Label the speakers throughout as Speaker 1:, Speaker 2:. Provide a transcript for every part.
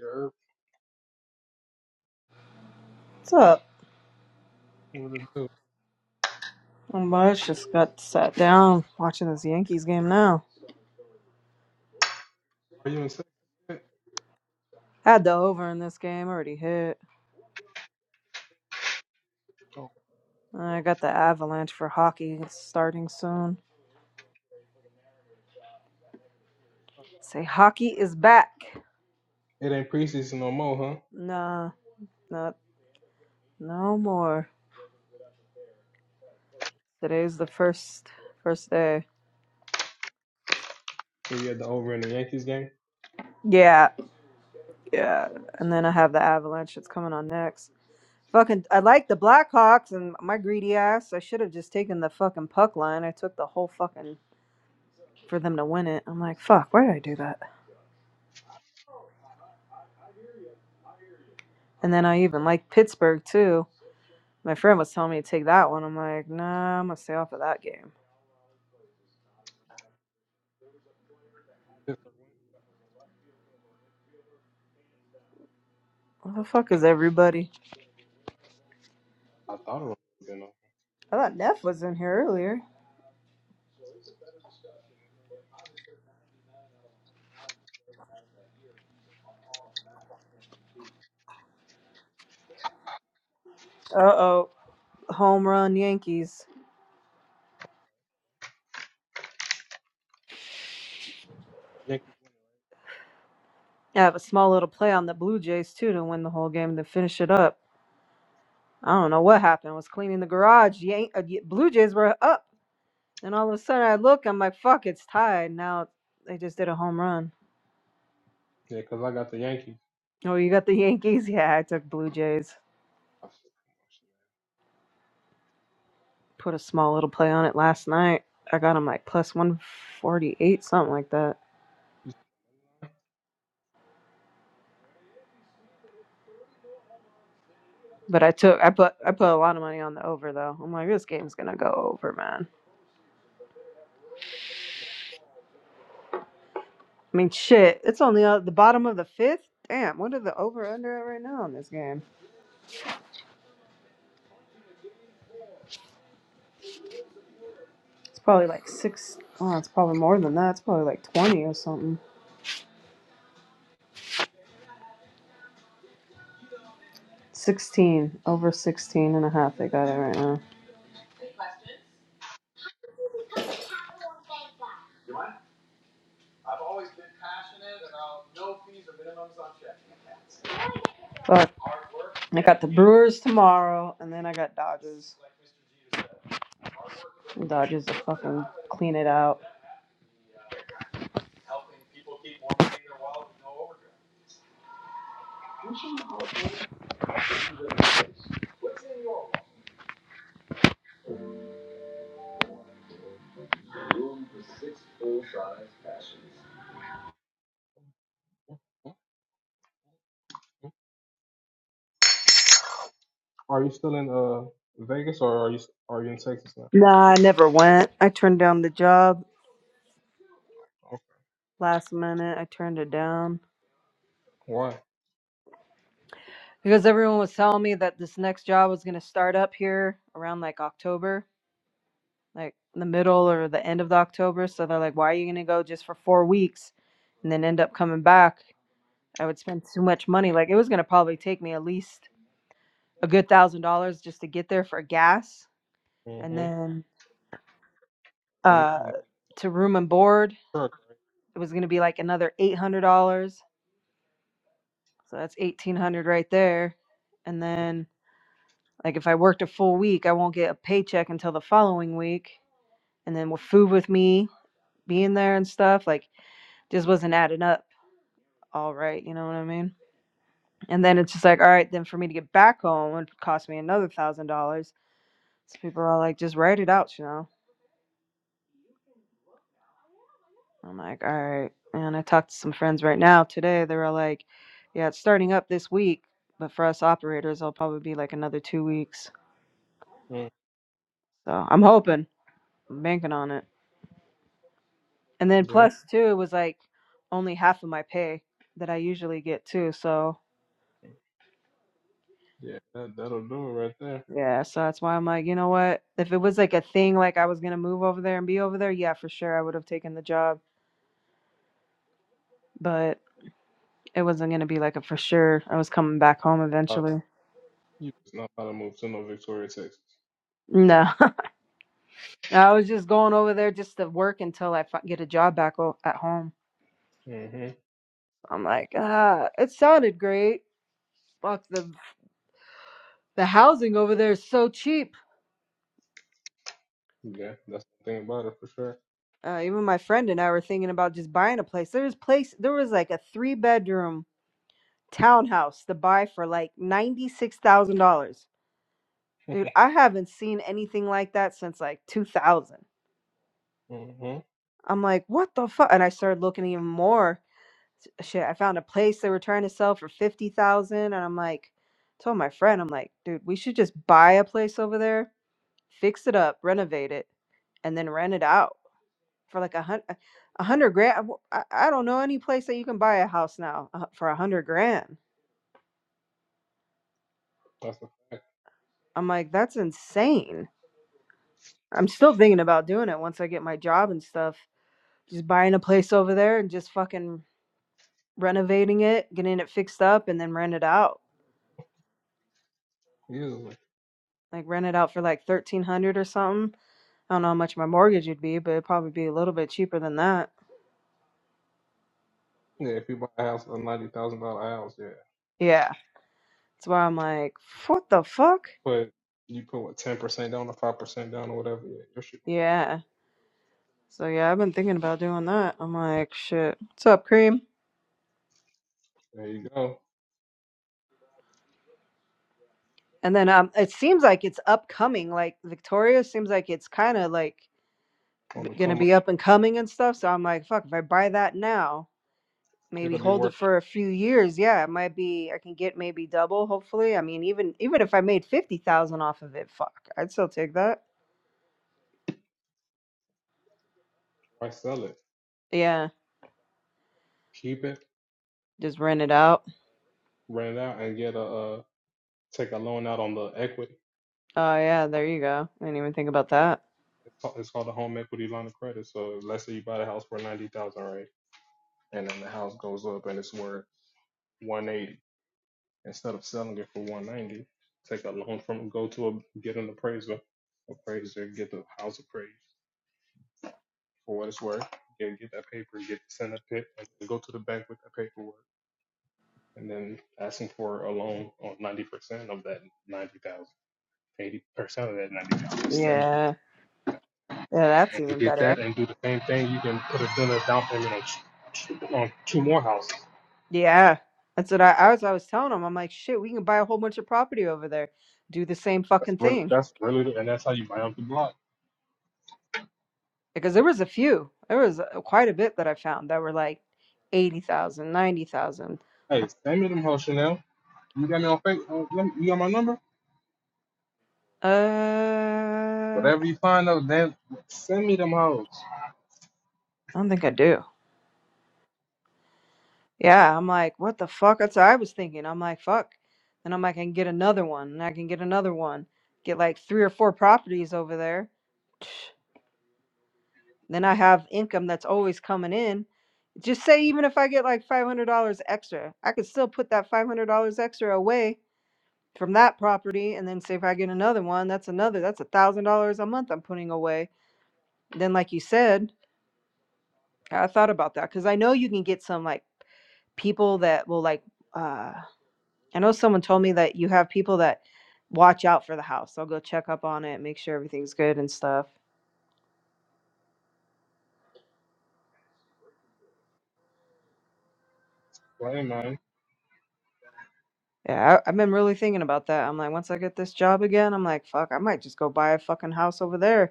Speaker 1: Yerp,
Speaker 2: What's up?
Speaker 1: what it do?
Speaker 2: I'm much just got sat down watching this Yankees game now.
Speaker 1: Are you in sex shit?
Speaker 2: Had the over in this game, already hit.
Speaker 1: Oh,
Speaker 2: I got the avalanche for hockey it's starting soon.
Speaker 1: God,
Speaker 2: Say hockey is back.
Speaker 1: it's dark. It ain't preseason no more, huh?
Speaker 2: Nah, not no more. Today's the first first day.
Speaker 1: Were you at the over in the Yankees game?
Speaker 2: Yeah, yeah. And then I have the avalanche It's coming on next. Fucking I like the Blackhawks and my greedy ass. I should have just taken the fucking puck line. I took the whole fucking for them to win it. I'm like, fuck, why did I do that? And then I even like Pittsburgh too. My friend was telling me to take that one. I'm like, nah, I'm gonna stay off of that game.
Speaker 1: Pittsburgh win?
Speaker 2: Where the fuck is everybody?
Speaker 1: I thought it was been over.
Speaker 2: I thought Neff was in here earlier. Uh oh. Home run Yankees.
Speaker 1: The Yankees win, right?
Speaker 2: I have a small little play on the Blue Jays too to win the whole game to finish it up. I don't know what happened. I was cleaning the garage. Yan- uh, Y- Blue Jays were up. and all of a sudden I look, I'm like, fuck, it's tied. Now they just did a home run.
Speaker 1: Yeah, 'cause I got the Yankees.
Speaker 2: Oh, you got the Yankees? Yeah, I took Blue Jays.
Speaker 1: Oh, shit, come on, shit.
Speaker 2: Put a small little play on it last night. I got him like plus one forty eight, something like that.
Speaker 1: You still on the
Speaker 2: But I took I put I put a lot of money on the over though. I'm like, this game's gonna go over, man. I mean shit. It's only at the bottom of the fifth. Damn, what are the over under at right now in this game? It's probably like six. Oh, it's probably more than that. It's probably like twenty or something. 16 over 16 and a half they got it right now but i got the brewers tomorrow and then i got dodgers dodgers to fucking clean it out
Speaker 1: Are you still in uh Vegas or are you are you in Texas now?
Speaker 2: Nah, I never went. I turned down the job
Speaker 1: Okay.
Speaker 2: last minute. I turned it down
Speaker 1: Why?
Speaker 2: because everyone was telling me that this next job was going to start up here around like October, like the middle or the end of the October. So they're like, why are you going to go just for four weeks and then end up coming back? I would spend too much money. Like it was going to probably take me at least a good thousand dollars just to get there for gas and
Speaker 1: Mm-hmm.
Speaker 2: then uh, to room and board.
Speaker 1: Truck,
Speaker 2: It was going to be like another $800. So that's 1800 right there. And
Speaker 1: right?
Speaker 2: then like if I worked a full week, I won't get a paycheck until the following week. And then with food with me being there and stuff, like just wasn't adding up all right, you know what I mean? And then it's just like, all right, then for me to get back home would cost me another thousand dollars. So people are all like, just write it out, you know. I'm like, all right. And I talked to some friends right now today. They were like, yeah, it's starting up this week, but for us operators, it'll probably be like another two weeks.
Speaker 1: Mm,
Speaker 2: So I'm hoping, I'm banking on it. And then
Speaker 1: Yeah.
Speaker 2: plus two was like only half of my pay that I usually get too. So
Speaker 1: Yeah, that, that'll do it right
Speaker 2: yeah, so that's why I'm like, you know what? If it was like a thing, like I was gonna move over there and be over there, yeah, for sure I would have taken the job. But it wasn't gonna be like a for sure. I was coming back home
Speaker 1: there.
Speaker 2: eventually.
Speaker 1: You was not about to move to no Victoria, Texas.
Speaker 2: No, I was just going over there just to work until I fi- get a job back o- at home.
Speaker 1: hmm
Speaker 2: I'm like, ah, it sounded great. Fuck the the housing over there is so cheap.
Speaker 1: Yeah, that's the thing about it for sure.
Speaker 2: uh, even my friend and I were thinking about just buying a place. There was place there was like a three bedroom townhouse to buy for like ninety six thousand dollars. Dude, I haven't seen anything like that since like two thousand.
Speaker 1: hmm
Speaker 2: I'm like, what the fuck? And I started looking even more. S- Shit, I found a place they were trying to sell for fifty thousand, and I'm like, told my friend, I'm like, dude, we should just buy a place over there, fix it up, renovate it, and then rent it out for like a hundred, a hundred grand. I, I don't know any place that you can buy a house now uh, for a hundred grand.
Speaker 1: That's a fact.
Speaker 2: I'm like, that's insane. I'm still thinking about doing it once I get my job and stuff. Just buying a place over there and just fucking renovating it, getting it fixed up, and then rent it out.
Speaker 1: Easily.
Speaker 2: Like rent it out for like thirteen hundred or something. I don't know how much my mortgage would be, but it'd probably be a little bit cheaper than that.
Speaker 1: Yeah, if you buy a house, a ninety thousand dollar house, yeah.
Speaker 2: Yeah, that's why I'm like, what the fuck?
Speaker 1: But you put what ten percent down or five percent down or whatever, yeah, your shit
Speaker 2: Yeah.
Speaker 1: gonna
Speaker 2: So yeah, I've been thinking about doing that. I'm like, shit. What's up, Cream?
Speaker 1: be like there you go.
Speaker 2: And then um, it seems like it's upcoming. Like Victoria seems like it's kind of like
Speaker 1: On
Speaker 2: b-
Speaker 1: the
Speaker 2: gonna
Speaker 1: come up,
Speaker 2: be up and coming and stuff. So I'm like, fuck, if I buy that now, maybe
Speaker 1: it'll be
Speaker 2: hold it
Speaker 1: worth a
Speaker 2: for
Speaker 1: lot.
Speaker 2: a few years. Yeah, it might be. I can get maybe double. Hopefully, I mean, even even if I made fifty thousand off of it, fuck, I'd still take that.
Speaker 1: Why sell it?
Speaker 2: Yeah,
Speaker 1: Keep it,
Speaker 2: just rent it out.
Speaker 1: rent it out and get a uh take a loan out on the equity.
Speaker 2: Oh yeah, there you go. I didn't even think about that.
Speaker 1: It's called, it's called a home equity line of credit. So let's say you buy the house for ninety thousand, right? and then the house goes up and it's worth 180 instead of selling it for 190 take a loan from go to a get an appraiser appraiser get the house appraised for what it's worth get, get that paper get send that pit and go to the bank with that paperwork and then asking for a loan on 90% of that 90000 80% of that 90000
Speaker 2: Yeah, yeah, that's
Speaker 1: and
Speaker 2: even
Speaker 1: get
Speaker 2: better.
Speaker 1: that and do the same thing you can put a dollar down payment on, two- two, on two more houses
Speaker 2: Yeah, that's what I, I was. I was telling him, I'm like, shit, we can buy a whole bunch of property over there, do the same
Speaker 1: that's
Speaker 2: fucking
Speaker 1: really,
Speaker 2: thing.
Speaker 1: that's really and that's how you buy up the block
Speaker 2: Because there was a few, there was uh, quite a bit that I found that were like 80,000, 90,000.
Speaker 1: Hey, send me them whole Chanel. You got me on fake. Uh, let me- you got my number. Whatever
Speaker 2: Uh,
Speaker 1: you find out, then send me them hoes.
Speaker 2: I don't think I do. Yeah, I'm like, what the fuck? That's what I was thinking. I'm like, fuck. And I'm like, I can get another one, and I can get another one, get like three or four properties over there. Then I have income that's always coming in Just say even if I get like five hundred dollars extra, I could still put that five hundred dollars extra away from that property, and then say if I get another one, that's another that's a thousand dollars a month I'm putting away. Then, like you said, I thought about that because I know you can get some like people that will like. uh I know someone told me that you have people that watch out for the house. They'll go check up on it, make sure everything's good and stuff.
Speaker 1: Well, hey man,
Speaker 2: Yeah, I, I've been really thinking about that. I'm like, once I get this job again, I'm like, fuck, I might just go buy a fucking house over there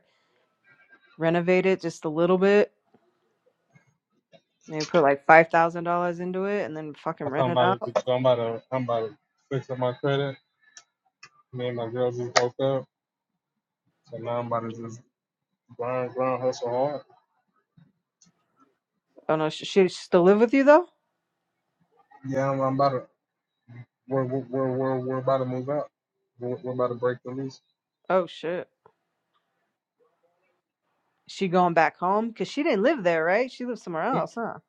Speaker 2: renovate it just a little bit. Maybe put like five thousand dollars into it and then fucking
Speaker 1: I
Speaker 2: rent
Speaker 1: am
Speaker 2: it
Speaker 1: about to,
Speaker 2: out.
Speaker 1: so I'm about to, I'm about to fix up my credit. Me and my girl just broke up, so now I'm about to just grind, grind, hustle hard.
Speaker 2: Oh no, she, she still live with you though?
Speaker 1: Yeah, I'm, I'm about to. We're, we're, we're, we're, we're about to move out. We're, we're about to break the lease.
Speaker 2: Oh shit, she going back home? Cause she didn't live there, right? She lived somewhere
Speaker 1: Mm,
Speaker 2: else, huh?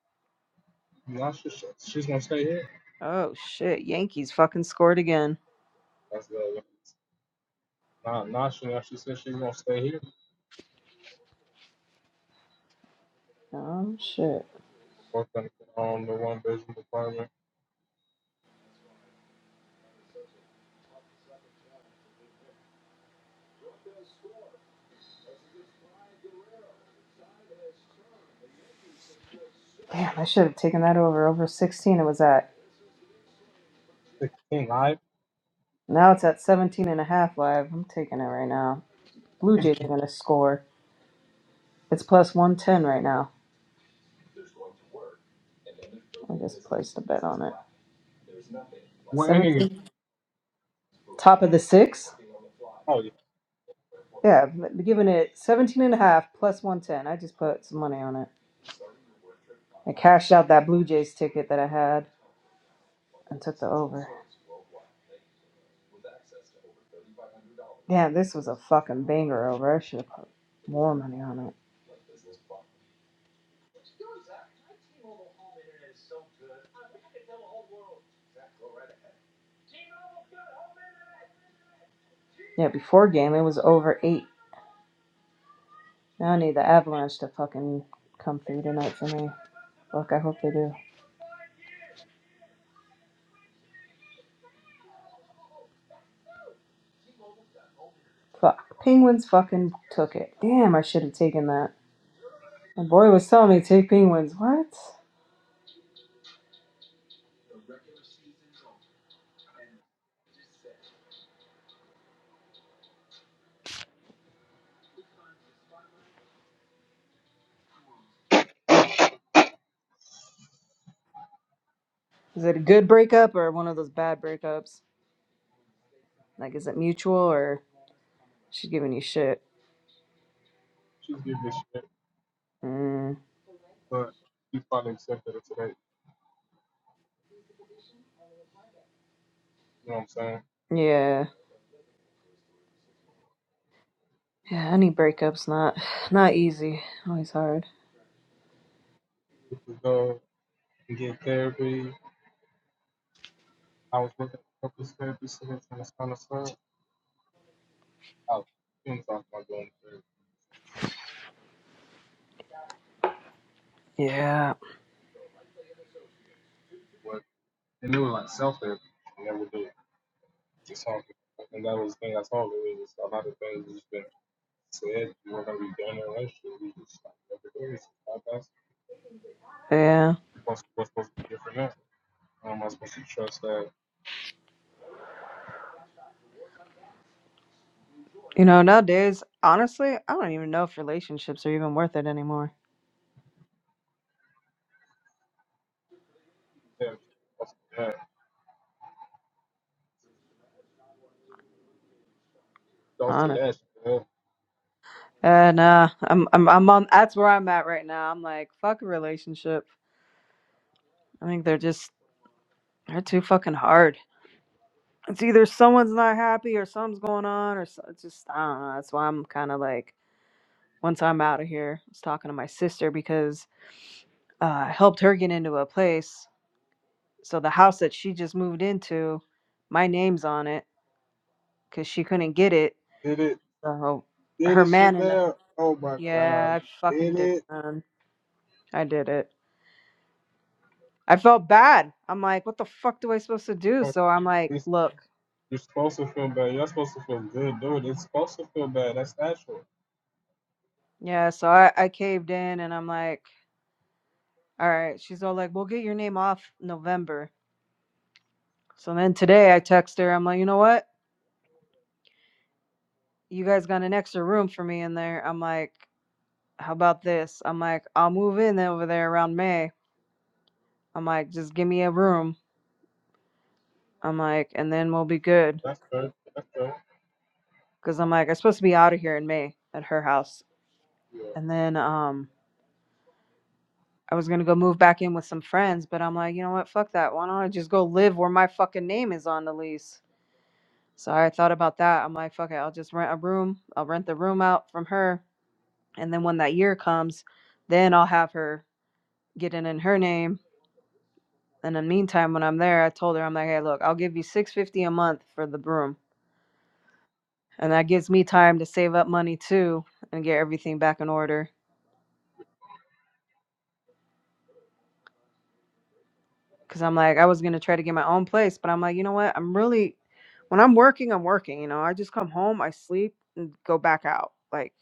Speaker 1: Nah, she, she- she's gonna stay here.
Speaker 2: Oh shit, Yankees fucking scored again.
Speaker 1: That's the nah, nah, Chanel. She said she's gonna stay here.
Speaker 2: Oh shit.
Speaker 1: Working on the one bedroom apartment,
Speaker 2: Damn, I should have taken that over. Over 16 it was at.
Speaker 1: sixteen live.
Speaker 2: Now it's at 17 and a half live. I'm taking it right now. Blue Jays are going to score. It's plus 110 right now. I just placed a bet on it.
Speaker 1: Well, that nigga
Speaker 2: 17, top of the six?
Speaker 1: Oh yeah,
Speaker 2: Yeah, but giving it 17 and a 110. I just put some money on it. I cashed out that Blue Jays ticket that I had and took the over. Damn, this was a fucking banger over. I should have put more money on it. Yeah, before game, it was over eight. Now I need the Avalanche to fucking come through tonight for me. Fuck, I hope they do. Fuck. Penguins fucking took it. Damn, I should have taken that. My boy was telling me to take Penguins. What? Is it a good breakup or one of those bad breakups? Like, is it mutual or she's giving you shit?
Speaker 1: she's giving a shit,
Speaker 2: Mm,
Speaker 1: but she's probably accepted it today. You know what I'm saying?
Speaker 2: yeah. Yeah, any breakups not not easy. Always hard.
Speaker 1: You could go and get therapy. I was looking at a couple of therapy sessions and it's kind of stuff. I was talking about going to therapy.
Speaker 2: Yeah.
Speaker 1: What? And they were like self therapy, and they would do Just talking. And that was the thing I told her. It was a lot of things that's been said. You were gonna be done in a relationship. We just like never did. It's like, that's
Speaker 2: Yeah.
Speaker 1: what's, what's supposed to be different now. How am I supposed to trust that?
Speaker 2: You know, nowadays, honestly, I don't even know if relationships are even worth it anymore.
Speaker 1: Yeah, I'm supposed to do that. do
Speaker 2: Honest.
Speaker 1: that. She
Speaker 2: Uh nah. I'm I'm I'm on that's where I'm at right now. I'm like, fuck a relationship. I think they're just they're too fucking hard. It's either someone's not happy or something's going on or so, it's just I don't know. That's why I'm kind of like once I'm out of here. I was talking to my sister because uh, I helped her get into a place. So the house that she just moved into, my name's on it because she couldn't get it.
Speaker 1: Did it?
Speaker 2: So
Speaker 1: Did
Speaker 2: her
Speaker 1: it,
Speaker 2: man and the,
Speaker 1: Chanel? Oh my God.
Speaker 2: yeah, I fucking
Speaker 1: Did
Speaker 2: did. it,
Speaker 1: it?
Speaker 2: Man. I did it. I felt bad. I'm like, what the fuck do I supposed to do?
Speaker 1: Oh,
Speaker 2: So I'm like,
Speaker 1: It's,
Speaker 2: look,
Speaker 1: you're supposed to feel bad. You're supposed to feel good Dude, It's supposed to feel bad. That's natural.
Speaker 2: yeah. So I, I caved in and I'm like, all right. She's all like, we'll get your name off November. So then today I text her. I'm like, you know what? you guys got an extra room for me in there. I'm like, how about this? I'm like, I'll move in over there around May. I'm like, just give me a room. I'm like, and then we'll be good.
Speaker 1: That's good. That's good.
Speaker 2: Cause I'm like, I'm supposed to be out of here in May at her house.
Speaker 1: Yeah.
Speaker 2: And then um I was gonna go move back in with some friends, but I'm like, you know what, fuck that. Why don't I just go live where my fucking name is on the lease? So I thought about that. I'm like, fuck it, I'll just rent a room. I'll rent the room out from her. And then when that year comes, then I'll have her get it in her name And in the meantime, when I'm there, I told her, I'm like, hey, look, I'll give you six hundred fifty dollars a month for the broom, and that gives me time to save up money too and get everything back in order. Cause I'm like, I was gonna try to get my own place, but I'm like, you know what? I'm really, when I'm working, I'm working. You know, I just come home, I sleep, and go back out. Like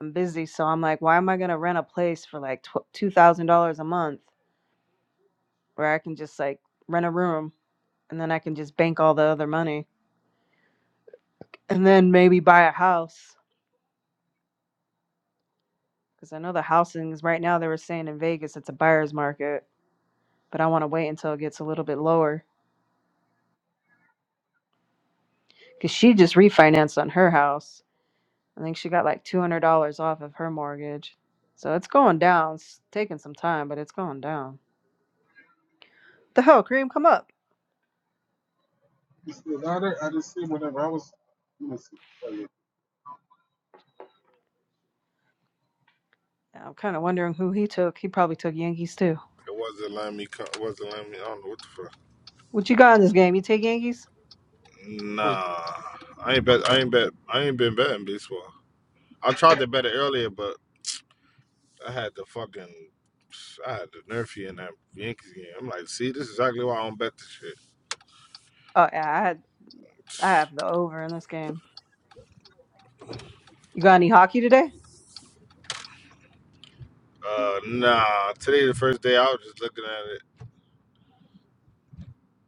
Speaker 2: I'm busy, so I'm like, why am I gonna rent a place for like tw- two thousand dollars a month where I can just like rent a room and then I can just bank all the other money and then maybe buy a house Because I know the housings right now they were saying in Vegas it's a buyer's market, but I want to wait until it gets a little bit lower. Because she just refinanced on her house. I think she got like $200 off of her mortgage. So it's going down. It's taking some time, but it's going down. The hell, Kareem, come up.
Speaker 1: You see, now that I didn't see whenever I was. Let me see. Oh, yeah.
Speaker 2: Yeah, I'm kind of wondering who he took. He probably took Yankees too.
Speaker 3: It wasn't letting me. co- It wasn't letting me. I don't know what the fuck.
Speaker 2: What you got in this game? You take Yankees?
Speaker 1: Let me
Speaker 3: Nah, I ain't bet. I ain't
Speaker 1: see.
Speaker 3: bet. I ain't been betting baseball. I tried to bet it earlier, but I had the fucking. I had the nerfy in that Yankees game. I'm like, see, this is exactly why I don't bet this shit.
Speaker 2: Oh yeah, I had I have the over in this game. You got any hockey today?
Speaker 3: Uh, nah. Today the first day I was just looking at it.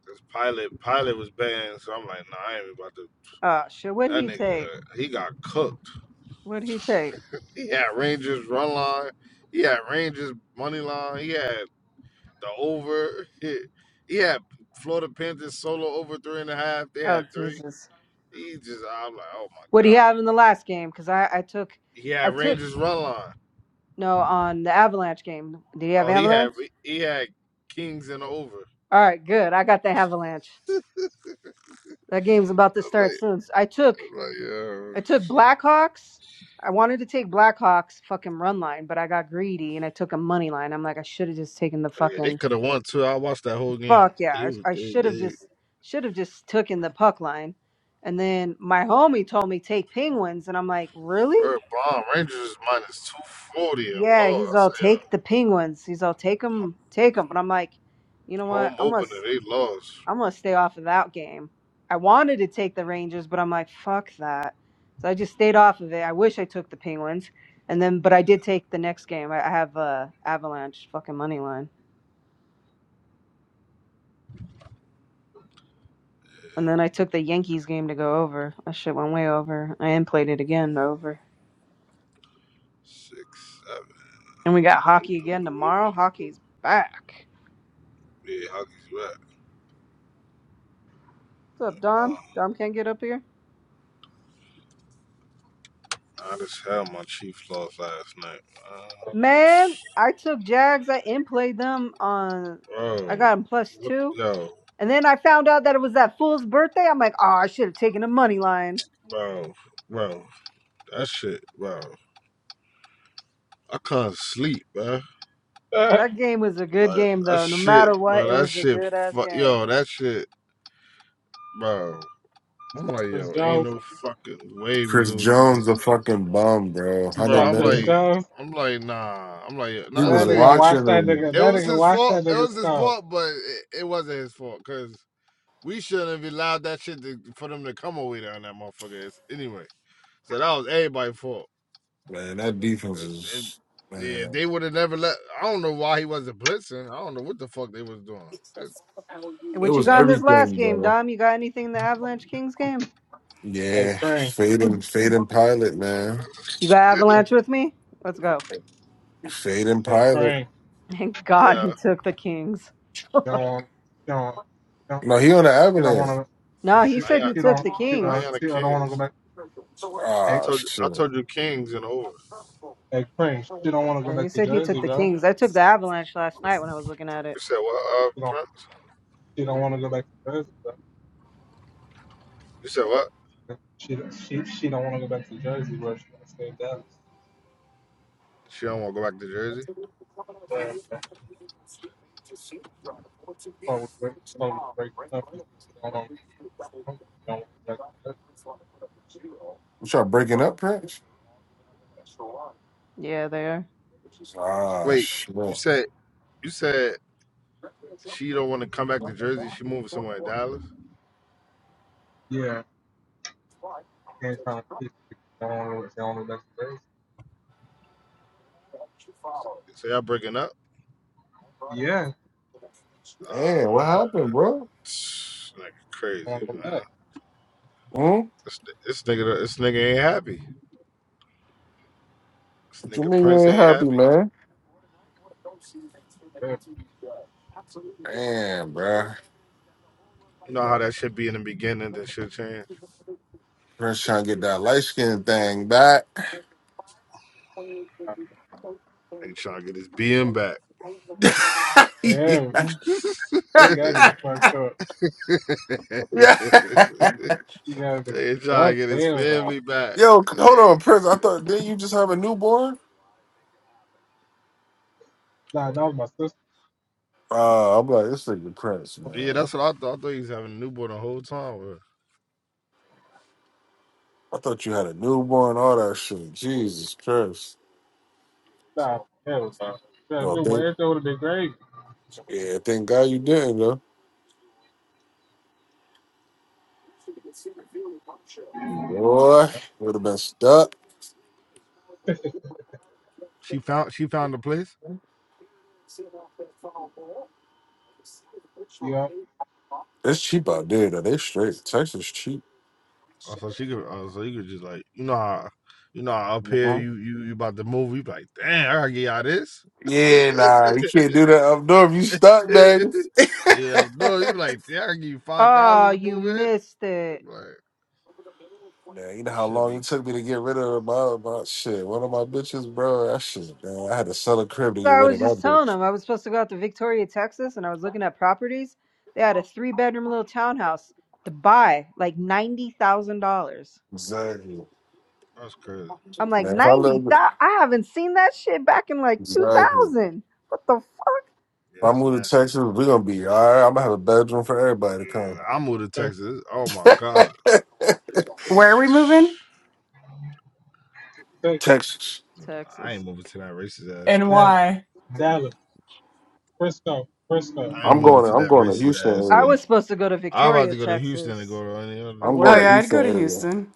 Speaker 3: This pilot, pilot was betting, so I'm like, nah, I ain't about to.
Speaker 2: Uh, shit. What'd
Speaker 3: That
Speaker 2: he take?
Speaker 3: nigga, he got cooked.
Speaker 2: What'd he take?
Speaker 3: He had Rangers run line. He had Rangers money line. He had. The over, he had Florida Panthers solo over three and a half. They
Speaker 2: Oh
Speaker 3: had three.
Speaker 2: Jesus.
Speaker 3: He just, I'm like, oh my
Speaker 2: What'd he
Speaker 3: god.
Speaker 2: have in the last game? Cause I I took,
Speaker 3: He
Speaker 2: I
Speaker 3: had
Speaker 2: took
Speaker 3: Rangers run line.
Speaker 2: no on the Avalanche game. Did he have
Speaker 3: Oh, he had
Speaker 2: Avalanche?
Speaker 3: he had Kings and over.
Speaker 2: All right, good. I got the Avalanche. That game's about to
Speaker 3: I'm
Speaker 2: start
Speaker 3: like,
Speaker 2: soon. I took
Speaker 3: I'm like, yeah,
Speaker 2: I took Blackhawks. I wanted to take Blackhawks fucking run line, but I got greedy and I took a money line. I'm like, I should have just taken the
Speaker 3: But yeah. They
Speaker 2: fucking
Speaker 3: could have won too. I watched that whole game.
Speaker 2: fuck
Speaker 3: They
Speaker 2: yeah. I, I
Speaker 3: they
Speaker 2: should have
Speaker 3: they
Speaker 2: just should have just taken the puck line. And then my homie told me take Penguins, and I'm like, really?
Speaker 3: were bomb. Rangers minus two forty and
Speaker 2: Yeah,
Speaker 3: low.
Speaker 2: he's
Speaker 3: I
Speaker 2: all
Speaker 3: say
Speaker 2: take
Speaker 3: uh,
Speaker 2: the Penguins. He's all take them, take them. But I'm like, you know what?
Speaker 3: home
Speaker 2: I'm gonna
Speaker 3: opener. They lost
Speaker 2: I'm gonna stay off of that game. I wanted to take the Rangers, but I'm like, fuck that. So I just stayed off of it. I wish I took the Penguins, and then but I did take the next game. I, I have uh, Avalanche fucking money line, and then I took the Yankees game to go over. That shit went way over. I am played it again over,
Speaker 3: six seven.
Speaker 2: and we got hockey again tomorrow. Hockey's back.
Speaker 3: Yeah, hockey's
Speaker 2: What's up,
Speaker 3: right.
Speaker 2: Dom? Dom can't get up here.
Speaker 3: I just had my Chiefs lost last night. Uh,
Speaker 2: Man, I took Jags. I in played them on. I
Speaker 3: bro,
Speaker 2: got them plus
Speaker 3: what-
Speaker 2: two.
Speaker 3: yo,
Speaker 2: And then I found out that it was that fool's birthday. I'm like, oh, I should have taken the money line.
Speaker 3: bro, bro, that shit, bro. I can't sleep, bro.
Speaker 1: Okay.
Speaker 2: That game was a good
Speaker 3: Like
Speaker 2: game,
Speaker 3: that
Speaker 2: though. No
Speaker 3: shit,
Speaker 2: matter
Speaker 3: bro.
Speaker 2: what, it
Speaker 3: That
Speaker 2: was a
Speaker 3: shit,
Speaker 2: good ass
Speaker 3: fuck,
Speaker 2: game.
Speaker 3: yo, that shit, bro.
Speaker 1: you
Speaker 3: I'm
Speaker 1: saw
Speaker 3: like,
Speaker 1: Chris
Speaker 3: yo, ain't
Speaker 1: Jones.
Speaker 3: no fucking way we
Speaker 4: Chris
Speaker 3: lose to
Speaker 4: Jones a
Speaker 3: this,
Speaker 4: fucking bum, bro.
Speaker 1: You
Speaker 3: bro.
Speaker 4: Hundred
Speaker 1: saw
Speaker 3: I'm like,
Speaker 1: Chris
Speaker 4: million.
Speaker 1: Jones.
Speaker 3: I'm like, nah. I'm like,
Speaker 4: He
Speaker 3: nah. It
Speaker 4: was
Speaker 1: That
Speaker 3: wasn't
Speaker 1: nigga,
Speaker 3: his.
Speaker 1: watch
Speaker 4: watching
Speaker 1: that
Speaker 4: him,
Speaker 1: nigga.
Speaker 3: It
Speaker 1: That
Speaker 3: was
Speaker 1: nigga,
Speaker 3: his
Speaker 1: watch
Speaker 3: fault.
Speaker 1: that
Speaker 3: It
Speaker 1: nigga
Speaker 3: was his
Speaker 1: stuff.
Speaker 3: fault, but it, it wasn't his fault, cause. We shouldn't have allowed that shit to, for them to come away down that motherfucker. It's- anyway, so that was everybody's fault.
Speaker 4: man. That defense
Speaker 3: Uh,
Speaker 4: is,
Speaker 3: yeah, if
Speaker 4: man.
Speaker 3: they would have never let. I don't know why he wasn't blitzing. I don't know what the fuck they was doing. That-
Speaker 2: And
Speaker 4: It
Speaker 2: what you
Speaker 4: was
Speaker 2: got in this last
Speaker 4: everything,
Speaker 2: game,
Speaker 4: bro.
Speaker 2: Dom? You got anything in the Avalanche Kings game?
Speaker 1: Hey,
Speaker 4: Yeah,
Speaker 1: Crane.
Speaker 2: You
Speaker 4: fading, fading pilot, man.
Speaker 2: got
Speaker 1: Hey,
Speaker 2: Avalanche with me? Let's go.
Speaker 4: Fading
Speaker 1: hey
Speaker 4: pilot.
Speaker 1: Crane.
Speaker 2: Thank God he
Speaker 3: yeah,
Speaker 2: took the Kings.
Speaker 1: Don't, don't, don't.
Speaker 4: No, he on the
Speaker 1: She don't want
Speaker 4: avalanche.
Speaker 1: to.
Speaker 2: No, he
Speaker 1: She,
Speaker 2: said
Speaker 3: Diana,
Speaker 2: he
Speaker 1: she
Speaker 2: took
Speaker 1: don't.
Speaker 2: the
Speaker 1: She, uh,
Speaker 2: Kings.
Speaker 3: Diana
Speaker 1: she don't want to go
Speaker 3: Kings.
Speaker 1: back.
Speaker 3: I
Speaker 1: Hey.
Speaker 4: Ah,
Speaker 3: told you,
Speaker 4: shit.
Speaker 3: I told
Speaker 4: You
Speaker 3: you Kings and over.
Speaker 1: Hey, Prince, she don't want to go
Speaker 2: Yeah, he
Speaker 1: back to
Speaker 2: said he took
Speaker 1: Jersey,
Speaker 2: the
Speaker 1: bro.
Speaker 2: Kings. I took the Avalanche last night when I was looking at
Speaker 3: You
Speaker 2: it.
Speaker 3: said what, uh,
Speaker 1: She don't.
Speaker 3: Prince?
Speaker 1: She don't want to go back to Jersey, bro.
Speaker 3: You said what?
Speaker 1: She don't- she she don't want to go back to Jersey, bro. She want to stay in Dallas.
Speaker 3: She don't want to go back to Jersey.
Speaker 1: Yeah, bro. Probably break, probably breaking up. She don't want to go back to Jersey.
Speaker 4: try breaking up, Prince?
Speaker 2: Yeah, they are.
Speaker 4: Ah,
Speaker 3: Wait,
Speaker 4: shit.
Speaker 3: you said you said she don't want to come back to Jersey. She moving somewhere in Dallas.
Speaker 1: Yeah, can't find peace. She don't want to. She don't want to go back to Jersey.
Speaker 3: So y'all breaking up?
Speaker 1: Yeah,
Speaker 3: Ah
Speaker 4: Damn, what
Speaker 1: she don't
Speaker 4: happened, bro?
Speaker 3: man, like crazy,
Speaker 1: want to go
Speaker 3: man.
Speaker 1: back.
Speaker 4: Hmm?
Speaker 3: This, this nigga, this nigga ain't happy. This
Speaker 4: What you
Speaker 3: nigga
Speaker 4: mean you
Speaker 3: Prince
Speaker 4: ain't
Speaker 3: ain't
Speaker 4: happy,
Speaker 3: happy.
Speaker 4: man?
Speaker 1: Yeah, bro.
Speaker 4: Damn, bro.
Speaker 3: You know how that should be in the beginning, then shit change.
Speaker 4: Prince trying to get that light skin thing back.
Speaker 3: Nigga trying to get his BM back.
Speaker 1: yeah.
Speaker 4: yeah.
Speaker 1: You gotta be fucked up.
Speaker 4: yeah.
Speaker 1: You gotta be
Speaker 3: Nigga trying to
Speaker 1: fucked
Speaker 3: get his
Speaker 1: hell, dog.
Speaker 3: family back.
Speaker 4: Yo, hold
Speaker 3: Nigga.
Speaker 4: on, Prince. I thought didn't you just have a newborn?
Speaker 1: Nah, that was my sister.
Speaker 4: Uh, I'm like, this nigga Prince,
Speaker 3: Yeah,
Speaker 4: man.
Speaker 3: that's what I thought. I thought he was having a newborn the whole time. Bro.
Speaker 4: I thought you had a newborn, all that shit. Jesus Christ.
Speaker 1: Nah, hell, dog. Yeah,
Speaker 4: Well,
Speaker 1: dude, my
Speaker 4: thank
Speaker 1: everything would have been great.
Speaker 4: yeah, thank God you didn't though. Boy, would have been stuck.
Speaker 3: She found, she found the place.
Speaker 1: Yeah.
Speaker 4: It's cheap out there though. They straight. Texas cheap.
Speaker 3: Oh, so she could, oh, so you could just like, you know how, you know how up here
Speaker 4: Mhm.
Speaker 3: you you, you about to move. You be like, damn, I gotta get y'all this.
Speaker 4: Yeah, nah, you can't do that up north. You stuck, man.
Speaker 3: yeah, no, you be like, damn, I gotta give you five thousand
Speaker 2: Oh,
Speaker 3: to
Speaker 2: you
Speaker 3: move it.
Speaker 2: missed it.
Speaker 3: like.
Speaker 4: Yeah, you know how
Speaker 3: Should
Speaker 4: long it
Speaker 3: be.
Speaker 4: took me to get rid of my, my shit. One of my bitches, bro. That shit, man. I had to sell a crib to
Speaker 2: So
Speaker 4: get
Speaker 2: I
Speaker 4: rid
Speaker 2: was
Speaker 4: of that
Speaker 2: just telling
Speaker 4: bitch.
Speaker 2: them I was supposed to go out to Victoria, Texas, and I was looking at properties. They had a three bedroom little townhouse to buy like ninety thousand dollars.
Speaker 4: Exactly.
Speaker 3: That's crazy.
Speaker 2: I'm like
Speaker 4: Man, if I
Speaker 2: ninety
Speaker 4: live
Speaker 2: thousand. I haven't seen that shit back in like two
Speaker 4: exactly. If
Speaker 2: thousand. What the fuck,
Speaker 3: Yeah,
Speaker 4: I
Speaker 3: that's
Speaker 4: move to
Speaker 3: nasty.
Speaker 4: Texas, we're gonna be all right. I'm gonna have a bedroom for everybody
Speaker 3: Yeah, I
Speaker 4: to
Speaker 3: moved to Texas. Oh my
Speaker 4: come.
Speaker 3: God.
Speaker 5: Where are we moving?
Speaker 1: Six,
Speaker 4: Texas.
Speaker 3: I
Speaker 2: Texas?
Speaker 3: ain't moving to that racist ass
Speaker 5: And
Speaker 3: state.
Speaker 1: Dallas,
Speaker 5: why?
Speaker 1: Dallas, Frisco, Frisco.
Speaker 3: I ain't
Speaker 4: I'm
Speaker 3: moving
Speaker 4: going to
Speaker 3: to
Speaker 4: I'm
Speaker 3: that
Speaker 4: going to
Speaker 3: racist
Speaker 4: Houston
Speaker 3: ass
Speaker 2: I
Speaker 3: state.
Speaker 4: area.
Speaker 2: was supposed to go to
Speaker 3: I'm about
Speaker 2: Victoria,
Speaker 3: to go to Houston and
Speaker 2: Texas,
Speaker 3: go to any other.
Speaker 2: for
Speaker 4: I'm
Speaker 5: Oh
Speaker 4: going to
Speaker 2: work.
Speaker 5: yeah, I'd
Speaker 4: Houston
Speaker 5: go to
Speaker 4: area.
Speaker 5: Houston.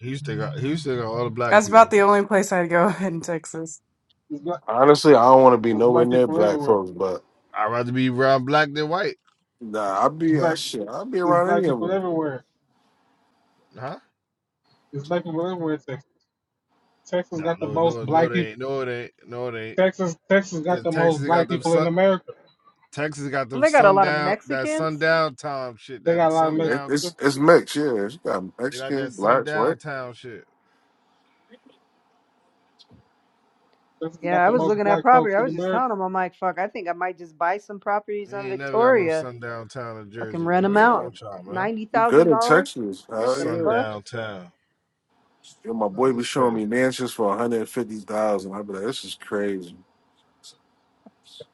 Speaker 3: Houston got Houston got all the black
Speaker 5: That's
Speaker 3: people.
Speaker 5: about the only place I'd go in Texas.
Speaker 1: There's black,
Speaker 4: Honestly, I don't wanna be
Speaker 1: there's
Speaker 4: nowhere
Speaker 1: black
Speaker 4: near
Speaker 1: people
Speaker 4: black
Speaker 1: everywhere.
Speaker 4: folks, but
Speaker 3: I'd rather be around black than white,
Speaker 4: nah, I'll
Speaker 1: There's
Speaker 4: be I
Speaker 1: black,
Speaker 4: shit, I'll be
Speaker 1: there's
Speaker 4: around
Speaker 1: black
Speaker 4: any of
Speaker 1: people
Speaker 4: them.
Speaker 1: everywhere.
Speaker 3: huh?
Speaker 1: There's black people everywhere in Texas. Texas
Speaker 3: Nah,
Speaker 1: got the
Speaker 3: no,
Speaker 1: most
Speaker 3: no, no,
Speaker 1: black
Speaker 3: they
Speaker 1: people.
Speaker 3: ain't. No, they ain't. No, they ain't.
Speaker 1: Texas, Texas got
Speaker 3: Cause
Speaker 1: the most
Speaker 3: Texas got
Speaker 1: black
Speaker 3: them.
Speaker 1: people in
Speaker 3: Sun,
Speaker 1: America.
Speaker 3: Texas got
Speaker 2: And
Speaker 3: them
Speaker 2: they got a lot of
Speaker 3: sundown. That
Speaker 2: Mexicans.
Speaker 3: sundown time shit.
Speaker 1: They
Speaker 3: That
Speaker 1: got a lot of
Speaker 4: Yeah, it-
Speaker 3: sundown.
Speaker 1: Mexicans.
Speaker 4: it's it's mixed, yeah. It's got
Speaker 3: They got
Speaker 4: Mexicans,
Speaker 3: that
Speaker 4: blacks, right?
Speaker 3: sundown town shit.
Speaker 1: Texas got
Speaker 2: Yeah, I
Speaker 1: the
Speaker 2: was
Speaker 1: most
Speaker 2: looking at
Speaker 1: black folks
Speaker 2: property. I
Speaker 1: in
Speaker 2: was just
Speaker 1: America.
Speaker 2: telling them, I'm like, fuck, I think I might just buy some properties
Speaker 3: We
Speaker 2: on
Speaker 3: ain't never got no
Speaker 2: Victoria.
Speaker 3: sundown town in
Speaker 2: Fucking
Speaker 3: Jersey,
Speaker 2: rent
Speaker 3: man.
Speaker 2: them
Speaker 3: What's
Speaker 4: Yeah.
Speaker 3: wrong
Speaker 2: out.
Speaker 3: with y'all, man?
Speaker 2: Ninety
Speaker 4: You good
Speaker 2: thousand
Speaker 4: in
Speaker 2: dollars.
Speaker 4: Texas?
Speaker 2: What
Speaker 4: Hell
Speaker 2: the
Speaker 4: yeah.
Speaker 2: fuck?
Speaker 3: Sundown town.
Speaker 4: Yo, my boy
Speaker 3: Like,
Speaker 4: be
Speaker 3: it's
Speaker 4: showing
Speaker 3: crazy.
Speaker 4: me mansions for 150000 I be like, this is crazy.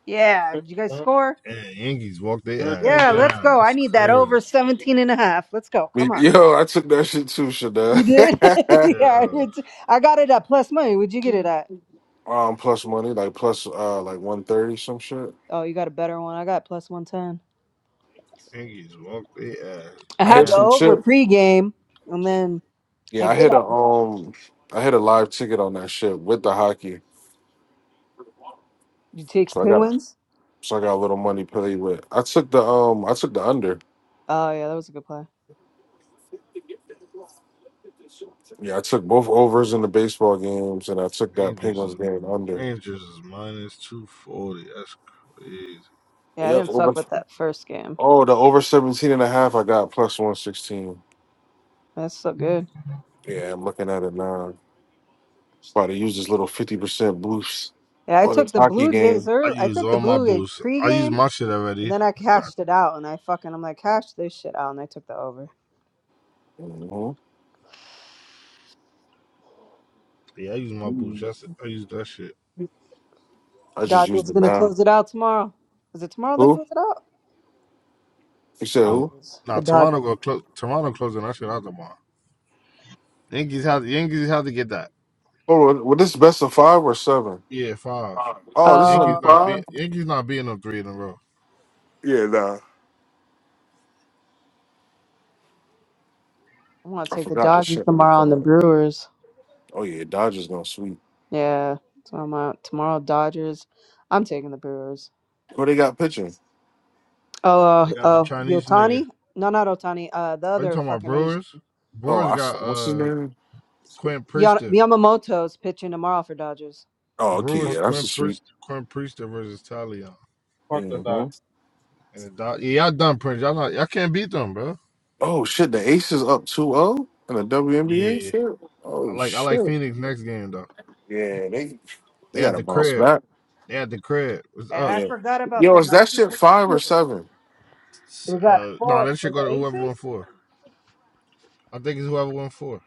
Speaker 2: Yeah.
Speaker 1: Texas,
Speaker 2: Did you guys score?
Speaker 3: And Yankees walk their ass
Speaker 1: Everything
Speaker 2: Yeah,
Speaker 1: big.
Speaker 2: let's
Speaker 3: down.
Speaker 2: go. I
Speaker 3: That's
Speaker 2: need that
Speaker 3: crazy.
Speaker 2: over 17 and a half. Let's go.
Speaker 4: I
Speaker 2: Come
Speaker 4: mean,
Speaker 2: on.
Speaker 4: yo, I took that shit too, Shada.
Speaker 2: You did?
Speaker 3: Yeah,
Speaker 2: yeah. It's, I got it at plus money. Would you get it at?
Speaker 4: um, plus money, like plus uh like 130, some shit.
Speaker 2: Oh, you got a better one. I got plus 110.
Speaker 3: Yankees walk their ass
Speaker 2: I
Speaker 4: I
Speaker 2: had
Speaker 4: hit
Speaker 2: the
Speaker 4: some
Speaker 3: down.
Speaker 2: over
Speaker 4: chips.
Speaker 2: pregame, and then
Speaker 4: Yeah,
Speaker 2: I
Speaker 4: I
Speaker 2: did
Speaker 4: hit a
Speaker 2: have.
Speaker 4: um I hit a live ticket on that shit with the hockey.
Speaker 2: You take
Speaker 4: So I got
Speaker 2: Penguins?
Speaker 4: so I got a little money play with. I took the um I took the under.
Speaker 2: Oh, yeah. That was a good play.
Speaker 4: Yeah, I took both overs in the baseball games and I took that
Speaker 3: Rangers,
Speaker 4: Penguins game under.
Speaker 3: Rangers is minus 240. That's crazy.
Speaker 2: Yeah, I
Speaker 4: Yep,
Speaker 2: didn't
Speaker 4: over
Speaker 2: fuck with that first game.
Speaker 4: Oh, the over 17 and a half. I got plus 116.
Speaker 2: That's so good.
Speaker 4: Yeah, I'm looking at it now. It's about to use this little 50% boost
Speaker 2: Yeah, I
Speaker 4: on this
Speaker 2: took the
Speaker 4: hockey
Speaker 2: Blue Jays
Speaker 4: game.
Speaker 3: I
Speaker 2: early. I
Speaker 3: use
Speaker 2: took the
Speaker 3: all my
Speaker 2: Blue Jays
Speaker 3: boosts. I use
Speaker 2: pregame,
Speaker 3: my shit
Speaker 2: and
Speaker 3: already.
Speaker 2: then I
Speaker 3: God,
Speaker 2: cashed it out, and I fucking, I'm like, cash this shit out, and I took the over.
Speaker 4: hmm
Speaker 3: yeah, I use my boosts. yesterday. I use that shit.
Speaker 4: I just used
Speaker 2: Dodgers
Speaker 4: it
Speaker 2: gonna
Speaker 4: now.
Speaker 2: close it out tomorrow. Is it tomorrow they
Speaker 4: Who?
Speaker 2: close it out?
Speaker 4: You said who?
Speaker 3: Oh,
Speaker 2: Dodgers. The
Speaker 3: Nah, Toronto
Speaker 2: Dodgers.
Speaker 3: go close. Toronto closing that shit out tomorrow. Yankees have Yankees have to get that.
Speaker 4: Oh, well, well, this best of five or seven?
Speaker 3: Yeah, five.
Speaker 4: Five. Oh, this is only
Speaker 3: Yankees
Speaker 2: Oh,
Speaker 3: not
Speaker 2: okay.
Speaker 4: five?
Speaker 3: beat Yankees not beating them three in a row.
Speaker 4: Yeah, nah.
Speaker 2: I'm gonna
Speaker 4: I
Speaker 2: take the
Speaker 4: forgot this
Speaker 2: Dodgers
Speaker 4: shit. Let me
Speaker 2: tomorrow and the
Speaker 4: find it.
Speaker 2: Brewers.
Speaker 4: Oh, yeah, Dodgers gonna sweep.
Speaker 2: Yeah. So I'm out tomorrow Dodgers. I'm taking the Brewers.
Speaker 4: Who they got pitching?
Speaker 2: Oh uh
Speaker 3: They got the
Speaker 2: uh
Speaker 3: Chinese nigga.
Speaker 2: Yotani? No not Otani, uh the
Speaker 3: Are you
Speaker 2: other
Speaker 3: talking about
Speaker 2: fucking Asian.
Speaker 3: Brewers?
Speaker 4: Oh,
Speaker 3: Brewers
Speaker 4: I, s-
Speaker 3: got
Speaker 4: what's his
Speaker 3: uh
Speaker 4: name?
Speaker 3: Quinn
Speaker 2: Ya-
Speaker 3: Priester.
Speaker 2: Yamamoto's pitching tomorrow for Dodgers.
Speaker 4: Oh, okay,
Speaker 3: Brewers
Speaker 1: Fuck,
Speaker 4: yeah, that's the
Speaker 3: Quinn
Speaker 4: sweep.
Speaker 3: Priester Quinn Priester versus Talion.
Speaker 1: fuck the
Speaker 4: Mhm.
Speaker 1: dog.
Speaker 3: And the Dod- yeah, y'all done Prince. Y'all not y'all can't beat them, bro.
Speaker 4: Oh shit, the Aces up two zero 0 in the WNBA?
Speaker 3: Yeah. I
Speaker 4: Oh
Speaker 3: like I like
Speaker 4: shit.
Speaker 3: Phoenix next game though.
Speaker 4: Yeah, they they
Speaker 3: They had
Speaker 4: gotta
Speaker 3: the
Speaker 4: bounce
Speaker 3: crib.
Speaker 4: back.
Speaker 3: They had the crib. What's
Speaker 2: Eh,
Speaker 3: up?
Speaker 2: I
Speaker 4: Yeah.
Speaker 2: forgot about
Speaker 4: Yo, is
Speaker 2: them. I
Speaker 4: that
Speaker 2: keep
Speaker 4: shit five or
Speaker 2: forgetting.
Speaker 4: seven?
Speaker 3: S-
Speaker 2: We got
Speaker 3: Uh nah,
Speaker 2: four
Speaker 3: that should
Speaker 2: for
Speaker 3: go
Speaker 2: the
Speaker 3: to whoever
Speaker 2: Aces?
Speaker 3: won four. I think it's whoever won four.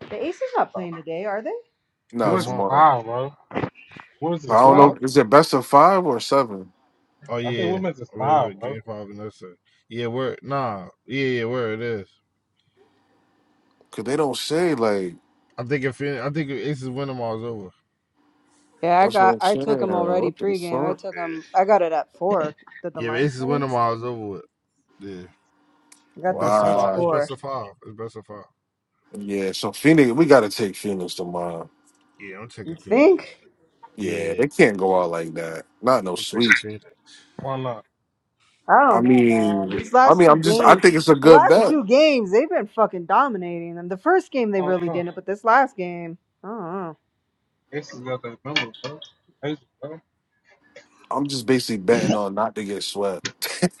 Speaker 2: The Aces not playing today, are they?
Speaker 3: You Put
Speaker 4: No,
Speaker 3: them
Speaker 1: Women's is
Speaker 3: all.
Speaker 4: tomorrow.
Speaker 1: five, bro. Women's is
Speaker 4: I
Speaker 3: It's
Speaker 4: don't
Speaker 1: four.
Speaker 3: five?
Speaker 4: know. Is it best of five or seven?
Speaker 3: Oh
Speaker 1: I think
Speaker 3: yeah.
Speaker 1: women's is
Speaker 3: Oh, wait,
Speaker 1: five,
Speaker 3: wait, game
Speaker 1: bro.
Speaker 3: five and that's it. Yeah, where nah. Yeah, yeah, where it is.
Speaker 4: Cause they don't say like
Speaker 3: I think if it, I think if Aces Wintermall is over.
Speaker 2: Yeah, I
Speaker 4: that's what
Speaker 2: got
Speaker 4: I'm
Speaker 2: I
Speaker 4: saying.
Speaker 2: took them already
Speaker 4: What the
Speaker 2: pregame. I
Speaker 4: fuck?
Speaker 2: took them. I got it at four. Did the
Speaker 3: Yeah, if
Speaker 2: line
Speaker 3: Aces
Speaker 2: say?
Speaker 3: Wintermall is over with. Yeah,
Speaker 2: I
Speaker 3: it's
Speaker 2: got them
Speaker 3: best of
Speaker 2: plus
Speaker 3: five. It's
Speaker 4: Wow.
Speaker 2: four.
Speaker 3: best of five. It's best of five.
Speaker 4: Yeah, so Phoenix we gotta take Phoenix tomorrow.
Speaker 3: Yeah, I'm taking
Speaker 2: You
Speaker 3: Phoenix.
Speaker 2: think?
Speaker 4: Yeah,
Speaker 3: Yeah,
Speaker 4: they can't go out like that. Not no
Speaker 3: I'm taking
Speaker 4: sweets.
Speaker 3: Phoenix.
Speaker 1: Why not?
Speaker 2: I
Speaker 4: I
Speaker 2: don't know, man.
Speaker 4: mean
Speaker 2: These
Speaker 4: I
Speaker 2: last
Speaker 4: mean
Speaker 2: two
Speaker 4: I'm just I
Speaker 2: games,
Speaker 4: think it's a
Speaker 2: the
Speaker 4: good
Speaker 2: last
Speaker 4: bet.
Speaker 2: two games, they've been fucking dominating them. The first game they
Speaker 1: Hong
Speaker 2: really
Speaker 1: Kong.
Speaker 2: didn't, but this last game, I don't know.
Speaker 1: Texas got that number, bro. Texas, bro.
Speaker 4: I'm just basically betting on not to get swept.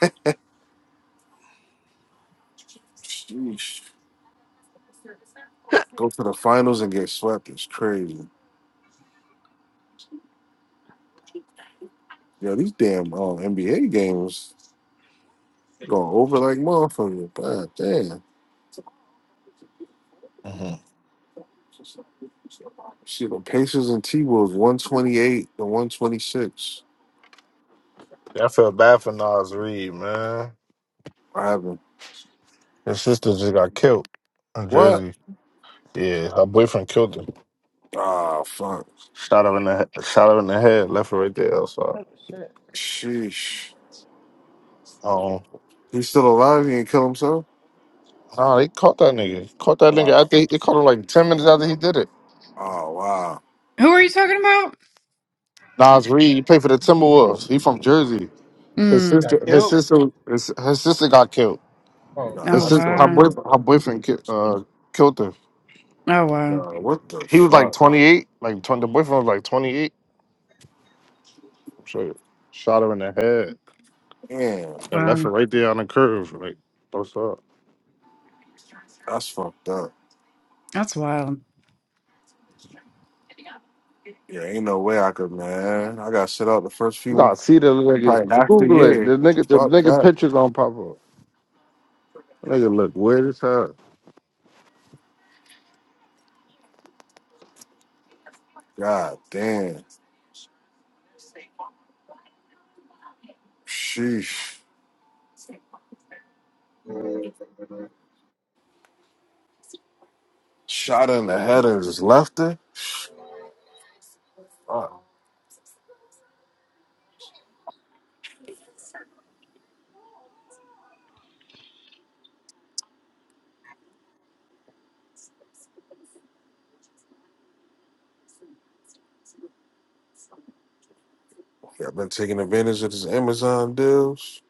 Speaker 4: Sheesh. Go to the finals and get swept is crazy. Yo, these damn uh, NBA games going over like motherfuckers. God damn.
Speaker 3: hmm
Speaker 4: See the Pacers and T Wolves 128 to 126.
Speaker 3: Yeah, I feel bad for Nas Reed, man.
Speaker 4: What happened?
Speaker 3: His sister just got killed in
Speaker 4: What?
Speaker 3: Jersey. Yeah, her boyfriend killed him.
Speaker 4: Ah, fuck.
Speaker 3: Shot her in the he- shot her in the head, left her right there outside.
Speaker 2: Oh shit!
Speaker 4: Sheesh.
Speaker 3: Um,
Speaker 4: He's still alive. He didn't kill himself?
Speaker 3: nah, they caught that nigga. Caught that nigga.
Speaker 4: Uh,
Speaker 3: After he, they caught him like ten minutes after he did it.
Speaker 4: oh, wow.
Speaker 5: Who are you talking about?
Speaker 3: Nas Reed, he played for the Timberwolves. He from Jersey. His
Speaker 1: He
Speaker 5: Mm.
Speaker 1: got
Speaker 3: sister, his
Speaker 1: killed.
Speaker 3: sister, his, her sister got killed.
Speaker 1: Oh,
Speaker 4: Nah,
Speaker 3: His
Speaker 5: Oh
Speaker 4: that's
Speaker 3: sister, her
Speaker 4: fucked
Speaker 5: wow.
Speaker 4: up.
Speaker 3: boyfriend, her boyfriend ki- uh, killed her.
Speaker 5: Oh wow.
Speaker 4: Nah, what the
Speaker 3: He was like
Speaker 4: fuck?
Speaker 3: 28, like 20, the boyfriend was like 28. So shot her in the head
Speaker 4: Damn.
Speaker 3: and left her
Speaker 5: Wow.
Speaker 3: right there on the curve. Like, what's up?
Speaker 4: That's fucked up.
Speaker 5: That's wild.
Speaker 4: Yeah, ain't no way I could, man. I got shut out the first
Speaker 3: You
Speaker 4: few,
Speaker 3: gotta see the nigga.
Speaker 4: probably after
Speaker 3: Google it. The
Speaker 4: year.
Speaker 3: nigga, the
Speaker 4: Fuck
Speaker 3: nigga
Speaker 4: that.
Speaker 3: pictures don't pop up. The nigga look weird as hell.
Speaker 4: God damn. Sheesh. Shot her in the head and just left her. Fuck. Yeah, I've been taking advantage of this Amazon deals.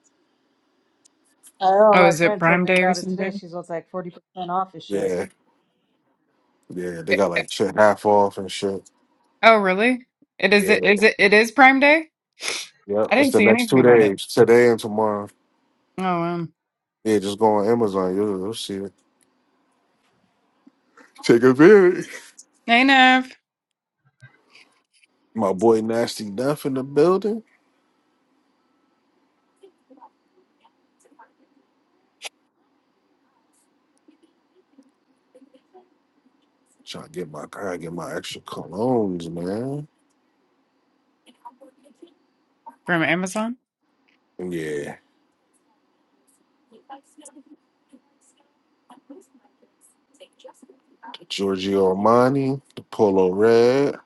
Speaker 2: I know
Speaker 5: Oh,
Speaker 2: my
Speaker 5: is it
Speaker 2: friend told
Speaker 5: Prime
Speaker 2: me
Speaker 5: Day or
Speaker 2: about it today.
Speaker 5: something?
Speaker 2: She's was like forty percent off his shit.
Speaker 4: Yeah, yeah, they
Speaker 5: Eh,
Speaker 4: got
Speaker 5: eh,
Speaker 4: like shit half off and shit.
Speaker 5: Oh, really? It is.
Speaker 4: Yeah,
Speaker 5: It is. It, it is Prime Day.
Speaker 4: yeah.
Speaker 5: I
Speaker 4: It's
Speaker 5: didn't
Speaker 4: the
Speaker 5: see
Speaker 4: next
Speaker 5: anything
Speaker 4: two
Speaker 5: about it.
Speaker 4: days, today and tomorrow.
Speaker 5: Oh, um,
Speaker 4: Yeah, just go on Amazon. You'll, you'll see it. Take advantage.
Speaker 5: hey, Nev
Speaker 4: My boy Nasty Duff in the building. Trying to get my car, get my extra colognes, man.
Speaker 5: from Amazon.
Speaker 4: Yeah. The Giorgio Armani, the Polo Red.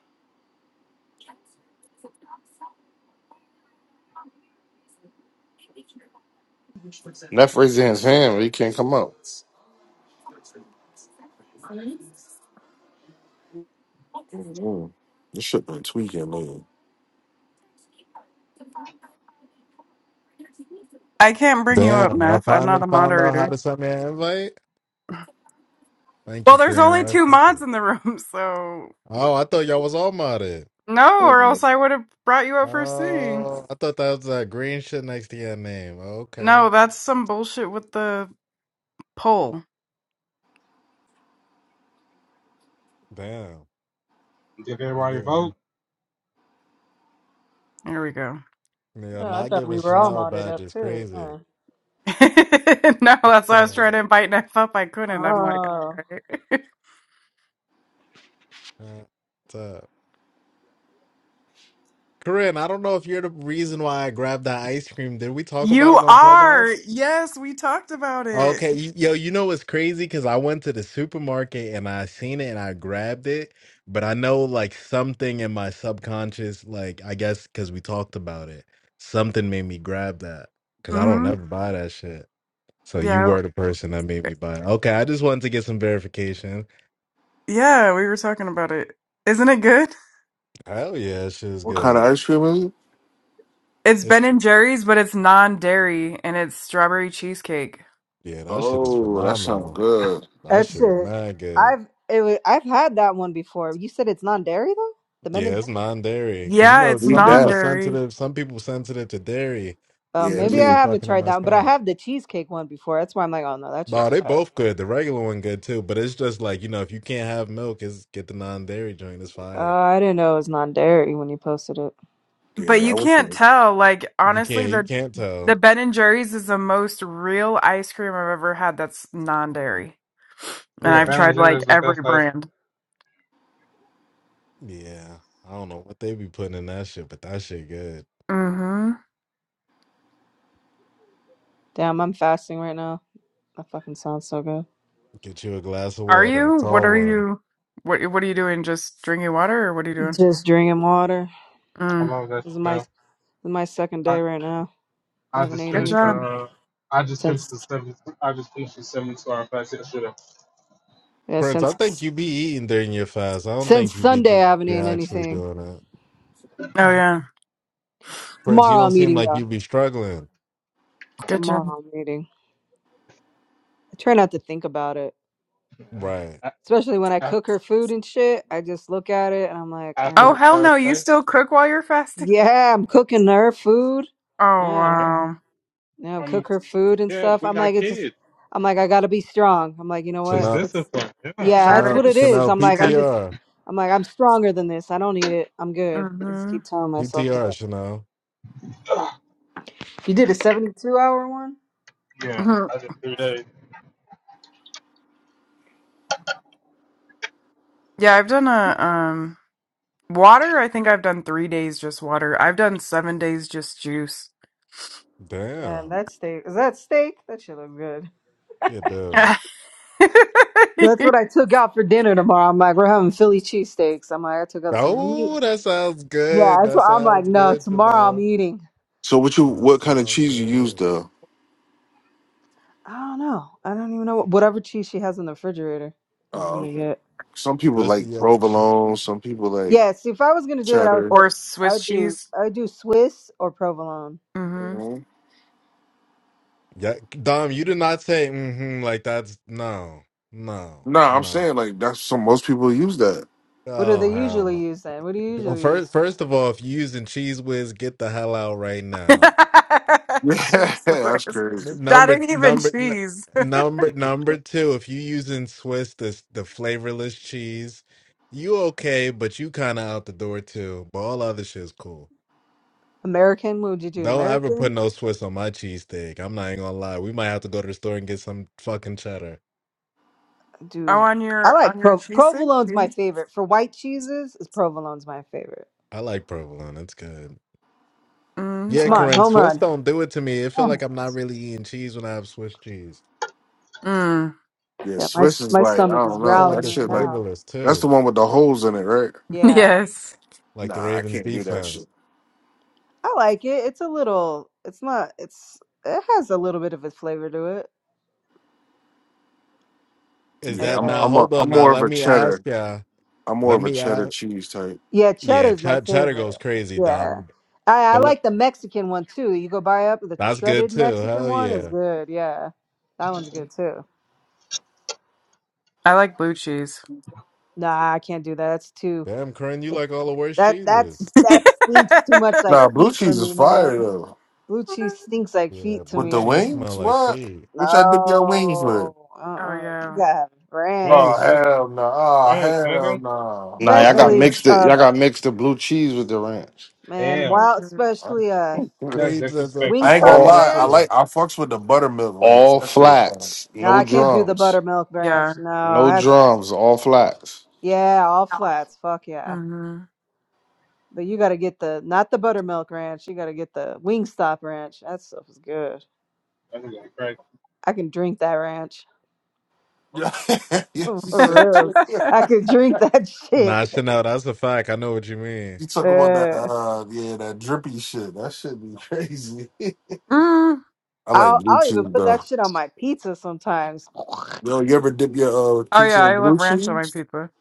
Speaker 3: Neff raised his hand, but he can't come up.
Speaker 4: Mm-hmm. This shit been tweaking, man.
Speaker 5: I can't bring you up,
Speaker 6: Damn, y'all
Speaker 5: Neff. I'm not
Speaker 6: finally
Speaker 5: a
Speaker 6: found out how
Speaker 5: moderator.
Speaker 6: to send me an invite? Thank you,
Speaker 5: Well, there's
Speaker 6: Green.
Speaker 5: only
Speaker 6: I
Speaker 5: two
Speaker 6: appreciate it.
Speaker 5: mods in the room, so
Speaker 6: Oh, I thought y'all was all modded.
Speaker 5: No, or
Speaker 4: Mm-mm.
Speaker 5: else I would have brought you up first thing.
Speaker 6: Oh, I thought that was that green shit next to your name. Okay.
Speaker 5: No, that's some bullshit with the poll.
Speaker 6: Damn.
Speaker 1: Did
Speaker 6: Let me
Speaker 1: everybody
Speaker 6: get let me-
Speaker 1: vote?
Speaker 5: There we go.
Speaker 6: Yeah,
Speaker 2: Oh, I
Speaker 6: not
Speaker 2: thought
Speaker 6: giving
Speaker 2: we were all
Speaker 6: Chanel
Speaker 2: modded up
Speaker 6: badges.
Speaker 2: too.
Speaker 6: Crazy.
Speaker 2: Yeah.
Speaker 5: no, that's why I was
Speaker 6: Yeah.
Speaker 5: trying to invite Neff up. I couldn't. I'm like,
Speaker 2: Oh.
Speaker 5: all right.
Speaker 6: Uh, What's up? Corinne, I don't know if you're the reason why I grabbed that ice cream. Did we talk about
Speaker 5: you
Speaker 6: it on
Speaker 5: are.
Speaker 6: Clubhouse?
Speaker 5: Yes, we talked about it.
Speaker 6: Okay, you- yo, you know what's crazy? Because I went to the supermarket and I seen it and I grabbed it, but I know like something in my subconscious, like I guess because we talked about it, something made me grab that because I don't
Speaker 5: hmm
Speaker 6: ever buy that shit. So you
Speaker 5: Yeah.
Speaker 6: were the person that made me buy it. Okay, I just wanted to get some verification.
Speaker 5: Yeah, we were talking about it. Isn't it good?
Speaker 6: Hell yeah, that shit is
Speaker 4: What kind of
Speaker 6: good.
Speaker 4: ice cream is it?
Speaker 5: It's
Speaker 6: It's
Speaker 5: Ben and Jerry's, but it's non-dairy and it's strawberry cheesecake.
Speaker 6: yeah, that shit is
Speaker 4: Oh, that sounds
Speaker 6: phenomenal.
Speaker 4: good.
Speaker 6: That
Speaker 2: That's
Speaker 6: shit is
Speaker 2: it.
Speaker 6: not good.
Speaker 2: I've it, wa- I've had that one before. You said it's non-dairy though, the Ben and
Speaker 6: Yeah, it's
Speaker 2: Jerry's.
Speaker 6: non-dairy because you
Speaker 5: Yeah,
Speaker 6: know
Speaker 5: it's
Speaker 4: Need
Speaker 6: some people
Speaker 4: that.
Speaker 5: non-dairy.
Speaker 6: sensitive, some people sensitive to dairy.
Speaker 2: Uh,
Speaker 4: Yeah,
Speaker 6: That
Speaker 2: maybe
Speaker 6: should
Speaker 2: I
Speaker 6: be
Speaker 4: me.
Speaker 2: haven't
Speaker 6: fucking up
Speaker 2: tried
Speaker 6: my
Speaker 2: that one, but I
Speaker 6: stomach.
Speaker 2: have the cheesecake one before. That's why I'm like, oh no, that shit's
Speaker 6: No, they
Speaker 2: fire.
Speaker 6: both good. The regular one good too, but it's just like you know, if you can't have milk, is get the non-dairy joint. It's
Speaker 2: Uh,
Speaker 6: fire.
Speaker 2: I didn't know it was non-dairy when you posted it.
Speaker 5: But
Speaker 4: Yeah, I
Speaker 5: you
Speaker 4: would
Speaker 5: can't
Speaker 4: say.
Speaker 5: tell. Like,
Speaker 6: If you
Speaker 5: honestly,
Speaker 6: can't, you
Speaker 5: the
Speaker 6: can't tell.
Speaker 5: The Ben and Jerry's is the most real ice cream I've ever had that's non dairy. And
Speaker 1: Yeah,
Speaker 5: I've
Speaker 6: Right?
Speaker 5: tried
Speaker 1: Ballinger
Speaker 5: like
Speaker 1: is the best
Speaker 5: every
Speaker 1: ice.
Speaker 5: brand.
Speaker 6: Yeah. I don't know what they be putting in that shit, but that shit good.
Speaker 5: Mm-hmm.
Speaker 2: Damn, I'm fasting right now. That fucking sounds so good.
Speaker 6: Get you a glass of
Speaker 5: Are
Speaker 6: water, a
Speaker 5: you? What
Speaker 6: tall
Speaker 5: are
Speaker 6: one.
Speaker 5: you what what are you doing? Just drinking water or what are you doing?
Speaker 2: Just drinking water.
Speaker 1: I
Speaker 5: Mm.
Speaker 1: love that
Speaker 2: This is my this
Speaker 1: now.
Speaker 2: is my second
Speaker 1: I,
Speaker 2: day right now. I
Speaker 1: I
Speaker 2: haven't
Speaker 1: just
Speaker 2: eaten
Speaker 5: Good
Speaker 1: finished the
Speaker 2: anything
Speaker 5: job.
Speaker 1: uh, I just finished the
Speaker 2: since
Speaker 1: seven I just finished the seven star fast yesterday.
Speaker 2: yeah
Speaker 6: Prince, I
Speaker 2: since
Speaker 6: think you be eating during your fast. I don't
Speaker 2: since
Speaker 6: think you be
Speaker 2: Sunday.
Speaker 6: do-
Speaker 2: I haven't
Speaker 6: you
Speaker 2: eaten
Speaker 6: actually
Speaker 2: anything.
Speaker 6: doing it.
Speaker 5: Oh yeah.
Speaker 6: Prince, you
Speaker 2: Tomorrow
Speaker 6: don't
Speaker 2: I'm
Speaker 6: seem
Speaker 2: eating
Speaker 6: like
Speaker 2: though.
Speaker 6: you be struggling.
Speaker 5: Good job.
Speaker 2: Tomorrow I'm eating. I try not to think about it.
Speaker 1: Yeah.
Speaker 6: Right.
Speaker 1: A-
Speaker 2: especially when I
Speaker 1: a-
Speaker 2: cook her food and shit. I just look at it and I'm like, all
Speaker 1: After
Speaker 5: Oh
Speaker 1: the
Speaker 2: right.
Speaker 5: hell no,
Speaker 1: first
Speaker 5: you
Speaker 1: day.
Speaker 5: still cook while you're fasting?
Speaker 2: yeah, I'm cooking her food.
Speaker 5: Oh
Speaker 2: Yeah,
Speaker 1: Yeah.
Speaker 5: wow.
Speaker 2: you know,
Speaker 1: I mean
Speaker 2: cook her food and
Speaker 1: yeah,
Speaker 2: stuff.
Speaker 1: we
Speaker 2: I'm like,
Speaker 1: got
Speaker 2: it's just,
Speaker 1: kids.
Speaker 2: I'm like, I gotta be strong. I'm like, you know what?
Speaker 1: Is
Speaker 6: Chanel,
Speaker 1: this a
Speaker 2: Let's,
Speaker 1: discipline, yeah.
Speaker 2: yeah, that's
Speaker 5: That
Speaker 6: Chanel,
Speaker 2: what it
Speaker 5: is
Speaker 2: is.
Speaker 6: Chanel,
Speaker 2: I'm
Speaker 6: P
Speaker 2: like,
Speaker 5: yeah.
Speaker 2: I'm
Speaker 6: T
Speaker 2: just,
Speaker 6: R.
Speaker 2: I'm like, I'm stronger than this. I don't need it. I'm good. I just
Speaker 5: Mm-hmm.
Speaker 2: keep telling
Speaker 6: P T
Speaker 2: myself
Speaker 6: R.
Speaker 2: that.
Speaker 6: Chanel.
Speaker 2: You did a 72 hour one?
Speaker 1: Yeah. I did three days.
Speaker 5: Yeah, I've done a um water, I think I've done three days just water. I've done seven days just juice.
Speaker 2: Yeah,
Speaker 6: Damn.
Speaker 2: that steak. Is that steak? That should look good.
Speaker 6: You do.
Speaker 2: That's what I took out for dinner tomorrow. I'm like, we're having Philly cheesesteaks. I'm like, I took out some meat.
Speaker 6: Oh, that sounds
Speaker 2: Yeah,
Speaker 6: good.
Speaker 2: that's
Speaker 6: That
Speaker 2: why I'm like,
Speaker 6: sounds
Speaker 2: no,
Speaker 6: good,
Speaker 2: tomorrow I'm
Speaker 6: Chanel.
Speaker 2: eating.
Speaker 4: So, what you?
Speaker 6: That
Speaker 4: What kind of
Speaker 6: sounds
Speaker 4: cheese you use
Speaker 6: good.
Speaker 4: though?
Speaker 2: I don't know. I don't even know what, whatever cheese she has in the refrigerator is
Speaker 4: Oh,
Speaker 2: gonna
Speaker 4: okay.
Speaker 2: get.
Speaker 4: Some people
Speaker 6: Just
Speaker 4: like
Speaker 6: the uh, sh-
Speaker 4: provolone. Some people like
Speaker 2: Yeah, see, if I was gonna do it, I would
Speaker 4: chatter.
Speaker 2: put,
Speaker 5: or
Speaker 2: I
Speaker 5: Swiss
Speaker 2: would do,
Speaker 5: cheese.
Speaker 2: I would do Swiss or provolone.
Speaker 4: You
Speaker 5: Mm-hmm.
Speaker 4: know?
Speaker 6: yeah, Dom. You did not say mm-hmm, like that's no, no,
Speaker 4: Nah, I'm
Speaker 6: no.
Speaker 4: saying like that's so most people use that.
Speaker 2: What do
Speaker 6: Oh
Speaker 2: they
Speaker 6: hell
Speaker 2: usually
Speaker 6: no.
Speaker 2: use then? What do you
Speaker 6: Well,
Speaker 2: usually
Speaker 6: first,
Speaker 2: use?
Speaker 6: first of all, if you're using Cheese Whiz, get the hell out right now.
Speaker 4: Yeah,
Speaker 5: cheese
Speaker 4: that's
Speaker 5: Swiss.
Speaker 4: crazy.
Speaker 5: That
Speaker 6: Number
Speaker 5: ain't even
Speaker 6: number n-
Speaker 5: cheese.
Speaker 6: number
Speaker 1: We just
Speaker 6: number
Speaker 1: took
Speaker 6: two. If you using Swiss, the the flavorless cheese, you okay, but you kind of out the door too. But all other shit's cool.
Speaker 2: American? What would you do?
Speaker 6: Don't ever put
Speaker 2: American?
Speaker 6: no Swiss on my cheese cheesesteak. I'm not even gonna lie. We might have to go to the store and get some fucking cheddar.
Speaker 5: Oh,
Speaker 2: Do
Speaker 5: on
Speaker 2: I
Speaker 5: your on
Speaker 2: like
Speaker 5: your
Speaker 2: pro,
Speaker 5: cheese thing?
Speaker 2: provolone's my
Speaker 5: Cheese?
Speaker 2: favorite for white cheeses? Is provolone's my favorite?
Speaker 6: I like provolone. It's good.
Speaker 5: Mm,
Speaker 6: Yeah,
Speaker 2: Come
Speaker 5: sorry.
Speaker 2: on,
Speaker 6: Corinne,
Speaker 2: home
Speaker 6: Swiss
Speaker 2: run!
Speaker 6: don't do it to me. It feel
Speaker 2: Damn it.
Speaker 6: like I'm not really eating cheese when I have Swiss cheese.
Speaker 5: Mm,
Speaker 4: Yeah,
Speaker 2: Yeah, my
Speaker 4: Swiss is
Speaker 2: my
Speaker 4: like I
Speaker 2: stomach is
Speaker 4: don't
Speaker 6: I feel
Speaker 4: know
Speaker 6: like
Speaker 2: growling
Speaker 4: that
Speaker 6: it's
Speaker 2: right
Speaker 4: shit. Like
Speaker 2: now.
Speaker 6: flavorless
Speaker 4: that's the
Speaker 6: too,
Speaker 4: one with the holes in it, right?
Speaker 2: Yeah.
Speaker 5: yes.
Speaker 6: like the
Speaker 4: Nah, I
Speaker 6: Ravens
Speaker 4: can't do that shit.
Speaker 6: defense.
Speaker 2: I like it. It's a little. It's not. It's. It has a little bit of a flavor to it.
Speaker 6: Is
Speaker 2: Like
Speaker 4: Yeah,
Speaker 6: that
Speaker 4: I'm
Speaker 6: now?
Speaker 2: uh,
Speaker 4: I'm a,
Speaker 6: Hold
Speaker 4: I'm
Speaker 6: on now.
Speaker 4: more of
Speaker 6: Let
Speaker 4: a
Speaker 6: me ask
Speaker 4: cheddar.
Speaker 6: ya.
Speaker 4: I'm more
Speaker 6: Let
Speaker 4: of a
Speaker 6: me
Speaker 4: cheddar
Speaker 6: ask.
Speaker 4: cheese type.
Speaker 2: yeah,
Speaker 6: Yeah,
Speaker 2: cheddar's my
Speaker 6: ch- cheddar goes
Speaker 2: favorite.
Speaker 6: crazy,
Speaker 2: Yeah,
Speaker 6: dumb.
Speaker 2: I I
Speaker 6: But le-
Speaker 2: like the Mexican one too. You go buy up the
Speaker 6: that's good
Speaker 2: shredded
Speaker 6: too.
Speaker 2: Mexican
Speaker 6: Hell
Speaker 2: one is
Speaker 6: yeah.
Speaker 2: good. Yeah, that one's good too.
Speaker 5: I like blue cheese.
Speaker 2: Nah, I can't do that. That's too.
Speaker 6: Damn, Corinne, you
Speaker 2: It,
Speaker 6: like all the worst
Speaker 2: that
Speaker 6: cheeses.
Speaker 2: that's
Speaker 5: oh
Speaker 2: that stinks too much like
Speaker 4: Nah, blue
Speaker 2: feet for
Speaker 4: cheese is
Speaker 2: me,
Speaker 4: fire
Speaker 2: man.
Speaker 4: though.
Speaker 2: Blue cheese stinks like
Speaker 6: Yeah,
Speaker 2: feet to
Speaker 4: With
Speaker 6: blue
Speaker 2: me.
Speaker 4: the
Speaker 2: I
Speaker 6: cheese
Speaker 2: can't.
Speaker 6: smell
Speaker 4: wings,
Speaker 6: like
Speaker 4: what?
Speaker 6: feet.
Speaker 4: Which I dip your wings with?
Speaker 2: No, uh, uh you
Speaker 5: yeah.
Speaker 2: gotta have ranch,
Speaker 4: Oh
Speaker 1: Wings, nigga.
Speaker 4: hell no! Oh
Speaker 1: Rams,
Speaker 4: hell
Speaker 1: nigga.
Speaker 4: no!
Speaker 3: Nah, y'all got
Speaker 2: especially
Speaker 3: mixed
Speaker 4: Ranch.
Speaker 3: it.
Speaker 2: uh.
Speaker 3: Y'all got mixed the blue cheese with the ranch.
Speaker 2: Man,
Speaker 1: Damn.
Speaker 2: wow,
Speaker 5: Mm,
Speaker 2: especially uh
Speaker 1: That's
Speaker 6: Queens is a
Speaker 1: disrespectful,
Speaker 4: I ain't
Speaker 6: fat
Speaker 1: bro.
Speaker 4: gonna
Speaker 2: Wingstop's
Speaker 3: all
Speaker 6: nigga
Speaker 4: lie. I like
Speaker 2: ranch.
Speaker 6: shit.
Speaker 4: I fucks with the buttermilk ranch.
Speaker 3: all
Speaker 4: That shit is fire.
Speaker 3: flats,
Speaker 2: No,
Speaker 3: no
Speaker 2: I can't do the
Speaker 3: drums.
Speaker 2: buttermilk ranch.
Speaker 5: yeah.
Speaker 2: No,
Speaker 3: No
Speaker 2: that's
Speaker 3: drums, all flats.
Speaker 2: yeah, all flats. Fuck yeah.
Speaker 5: hmm
Speaker 2: But you gotta get the not the buttermilk ranch, you gotta get the Wingstop ranch. That stuff is good.
Speaker 1: That's really crazy.
Speaker 2: I can drink that ranch.
Speaker 4: Yeah, yeah,
Speaker 2: For
Speaker 4: she said.
Speaker 2: reals.
Speaker 4: drip.
Speaker 2: I could drink that shit.
Speaker 6: Nah, Chanel, that's a fact. I know what you mean.
Speaker 4: You talk about that,
Speaker 2: Yeah.
Speaker 4: uh, yeah, that drippy shit. That shit be crazy.
Speaker 5: mm.
Speaker 4: I like
Speaker 2: I'll
Speaker 4: blue
Speaker 2: I'll even
Speaker 4: cheese
Speaker 2: put
Speaker 4: though.
Speaker 2: that shit on my pizza sometimes.
Speaker 4: Yo, you ever dip your uh
Speaker 5: Oh
Speaker 4: pizza
Speaker 5: yeah,
Speaker 4: in
Speaker 5: I
Speaker 4: blue
Speaker 5: love ranch on my
Speaker 4: cheese?
Speaker 5: pizza.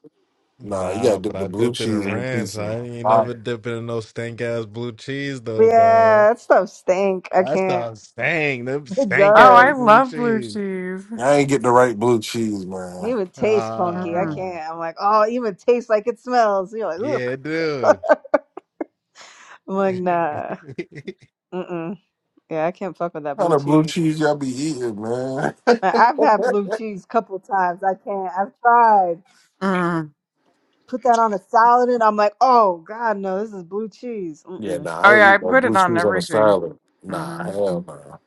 Speaker 4: Nah, you
Speaker 6: Nah,
Speaker 4: gotta
Speaker 6: but
Speaker 4: dip the
Speaker 6: I
Speaker 4: blue
Speaker 6: dipped it
Speaker 4: cheese
Speaker 6: in
Speaker 4: in the
Speaker 6: ranch.
Speaker 4: pizza.
Speaker 6: I ain't
Speaker 4: I,
Speaker 6: never dipping in no stank ass blue cheese
Speaker 2: But
Speaker 6: though, dog.
Speaker 2: yeah, that stuff stink. I
Speaker 6: That's
Speaker 2: can't.
Speaker 6: the stank, them
Speaker 2: It
Speaker 6: stank
Speaker 5: Oh,
Speaker 6: ass
Speaker 5: I
Speaker 2: does.
Speaker 6: blue
Speaker 5: love blue
Speaker 6: cheese.
Speaker 5: cheese.
Speaker 4: I ain't get the right blue cheese, man.
Speaker 2: It
Speaker 4: What
Speaker 2: even tastes funky. I
Speaker 5: Mm,
Speaker 6: Ah,
Speaker 2: can't. I'm like, oh, it even tastes like it smells. You're like,
Speaker 6: yeah,
Speaker 2: ugh.
Speaker 6: dude.
Speaker 2: I'm like, nah.
Speaker 6: the
Speaker 2: Mm-mm. Yeah, I can't fuck with that
Speaker 4: kind
Speaker 2: blue
Speaker 4: of blue
Speaker 2: cheese.
Speaker 4: cheese y'all be eating, man?
Speaker 2: I- I've had blue cheese couple times. I can't. I've tried.
Speaker 5: mm.
Speaker 2: Put that on a salad, and I'm like, oh God, no, this is blue cheese.
Speaker 4: yeah,
Speaker 2: Mm-mm.
Speaker 4: nah,
Speaker 5: Oh
Speaker 4: I ain't
Speaker 5: yeah, I
Speaker 4: eat no
Speaker 5: put it
Speaker 4: blue
Speaker 5: on
Speaker 4: cheese on a
Speaker 5: everything.
Speaker 4: salad. Nah,
Speaker 5: Mm-hmm.
Speaker 4: hell no.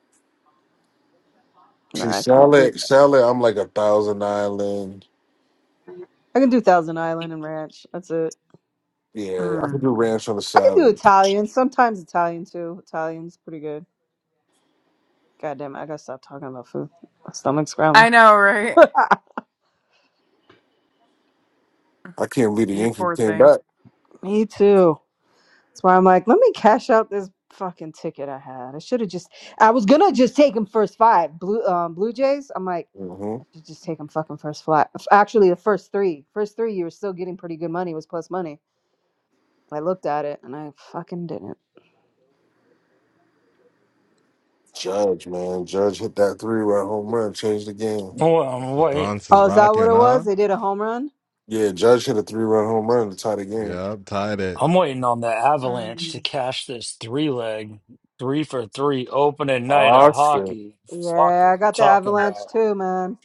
Speaker 2: No,
Speaker 4: See,
Speaker 2: I can't do.
Speaker 4: salad, salad, I'm like a thousand island.
Speaker 2: I can do Thousand Island and ranch. That's it.
Speaker 4: Yeah, I
Speaker 5: Mm.
Speaker 4: could do ranch on the
Speaker 2: I can do
Speaker 4: salad.
Speaker 2: Italian. Sometimes Italian too. Italian's pretty good. God damn it, I gotta stop talking about food. My stomach's
Speaker 5: I
Speaker 2: growling.
Speaker 5: know, right?
Speaker 4: I can't believe the
Speaker 5: You
Speaker 4: Yankees
Speaker 5: poor
Speaker 4: came
Speaker 5: thing.
Speaker 4: back.
Speaker 2: Me too. That's why I'm like, let me cash out this fucking ticket I had. I should have just. I was gonna just take him first five blue um, Blue Jays. I'm like,
Speaker 4: hmm
Speaker 2: I should just take him fucking first flat. f- Actually, the first three, first three, you were still getting pretty good money. It was plus money. I looked at it and I fucking didn't.
Speaker 4: Judge, man, Judge hit that three run home run, changed the game.
Speaker 7: Well, I'm wait.
Speaker 6: Bronx is
Speaker 2: Oh, is that what
Speaker 6: rocking,
Speaker 2: it was?
Speaker 6: huh?
Speaker 2: They did a home run.
Speaker 4: Yeah, Judge hit a three run home run to tie the game.
Speaker 6: Yeah, I'm tied it.
Speaker 7: I'm waiting on the Avalanche to
Speaker 5: Mm.
Speaker 7: cash this three leg, three for three opening night of
Speaker 4: Awesome,
Speaker 7: hockey. Fuck, are
Speaker 2: Yeah, I
Speaker 7: we
Speaker 2: got the
Speaker 7: talking
Speaker 2: Avalanche
Speaker 7: about?
Speaker 2: too, man.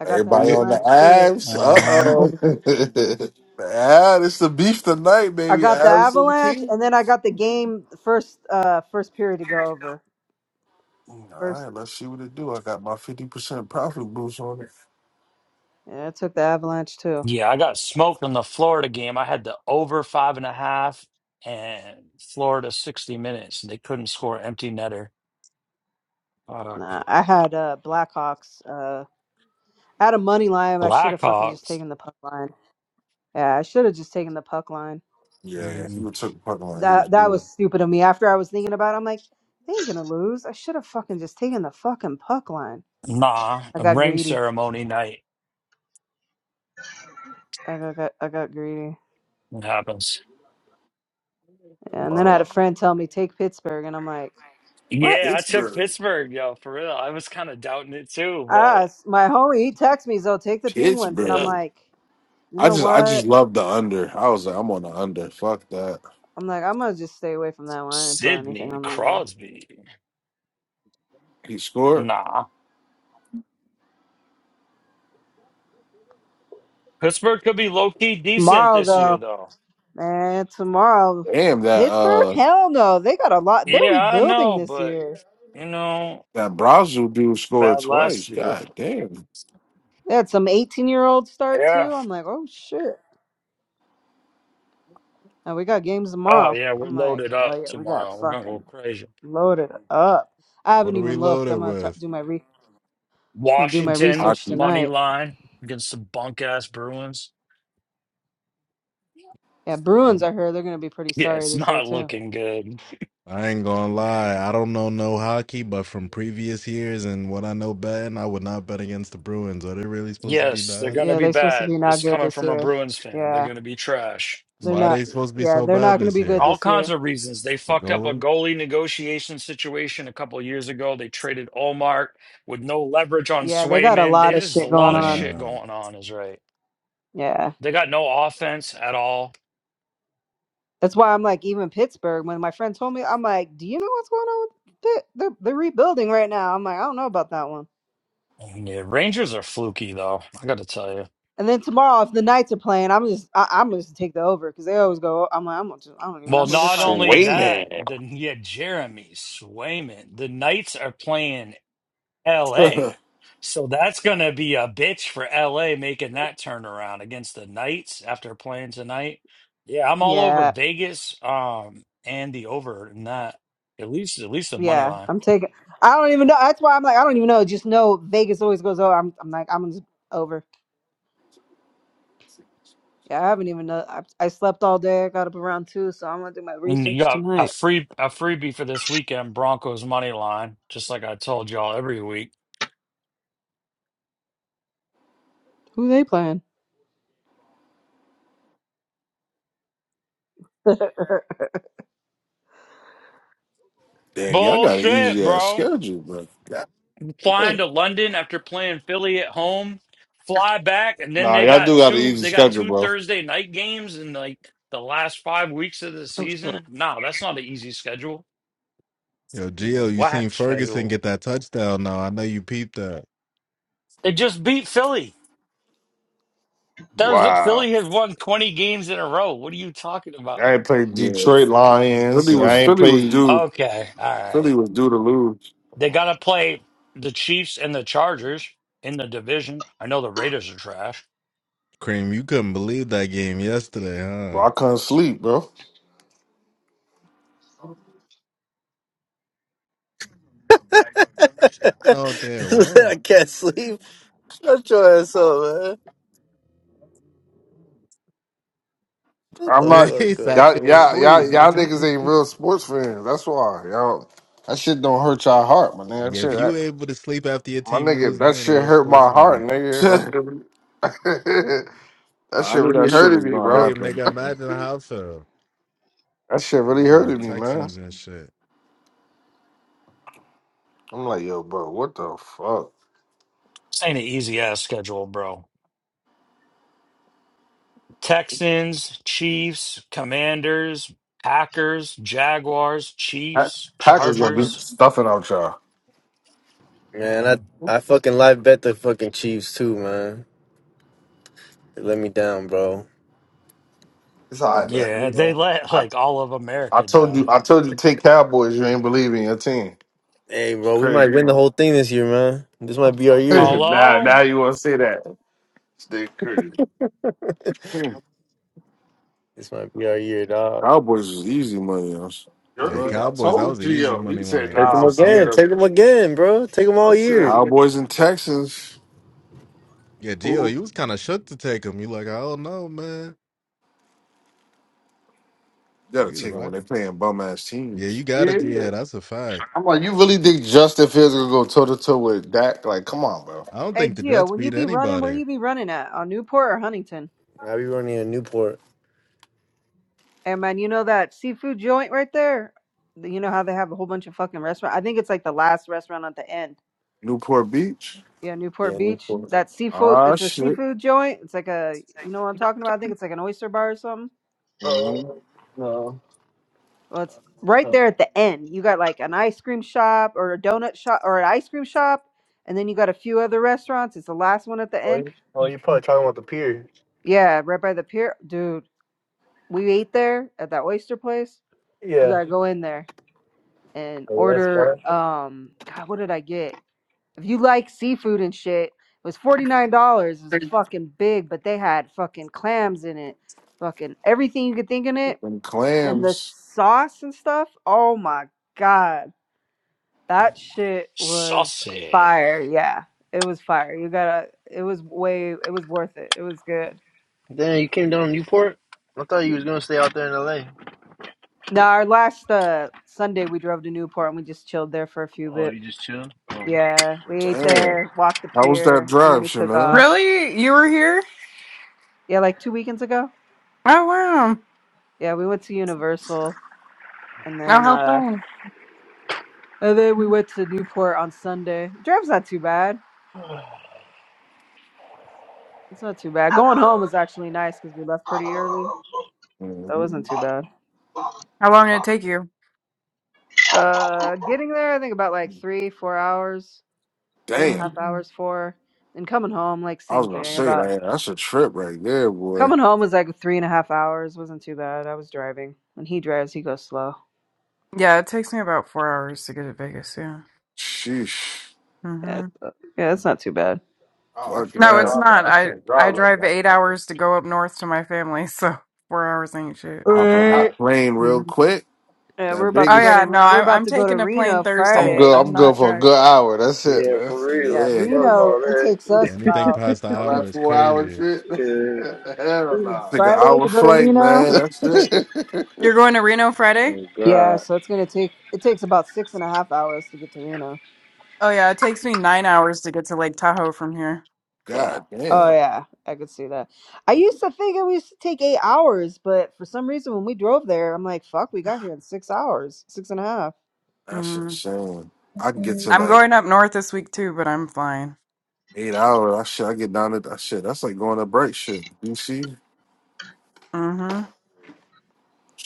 Speaker 2: I got the
Speaker 3: Who
Speaker 4: Everybody
Speaker 3: you-
Speaker 4: on the
Speaker 2: Avalanche too.
Speaker 4: abs. Uh
Speaker 7: Uh huh.
Speaker 4: oh. Yeah, it's the beef tonight,
Speaker 2: I
Speaker 4: baby.
Speaker 2: got the
Speaker 4: Abs and
Speaker 2: Avalanche, and then I
Speaker 4: Kings.
Speaker 2: got the game first uh first period to go over.
Speaker 4: All
Speaker 2: First,
Speaker 4: right, let's see what it do. I got my fifty percent profit boost on it.
Speaker 2: yeah, I took the Avalanche too.
Speaker 7: Yeah, I got smoked on the Florida game. I had the over five and a half and Florida 60 minutes. and They couldn't score an empty netter. Fuck.
Speaker 2: Nah, I had uh Blackhawks. Uh, I had a money line. I should have fucking just
Speaker 7: Blackhawks.
Speaker 2: taken the puck line. Yeah, I should have just taken the puck line.
Speaker 4: Yeah, yeah, he
Speaker 7: mm,
Speaker 4: took the puck line. He was
Speaker 2: That that
Speaker 4: good.
Speaker 2: was stupid of me. After I was thinking about, it, I'm like, they ain't gonna lose. I should have fucking just taken the fucking puck line.
Speaker 7: Nah,
Speaker 2: I
Speaker 7: a
Speaker 2: got
Speaker 7: ring
Speaker 2: greedy.
Speaker 7: ceremony night.
Speaker 2: I got, got I got greedy.
Speaker 7: It happens.
Speaker 2: Yeah, And then I had a
Speaker 4: Wow.
Speaker 2: friend tell me take Pittsburgh, and I'm like, what?
Speaker 7: Yeah, I took
Speaker 4: Pittsburgh,
Speaker 7: Pittsburgh, yo, for real. I was kind of doubting it too,
Speaker 2: Ah,
Speaker 7: but
Speaker 2: s- my homie he texts me, so take the Penguins, and I'm
Speaker 4: Pittsburgh.
Speaker 7: yeah.
Speaker 2: like, you
Speaker 4: I
Speaker 2: know
Speaker 4: just, I just
Speaker 2: what?
Speaker 4: love the under. I was like, I'm on the under. Fuck that.
Speaker 2: I'm like, I'm gonna just stay away from that one. I didn't put anything
Speaker 7: Sidney
Speaker 2: on that game.
Speaker 7: Crosby.
Speaker 4: He scored.
Speaker 7: Nah. Pittsburgh could be low key decent
Speaker 2: Tomorrow
Speaker 7: this year,
Speaker 2: though.
Speaker 7: though.
Speaker 2: Man, tomorrow,
Speaker 4: Damn, that
Speaker 2: Pittsburgh?
Speaker 4: uh
Speaker 2: Hell no. They got a lot. They're
Speaker 7: Yeah, I
Speaker 2: rebuilding
Speaker 7: know,
Speaker 2: this
Speaker 7: but,
Speaker 2: year.
Speaker 7: you know,
Speaker 4: that Brazil dude scored
Speaker 7: bad last
Speaker 4: twice.
Speaker 7: year.
Speaker 4: God damn.
Speaker 2: They had some 18 year olds start
Speaker 7: Yeah.
Speaker 2: too. I'm like, oh shit. And we got games
Speaker 7: Oh,
Speaker 2: tomorrow.
Speaker 7: yeah, we're
Speaker 2: I'm like,
Speaker 7: loaded up
Speaker 2: hell yeah, we got
Speaker 7: tomorrow. We're going to go
Speaker 2: fucking
Speaker 7: crazy.
Speaker 2: loaded up. I
Speaker 6: What
Speaker 2: haven't
Speaker 6: are we
Speaker 2: even looked.
Speaker 6: loaded
Speaker 2: I'm gonna t-
Speaker 6: with?
Speaker 2: do my re- I'm gonna do my
Speaker 7: Washington,
Speaker 2: research
Speaker 4: Hockey.
Speaker 7: money
Speaker 2: tonight.
Speaker 7: line against the bunk ass Bruins.
Speaker 2: Yeah, Bruins.
Speaker 6: I'm
Speaker 2: I heard they're gonna be pretty
Speaker 7: Yeah,
Speaker 2: sorry
Speaker 7: it's
Speaker 2: this year
Speaker 7: not
Speaker 2: too.
Speaker 7: looking good.
Speaker 6: I ain't gonna lie. I don't know no hockey, but from previous years and what I know betting, I would not bet against the Bruins. Are they really supposed to be
Speaker 7: Yes, they're
Speaker 6: bad?
Speaker 7: going to
Speaker 2: Yeah,
Speaker 7: be
Speaker 2: they're supposed to
Speaker 7: bad.
Speaker 2: be
Speaker 7: This
Speaker 2: not
Speaker 7: is
Speaker 2: good
Speaker 7: coming
Speaker 2: this
Speaker 7: from a
Speaker 2: year.
Speaker 7: Bruins fan. They're
Speaker 2: Yeah,
Speaker 7: going to be trash.
Speaker 2: they're
Speaker 6: Why
Speaker 2: not.
Speaker 6: they supposed to be
Speaker 2: Yeah,
Speaker 6: so
Speaker 2: they're
Speaker 6: bad
Speaker 2: not gonna
Speaker 6: this
Speaker 2: be good
Speaker 7: All
Speaker 6: year?
Speaker 2: this
Speaker 7: kinds
Speaker 2: year.
Speaker 7: of reasons. They
Speaker 6: The
Speaker 7: fucked up a
Speaker 6: goalie?
Speaker 7: goalie negotiation situation a couple years ago. They traded Olmark with no leverage on
Speaker 2: Yeah, they got a
Speaker 7: Swayman.
Speaker 2: lot of
Speaker 7: There's a
Speaker 2: shit going
Speaker 7: lot of
Speaker 2: on.
Speaker 7: shit
Speaker 6: Damn.
Speaker 7: going on, is right.
Speaker 2: Yeah.
Speaker 7: They got no offense at all.
Speaker 2: That's why I'm like, even Pittsburgh, when my friend told me, I'm like, do you know what's going on with Pitt? They're, they're rebuilding right now. I'm like, I don't know about that one.
Speaker 7: Yeah, Rangers are fluky, though. I got to tell you.
Speaker 2: And then tomorrow, if the Knights are playing, I'm just, I, I'm just take the over because they always go. I'm like, I'm gonna just, I don't even know
Speaker 7: Well,
Speaker 2: who they're
Speaker 7: not
Speaker 2: playing.
Speaker 7: only
Speaker 3: Sway
Speaker 7: that,
Speaker 3: man.
Speaker 7: then yeah, Jeremy Swayman. The Knights are playing LA. So that's going to be a bitch for LA making that turnaround against the Knights after playing tonight. Yeah, I'm all over
Speaker 2: Yeah,
Speaker 7: Vegas um and the over in that at least at least the money
Speaker 2: yeah,
Speaker 7: line.
Speaker 2: I'm taking. I don't even know. That's why I'm like, I don't even know. Just know Vegas always goes over. I'm, I'm like, I'm just over. Yeah, I haven't even know. I, I slept all day. I got up around two, so I'm gonna do my
Speaker 7: And you
Speaker 2: research
Speaker 7: got a
Speaker 2: tonight.
Speaker 7: free a freebie for this weekend Broncos money line, just like I told y'all every week.
Speaker 2: Who they playing?
Speaker 4: damn, y'all got an
Speaker 7: Bullshit,
Speaker 4: easy ass
Speaker 7: bro.
Speaker 4: schedule, bro. God
Speaker 7: flying
Speaker 4: damn.
Speaker 7: to London after playing Philly at home, fly back, and then
Speaker 3: Nah,
Speaker 7: they
Speaker 3: y'all
Speaker 7: got
Speaker 3: do got an
Speaker 7: two
Speaker 3: easy
Speaker 7: they got
Speaker 3: schedule,
Speaker 7: two
Speaker 3: bro.
Speaker 7: Thursday night games in like the last five weeks of the season. No, that's not an easy schedule.
Speaker 6: Yo,
Speaker 7: You know,
Speaker 6: Gio, you seen
Speaker 7: whack
Speaker 6: Ferguson
Speaker 7: schedule.
Speaker 6: get that touchdown now. I know you peeped that.
Speaker 7: They just beat Philly. That was the,
Speaker 3: Wow.
Speaker 7: Philly has won twenty games in a row. What are you talking about?
Speaker 3: I ain't played
Speaker 4: Yeah.
Speaker 3: Detroit Lions
Speaker 4: Philly
Speaker 3: and
Speaker 4: was
Speaker 3: I
Speaker 6: Damn.
Speaker 3: ain't
Speaker 4: Philly was
Speaker 3: played
Speaker 4: due
Speaker 7: Okay, all right.
Speaker 4: Philly was due to lose.
Speaker 7: They got to play the Chiefs and the Chargers in the division. I know the Raiders are trash.
Speaker 6: Cream, you couldn't believe that game yesterday, huh?
Speaker 3: bro, I couldn't sleep, bro.
Speaker 8: I
Speaker 6: No, they win.
Speaker 8: can't sleep. Shut your ass up, man. Shut
Speaker 3: I'm
Speaker 8: the
Speaker 3: not
Speaker 8: fuck
Speaker 6: Jeez, I
Speaker 8: up,
Speaker 3: y'all
Speaker 6: couldn't
Speaker 8: bro.
Speaker 3: y'all
Speaker 6: sleep,
Speaker 3: y'all y'all
Speaker 6: nigga.
Speaker 3: niggas ain't real sports fans. That's why. Y'all that shit don't hurt y'all heart, my nigga. That
Speaker 6: Yeah,
Speaker 3: shit
Speaker 6: If you
Speaker 3: that,
Speaker 6: able to sleep after your
Speaker 3: my
Speaker 6: team
Speaker 3: nigga,
Speaker 6: lose, you
Speaker 3: that
Speaker 6: ain't a
Speaker 3: shit
Speaker 6: real
Speaker 3: hurt
Speaker 6: sports
Speaker 3: my heart,
Speaker 6: fan.
Speaker 3: nigga. That shit, really- that
Speaker 4: Nah, I
Speaker 3: shit
Speaker 4: knew that
Speaker 3: really
Speaker 4: shit
Speaker 3: hurted
Speaker 4: was
Speaker 3: me,
Speaker 4: gonna
Speaker 3: bro.
Speaker 6: Cream,
Speaker 4: happen,
Speaker 6: nigga,
Speaker 4: man.
Speaker 6: imagine how so.
Speaker 3: That shit really
Speaker 6: Losing to the
Speaker 3: hurted me, man.
Speaker 6: Texans and shit.
Speaker 3: I'm like, yo, bro, what the fuck?
Speaker 7: This ain't an easy ass schedule, bro. Texans, Chiefs, Commanders, Packers, Jaguars,
Speaker 3: Pack-
Speaker 7: Chiefs,
Speaker 3: Packers gonna be
Speaker 7: Chargers.
Speaker 3: stuffing out y'all.
Speaker 8: Man, I,
Speaker 7: Um,
Speaker 8: I fucking live bet the fucking Chiefs too, man. They let me down, bro.
Speaker 3: It's all right,
Speaker 7: yeah, they
Speaker 3: man.
Speaker 7: let
Speaker 3: I,
Speaker 7: like all of
Speaker 3: I
Speaker 7: America
Speaker 3: told you,
Speaker 7: down.
Speaker 3: I told you, take Cowboys. You ain't believe in your team.
Speaker 8: Hey,
Speaker 3: It's
Speaker 8: bro, we
Speaker 3: crazy,
Speaker 8: might win the
Speaker 3: huh?
Speaker 8: whole thing this year, man. This might be our year.
Speaker 3: now,
Speaker 7: Hello?
Speaker 3: now you want to say that? They crazy.
Speaker 4: Hmm.
Speaker 8: This might be our year, dog.
Speaker 4: Cowboys is easy money on us.
Speaker 6: Yeah,
Speaker 3: Jerky,
Speaker 4: What?
Speaker 3: I
Speaker 6: Cowboys, that
Speaker 3: told
Speaker 6: was the easy
Speaker 3: Gio. He
Speaker 6: money
Speaker 3: said,
Speaker 6: line.
Speaker 8: Take
Speaker 3: "Nah,
Speaker 6: That's
Speaker 8: them
Speaker 3: I'm
Speaker 6: a
Speaker 3: scared
Speaker 8: again.
Speaker 6: fact.
Speaker 3: of
Speaker 8: Take
Speaker 3: him."
Speaker 8: them again, bro. Take them
Speaker 3: I
Speaker 8: all
Speaker 3: said,
Speaker 8: year.
Speaker 3: "Nigga,
Speaker 4: Cowboys and Texans.
Speaker 6: Yeah, Gio,
Speaker 3: "Who?
Speaker 6: you was kind of shook to take him. You like, I don't know, man.
Speaker 4: You gotta
Speaker 6: We was
Speaker 4: take them when they're
Speaker 6: rocking.
Speaker 4: playing bum ass
Speaker 6: Yeah,
Speaker 4: teams.
Speaker 6: you got
Speaker 3: Yeah."
Speaker 6: it. Yeah, that's a fact.
Speaker 3: I'm like, you really think Justin Fields gonna go toe to toe with Dak? Like, come on, bro.
Speaker 6: I don't
Speaker 2: Hey
Speaker 6: think the
Speaker 2: Gio,
Speaker 6: Jets
Speaker 2: when you
Speaker 6: beat
Speaker 2: be running, where
Speaker 6: anybody.
Speaker 2: you be running at? On Newport or Huntington?
Speaker 8: I be running in Newport.
Speaker 2: Hey man, you know that seafood joint right there? The- You know how they have a whole bunch of fucking restaurant. I think it's like the last restaurant at the end.
Speaker 4: Newport Beach.
Speaker 2: Yeah, Newport
Speaker 8: Yeah,
Speaker 2: Beach.
Speaker 8: Newport.
Speaker 2: That seafood.
Speaker 4: Ah
Speaker 2: It's a
Speaker 4: shit.
Speaker 2: seafood joint. It's like a. You know what I'm talking about? I think it's like an oyster bar or something.
Speaker 4: Mm-hmm.
Speaker 8: Oh, no.
Speaker 2: Well, it's right there at the end. You got like an ice cream shop or a donut shop or an ice cream shop, and then you got a few other restaurants. It's the last one at the
Speaker 8: Oh,
Speaker 2: end.
Speaker 8: you- oh, you're probably talking about the pier.
Speaker 2: Yeah, right by the pier, dude. We ate there at that oyster place. You
Speaker 8: Yeah.
Speaker 2: gotta go in there. and
Speaker 8: Oh, Yes,
Speaker 2: order
Speaker 8: man.
Speaker 2: um God, what did I get? If you like seafood and shit, it was forty nine dollars. It was fucking big, but they had fucking clams in it, fucking everything you could think in it,
Speaker 4: Them
Speaker 2: and the
Speaker 4: clams.
Speaker 2: sauce and stuff. Oh my god, that shit was
Speaker 7: Saucy.
Speaker 2: fire. Yeah, it was fire. You gotta. It was way. It was worth it. It was good.
Speaker 8: Damn, you came down to Newport? I thought you was gonna stay out there in LA.
Speaker 2: Now our last uh Sunday we drove to Newport and we just chilled there for a few
Speaker 8: Oh,
Speaker 2: bit.
Speaker 8: you just chill?
Speaker 2: Yeah, we ate
Speaker 4: Damn.
Speaker 2: there, walked the
Speaker 4: How was that
Speaker 2: pier, and then
Speaker 4: drive,
Speaker 2: we took
Speaker 4: Chanel?
Speaker 2: off.
Speaker 5: Really? You were here?
Speaker 2: Yeah, like two weekends ago.
Speaker 5: Oh, wow.
Speaker 2: Yeah, we went to Universal and
Speaker 5: Oh,
Speaker 2: then
Speaker 5: how
Speaker 2: uh
Speaker 5: fun.
Speaker 2: and then we went to Newport on Sunday. Drive's not too bad. It's not too bad. Going home was actually nice because we left pretty early. That
Speaker 4: Mhm.
Speaker 2: wasn't too bad.
Speaker 5: How long did it take you?
Speaker 2: Uh getting there I think about like three, four hours, three and a
Speaker 4: Damn.
Speaker 2: half
Speaker 5: Mm.
Speaker 2: Mhm. hours, four. And coming home, like
Speaker 4: I was
Speaker 2: same
Speaker 4: gonna
Speaker 2: thing.
Speaker 4: say
Speaker 2: About
Speaker 4: that. That's a trip right there, boy.
Speaker 2: coming home was like three and a half hours. Wasn't too bad. I was driving. When he drives, he goes slow.
Speaker 5: Yeah, it takes me about four hours to get to Vegas, yeah.
Speaker 4: Sheesh.
Speaker 2: Yeah,
Speaker 5: hmm
Speaker 2: yeah, it's not too bad.
Speaker 3: Oh, I
Speaker 4: Fuck
Speaker 3: can't
Speaker 5: No, it's
Speaker 4: that.
Speaker 3: drive that.
Speaker 5: not.
Speaker 3: I
Speaker 5: I
Speaker 3: can't
Speaker 5: I
Speaker 3: drive like
Speaker 5: drive
Speaker 3: that,
Speaker 5: eight hours
Speaker 3: man.
Speaker 5: to go up north to my family, so four hours ain't shit.
Speaker 4: Hop on
Speaker 2: Right.
Speaker 4: that plane real
Speaker 5: hmm
Speaker 4: quick.
Speaker 2: Yeah, we're
Speaker 4: That
Speaker 2: about to
Speaker 5: Oh,
Speaker 2: go
Speaker 4: biggest.
Speaker 5: yeah,
Speaker 2: to
Speaker 5: no,
Speaker 2: we're
Speaker 5: I,
Speaker 2: about
Speaker 5: I'm
Speaker 2: to go to
Speaker 5: taking a plane
Speaker 2: Reno
Speaker 3: I'm
Speaker 5: Thursday.
Speaker 2: Friday.
Speaker 3: good. I'm
Speaker 5: I'm
Speaker 3: good
Speaker 5: not
Speaker 3: for a
Speaker 5: driving.
Speaker 3: good hour. That's it,
Speaker 8: Yeah,
Speaker 3: man.
Speaker 8: for real.
Speaker 2: Yeah,
Speaker 4: Yeah.
Speaker 8: Fuck
Speaker 5: Mm-mm.
Speaker 2: Reno.
Speaker 8: all
Speaker 2: It
Speaker 8: that.
Speaker 2: takes
Speaker 6: Yeah,
Speaker 2: us
Speaker 6: anything
Speaker 2: about
Speaker 6: past the
Speaker 3: All
Speaker 6: hour
Speaker 3: that
Speaker 6: is
Speaker 3: four hour
Speaker 6: crazy.
Speaker 3: shit.
Speaker 8: Yeah.
Speaker 2: we're
Speaker 3: Hell
Speaker 2: leaving
Speaker 3: nah.
Speaker 4: Take an
Speaker 2: Friday
Speaker 4: hour
Speaker 2: to go to
Speaker 4: flight, man.
Speaker 2: Reno.
Speaker 4: That's it.
Speaker 5: You're going to Reno Friday?
Speaker 8: Oh
Speaker 2: Yeah,
Speaker 8: god.
Speaker 2: so it's gonna take it takes about six and a half hours to get to Reno.
Speaker 5: Oh, yeah, it takes me nine hours to get to Lake Tahoe from here.
Speaker 2: Yeah.
Speaker 4: God
Speaker 2: Oh
Speaker 4: damn.
Speaker 2: yeah, I could see that. I used to think it used to take eight hours, but for some reason when we drove there, I'm like, fuck, we got here in six hours, six and a half.
Speaker 4: That's
Speaker 5: Mm-hmm.
Speaker 4: insane. I can get to
Speaker 5: I'm
Speaker 4: like
Speaker 5: going up north this week too, but I'm flying.
Speaker 4: eight hours. I shit. I get down to that shit. That's like going to break shit. DC.
Speaker 5: Mm-hmm.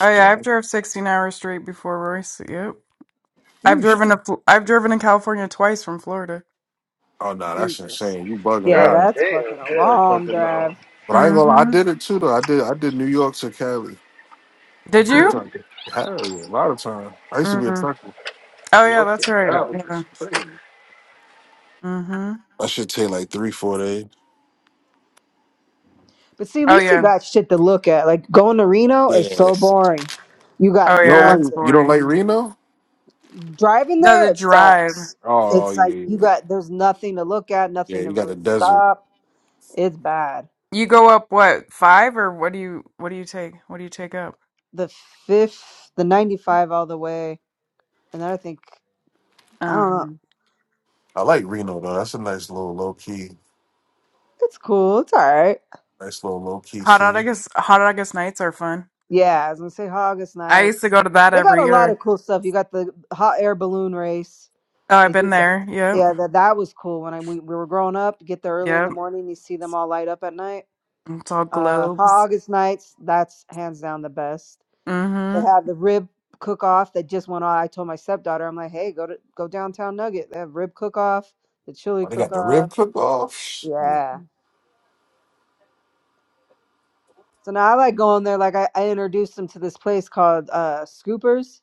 Speaker 5: Oh yeah, I've drove 16 hours straight before Royce. Yep. I've
Speaker 4: Sheesh.
Speaker 5: driven to Fl- I've driven to California twice from Florida.
Speaker 4: Oh no, that's
Speaker 2: Jesus.
Speaker 4: insane. You bugging
Speaker 2: Yeah,
Speaker 8: God
Speaker 4: none.
Speaker 2: that's
Speaker 8: damn.
Speaker 2: fucking a
Speaker 8: Damn
Speaker 2: long
Speaker 8: fucking no.
Speaker 2: drive.
Speaker 4: But I ain't gonna. lie, I
Speaker 5: Mm-hmm.
Speaker 4: did it too though. I did. I did New York to Cali.
Speaker 5: Did
Speaker 4: Few
Speaker 5: you?
Speaker 4: times. Hell yeah, a lot of time. I used to be a
Speaker 5: Mm-hmm.
Speaker 4: trucker.
Speaker 5: Oh yeah,
Speaker 3: Yo,
Speaker 5: that's right.
Speaker 3: that
Speaker 5: Yeah.
Speaker 3: was crazy.
Speaker 5: Mm-hmm.
Speaker 4: I should take like three, four days.
Speaker 2: But see, at
Speaker 5: Oh
Speaker 2: least you
Speaker 5: yeah.
Speaker 2: got shit to look at. Like going to Reno is
Speaker 4: Yeah.
Speaker 2: so boring. You got
Speaker 5: Oh
Speaker 4: You don't
Speaker 5: yeah, it's
Speaker 4: like
Speaker 2: nothing.
Speaker 4: you don't like
Speaker 5: boring.
Speaker 4: Reno?
Speaker 2: Driving
Speaker 5: The the
Speaker 2: there, it
Speaker 5: drive.
Speaker 2: sucks.
Speaker 4: Oh
Speaker 2: It's
Speaker 4: yeah,
Speaker 2: like you
Speaker 4: yeah.
Speaker 2: got there's nothing to look at,
Speaker 4: Yeah,
Speaker 2: nothing to
Speaker 4: you got the
Speaker 2: really
Speaker 4: desert.
Speaker 2: stop. It's bad.
Speaker 5: You go up what, five or what do you what do you take? What do you take up?
Speaker 2: The fifth, the 95 all the way, and then I think I don't know.
Speaker 5: Um
Speaker 4: I like Reno though. That's a nice little low key,
Speaker 2: It's cool. It's all right.
Speaker 4: nice little low key
Speaker 5: Hot
Speaker 4: scene.
Speaker 5: August Hot August nights are fun.
Speaker 2: Yeah, I was gonna say August
Speaker 5: I used to
Speaker 2: nights.
Speaker 5: go to that
Speaker 2: They got
Speaker 5: every
Speaker 2: a lot
Speaker 5: year.
Speaker 2: of cool stuff. You got the hot air balloon race.
Speaker 5: Oh, I've
Speaker 2: They
Speaker 5: been
Speaker 2: just
Speaker 5: there. Yep.
Speaker 2: yeah, that that was cool when I we, we were growing up. You Get there early in the
Speaker 5: Yep.
Speaker 2: morning, you see them all light up at night.
Speaker 5: It's all
Speaker 2: Uh, hot
Speaker 5: globes.
Speaker 2: August nights. That's hands down the best. They
Speaker 5: Mm-hmm.
Speaker 2: have the rib cook off that just went on. I told my stepdaughter, I'm like, hey, go to go downtown Nugget. They have rib cook off, the chili
Speaker 4: Oh, they
Speaker 2: cook
Speaker 4: got the rib
Speaker 2: off.
Speaker 4: cook off.
Speaker 2: Yeah. So now I like going there. Like I, I introduced them to this place called uh Scoopers.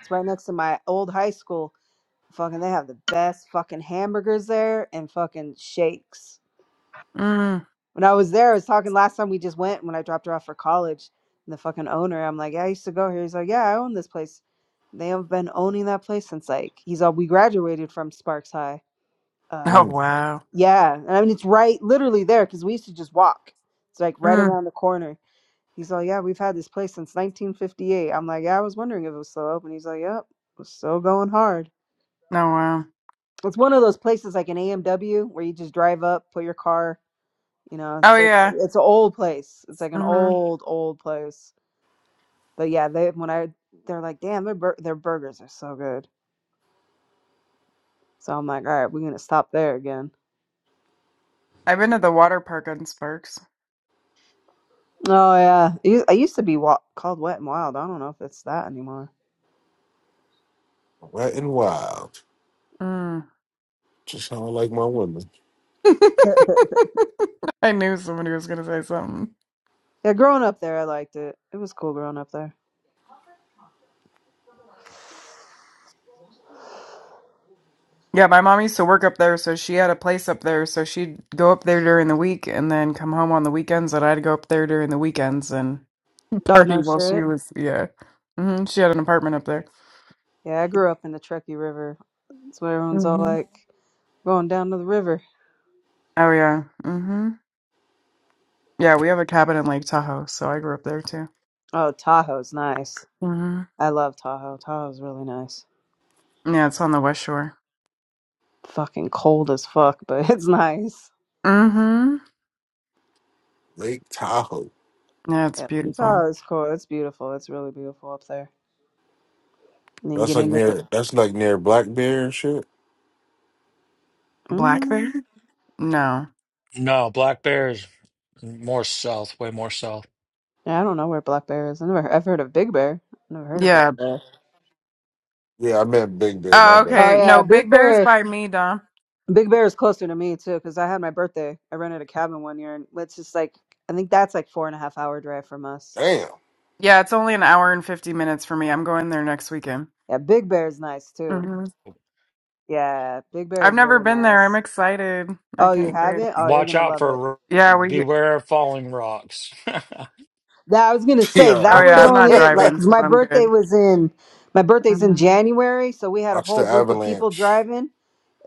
Speaker 2: It's right next to my old high school. Fucking they have the best fucking hamburgers there and fucking shakes.
Speaker 5: Mm.
Speaker 2: When I was there, I was talking last time we just went when I dropped her off for college. And the fucking owner, I'm like, yeah, I used to go here. He's like, yeah, I own this place. They have been owning that place since like he's all we graduated from Sparks High. Uh,
Speaker 5: Oh
Speaker 4: Mm,
Speaker 5: wow.
Speaker 2: yeah, and I mean it's right, literally there because we used to just walk. It's like right
Speaker 5: Mm.
Speaker 2: around the corner. He's like, yeah, we've had this place since 1958. I'm like, yeah, I was wondering if it was still open. He's like, yep, it's still going hard.
Speaker 5: Oh wow.
Speaker 2: It's one of those places like an AMW where you just drive up, put your car You know,
Speaker 5: Oh
Speaker 2: it's like
Speaker 5: yeah.
Speaker 2: it's an old place. It's like an
Speaker 5: Mm-hmm.
Speaker 2: old, old place. But yeah, they when I they're like, damn, their bur- their burgers are so good. So I'm like, all right, we're gonna stop there again.
Speaker 5: I've been to the water park on Sparks.
Speaker 2: Oh yeah, it u- I used to be wa- called Wet and Wild. I don't know if it's that anymore.
Speaker 4: wet and wild.
Speaker 5: Mm.
Speaker 4: Just how I like my women.
Speaker 5: I knew somebody was gonna say something.
Speaker 2: Yeah, growing up there, I liked it. It was cool growing up there.
Speaker 5: Yeah, my mom used to work up there, so she had a place up there, so she'd go up there during the week and then come home on the weekends, and I'd go up there during the weekends and
Speaker 2: Oh
Speaker 5: party
Speaker 2: no
Speaker 5: while she
Speaker 2: shit.
Speaker 5: was yeah. Mm-hmm. She had an apartment up there.
Speaker 2: Yeah, I grew up in the Truckee River. That's what everyone's all
Speaker 5: Mm-hmm.
Speaker 2: like going down to the river.
Speaker 5: Oh yeah. Mm-hmm. Yeah, we have a cabin in Lake Tahoe, so I grew up there too.
Speaker 2: Oh, Tahoe's nice.
Speaker 5: Mm-hmm.
Speaker 2: I love Tahoe. Tahoe's really nice.
Speaker 5: Yeah, it's on the West Shore.
Speaker 2: fucking cold as fuck, but it's nice.
Speaker 5: Mm-hmm.
Speaker 4: Lake Tahoe.
Speaker 5: That's
Speaker 2: Yeah, it's
Speaker 5: beautiful.
Speaker 2: always cool. It's beautiful. It's really beautiful up there. And then
Speaker 4: That's
Speaker 2: get
Speaker 4: like
Speaker 2: into the.
Speaker 4: near that's like near Black Bear and shit.
Speaker 5: Black
Speaker 2: Mm,
Speaker 5: bear? No.
Speaker 7: No, Black Bears more south, way more south.
Speaker 2: yeah, I don't know where Black Bear is. I never, I've heard of Big Bear. Never heard of Black
Speaker 5: Yeah.
Speaker 2: Bear.
Speaker 4: Yeah, I meant Big Bear, my
Speaker 5: Oh,
Speaker 4: bad.
Speaker 2: Oh
Speaker 5: okay.
Speaker 2: yeah,
Speaker 5: No,
Speaker 2: Big
Speaker 5: Big Bear's
Speaker 2: Bear.
Speaker 5: by me, Dom.
Speaker 2: Big Bear is closer to me too, because I had my birthday. I rented a cabin one year, and it's just like I think that's like four and a half hour drive from us.
Speaker 4: Damn.
Speaker 5: Yeah, it's only an hour and 50 minutes for me. I'm going there next weekend.
Speaker 2: Yeah, Big Bear is nice too.
Speaker 5: hmm
Speaker 2: Yeah, Big Bear
Speaker 5: I've
Speaker 2: is
Speaker 5: never
Speaker 2: really
Speaker 5: been there.
Speaker 2: nice.
Speaker 5: I'm excited. I
Speaker 2: Oh, you
Speaker 5: can't
Speaker 2: have
Speaker 5: wait.
Speaker 2: it? Oh, you're
Speaker 7: Watch
Speaker 2: gonna
Speaker 7: out
Speaker 2: love it.
Speaker 7: for
Speaker 5: Yeah, we.
Speaker 7: beware of falling rocks.
Speaker 2: That I was gonna say
Speaker 5: Oh,
Speaker 2: that
Speaker 4: Yo.
Speaker 5: yeah,
Speaker 2: was
Speaker 5: I'm not
Speaker 2: only it. Like,
Speaker 5: driving,
Speaker 2: 'cause
Speaker 5: so
Speaker 2: my
Speaker 5: I'm
Speaker 2: birthday
Speaker 5: good.
Speaker 2: was in my birthday's
Speaker 5: hmm
Speaker 2: in January, so we had a
Speaker 4: Watch the
Speaker 2: whole group of people
Speaker 4: avalanche.
Speaker 2: driving.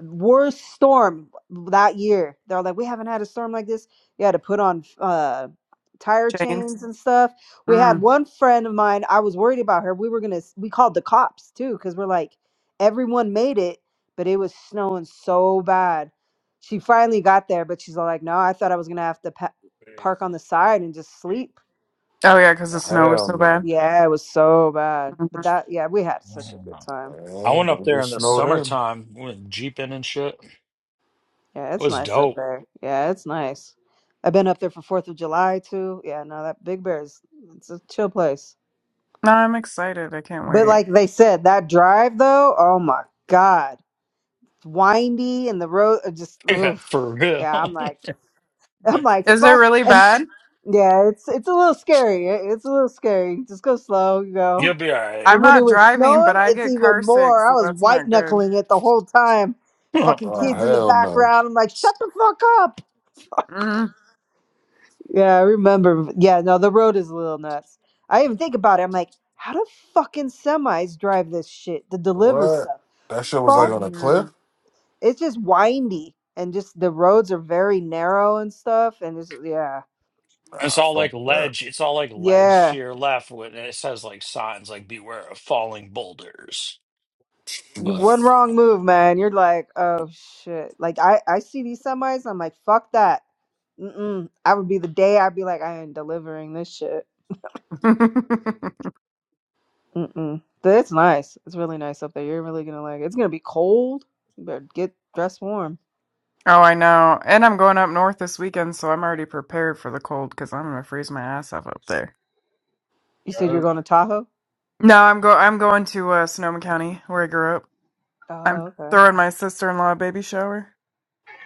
Speaker 2: Worst storm that year. They're like, we haven't had a storm like this. You had to put on uh, tire
Speaker 5: Chains.
Speaker 2: chains and stuff. We had
Speaker 5: Mm.
Speaker 2: one friend of mine. I was worried about her. We were gonna. We called the cops too, because we're like, everyone made it, but it was snowing so bad. She finally got there, but she's all like, no, I thought I was gonna have to pa- park on the side and just sleep
Speaker 5: Oh, yeah, because the
Speaker 4: Oh,
Speaker 5: snow was
Speaker 4: Hell
Speaker 5: so
Speaker 4: no,
Speaker 5: bad.
Speaker 2: yeah, it was so bad.
Speaker 5: hmm
Speaker 2: But that, yeah, we had such a
Speaker 7: Man,
Speaker 2: good time.
Speaker 7: I
Speaker 4: man.
Speaker 7: went up
Speaker 4: Don't
Speaker 7: there
Speaker 4: get
Speaker 7: in the
Speaker 4: snowed in.
Speaker 7: summertime, went jeeping and shit. It
Speaker 2: Yeah, it's
Speaker 7: was
Speaker 2: nice up
Speaker 7: dope.
Speaker 2: there. Yeah, it's nice. I've been up there for Fourth of July too. Yeah, no, that Big Bear is it's a chill place.
Speaker 5: No, I'm excited. I can't
Speaker 2: But
Speaker 5: wait.
Speaker 2: like they said, that drive though, oh my God, it's windy and the road uh, just
Speaker 7: Yeah,
Speaker 2: oof.
Speaker 7: for real.
Speaker 2: Yeah, I'm like, I'm like,
Speaker 5: Is it
Speaker 2: fuck,
Speaker 5: really
Speaker 2: and
Speaker 5: bad?
Speaker 2: yeah, it's it's a little scary. It- It's a little scary. Just go slow, you
Speaker 7: You'll
Speaker 2: know.
Speaker 7: be all right.
Speaker 2: But
Speaker 5: I'm
Speaker 2: when
Speaker 5: not
Speaker 2: it was
Speaker 5: driving, but
Speaker 2: snowing,
Speaker 5: I
Speaker 2: it's
Speaker 5: get car
Speaker 2: even
Speaker 5: sick,
Speaker 2: more. I
Speaker 5: so
Speaker 2: was
Speaker 5: that's
Speaker 2: white
Speaker 5: not good.
Speaker 2: knuckling it the whole time. Fucking
Speaker 4: Oh,
Speaker 2: kids in the
Speaker 4: hell no.
Speaker 2: background. I'm like, shut the fuck up.
Speaker 5: Mm.
Speaker 2: Yeah, I remember. Yeah, no, the road is a little nuts. I even think about it. I'm like, how do fucking semis drive this shit to deliver
Speaker 4: What?
Speaker 2: stuff?
Speaker 4: That shit was like
Speaker 2: Fuck.
Speaker 4: on a
Speaker 5: Mm.
Speaker 4: cliff?
Speaker 2: It's just windy and just the roads are very narrow and stuff. And it's, yeah.
Speaker 7: It's
Speaker 4: Nah,
Speaker 7: all
Speaker 4: fuck
Speaker 7: like
Speaker 4: that.
Speaker 7: ledge. It's all like ledge to
Speaker 2: Yeah.
Speaker 7: your left, when it says like signs like "Beware of falling boulders."
Speaker 2: You
Speaker 7: But
Speaker 2: one
Speaker 4: Please.
Speaker 2: wrong move, man. You're like, oh shit. Like I, I see these semis. I'm like, fuck that. Mm-mm. I would be the day I'd be like, I am delivering this shit.
Speaker 5: oh,
Speaker 2: Mm-mm. But it's nice. It's really nice up there. You're really gonna like it. It's gonna be cold. You better get dressed warm.
Speaker 5: I know. And I'm going up north this weekend, so I'm already prepared for the cold because I'm gonna freeze my ass off up there.
Speaker 2: You said you're
Speaker 1: yeah.
Speaker 2: going to Tahoe?
Speaker 5: No, I'm go. I'm going to uh, Sonoma County, where I grew up.
Speaker 2: Oh,
Speaker 5: I'm
Speaker 2: okay.
Speaker 5: throwing my sister-in-law a baby shower.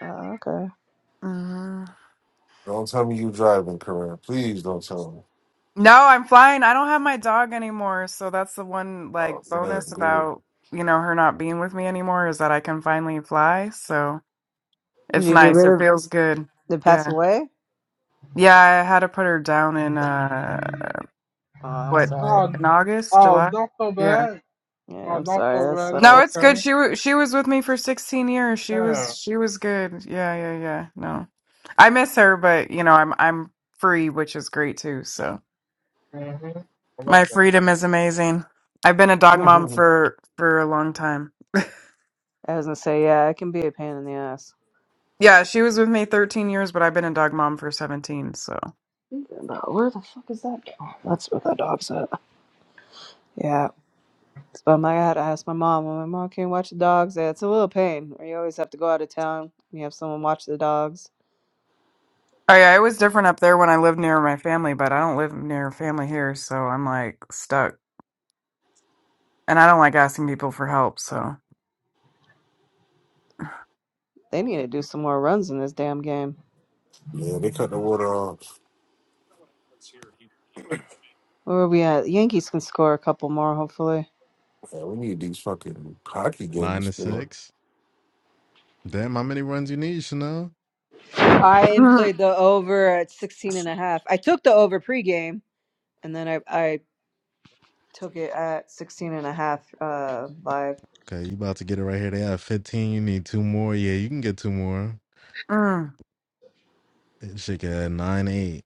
Speaker 2: Oh, okay.
Speaker 5: hmm
Speaker 4: Don't tell me you driving, Corinne. Please don't tell me.
Speaker 5: No, I'm flying. I don't have my dog anymore, so that's the one
Speaker 4: Oh,
Speaker 5: like bonus
Speaker 4: good, good.
Speaker 5: about you know her not being with me anymore is that I can finally fly. So
Speaker 2: Did
Speaker 5: it's
Speaker 2: you get
Speaker 5: nice. It
Speaker 2: rid of
Speaker 5: feels good.
Speaker 2: the pass
Speaker 5: Yeah,
Speaker 2: away?
Speaker 5: yeah. I had to put her down in uh
Speaker 2: Oh, I'm
Speaker 5: what
Speaker 2: sorry.
Speaker 1: Oh,
Speaker 5: in August,
Speaker 1: oh,
Speaker 5: July.
Speaker 1: don't feel
Speaker 5: Yeah.
Speaker 1: bad. I
Speaker 2: Yeah, I'm
Speaker 1: love
Speaker 2: sorry.
Speaker 1: that,
Speaker 2: That
Speaker 1: man. It's
Speaker 5: No, it's
Speaker 2: sucks.
Speaker 5: good.
Speaker 1: okay.
Speaker 5: She was she was with me for 16 years. She was
Speaker 1: Yeah.
Speaker 5: she was good. Yeah, yeah, yeah. No. I miss her, but you know, I'm I'm free, which is great too. So,
Speaker 1: hmm I love
Speaker 5: my
Speaker 1: that.
Speaker 5: freedom is amazing. I've been a dog mom for for a long time.
Speaker 2: I was gonna say, yeah, it can be a pain in the ass.
Speaker 5: Yeah, she was with me 13 years, but I've been a dog mom for 17, so.
Speaker 2: But where the fuck is that dog? That's where that dog's at. Yeah. So I'm like, I had to ask my mom. I'm like, Mom, can you watch the dogs? Yeah, It's a little pain. Or you always have to go out of town and you have someone watch the dogs.
Speaker 5: Oh yeah, it was different up there when I lived near my family, but I don't live near family here, so I'm like stuck. And I don't like asking people for help, so.
Speaker 2: They need to do some more runs in this damn game.
Speaker 4: yeah, they cut the water off.
Speaker 2: Where are we at? Yankees can score a couple more, hopefully.
Speaker 4: Man, we need these fucking hockey
Speaker 6: Nine
Speaker 4: games,
Speaker 6: to
Speaker 4: man.
Speaker 6: six. Damn, how many runs you need, Chanel?
Speaker 2: I am
Speaker 5: Mm,
Speaker 2: played the over at sixteen and a half. I took the over pregame. And then I, I took it at 16 and a half. uh, live.
Speaker 6: Okay, you about to get it right here. They have 15. You need two more. Yeah, you can get two more.
Speaker 5: mm,
Speaker 6: Shit, got 9 8,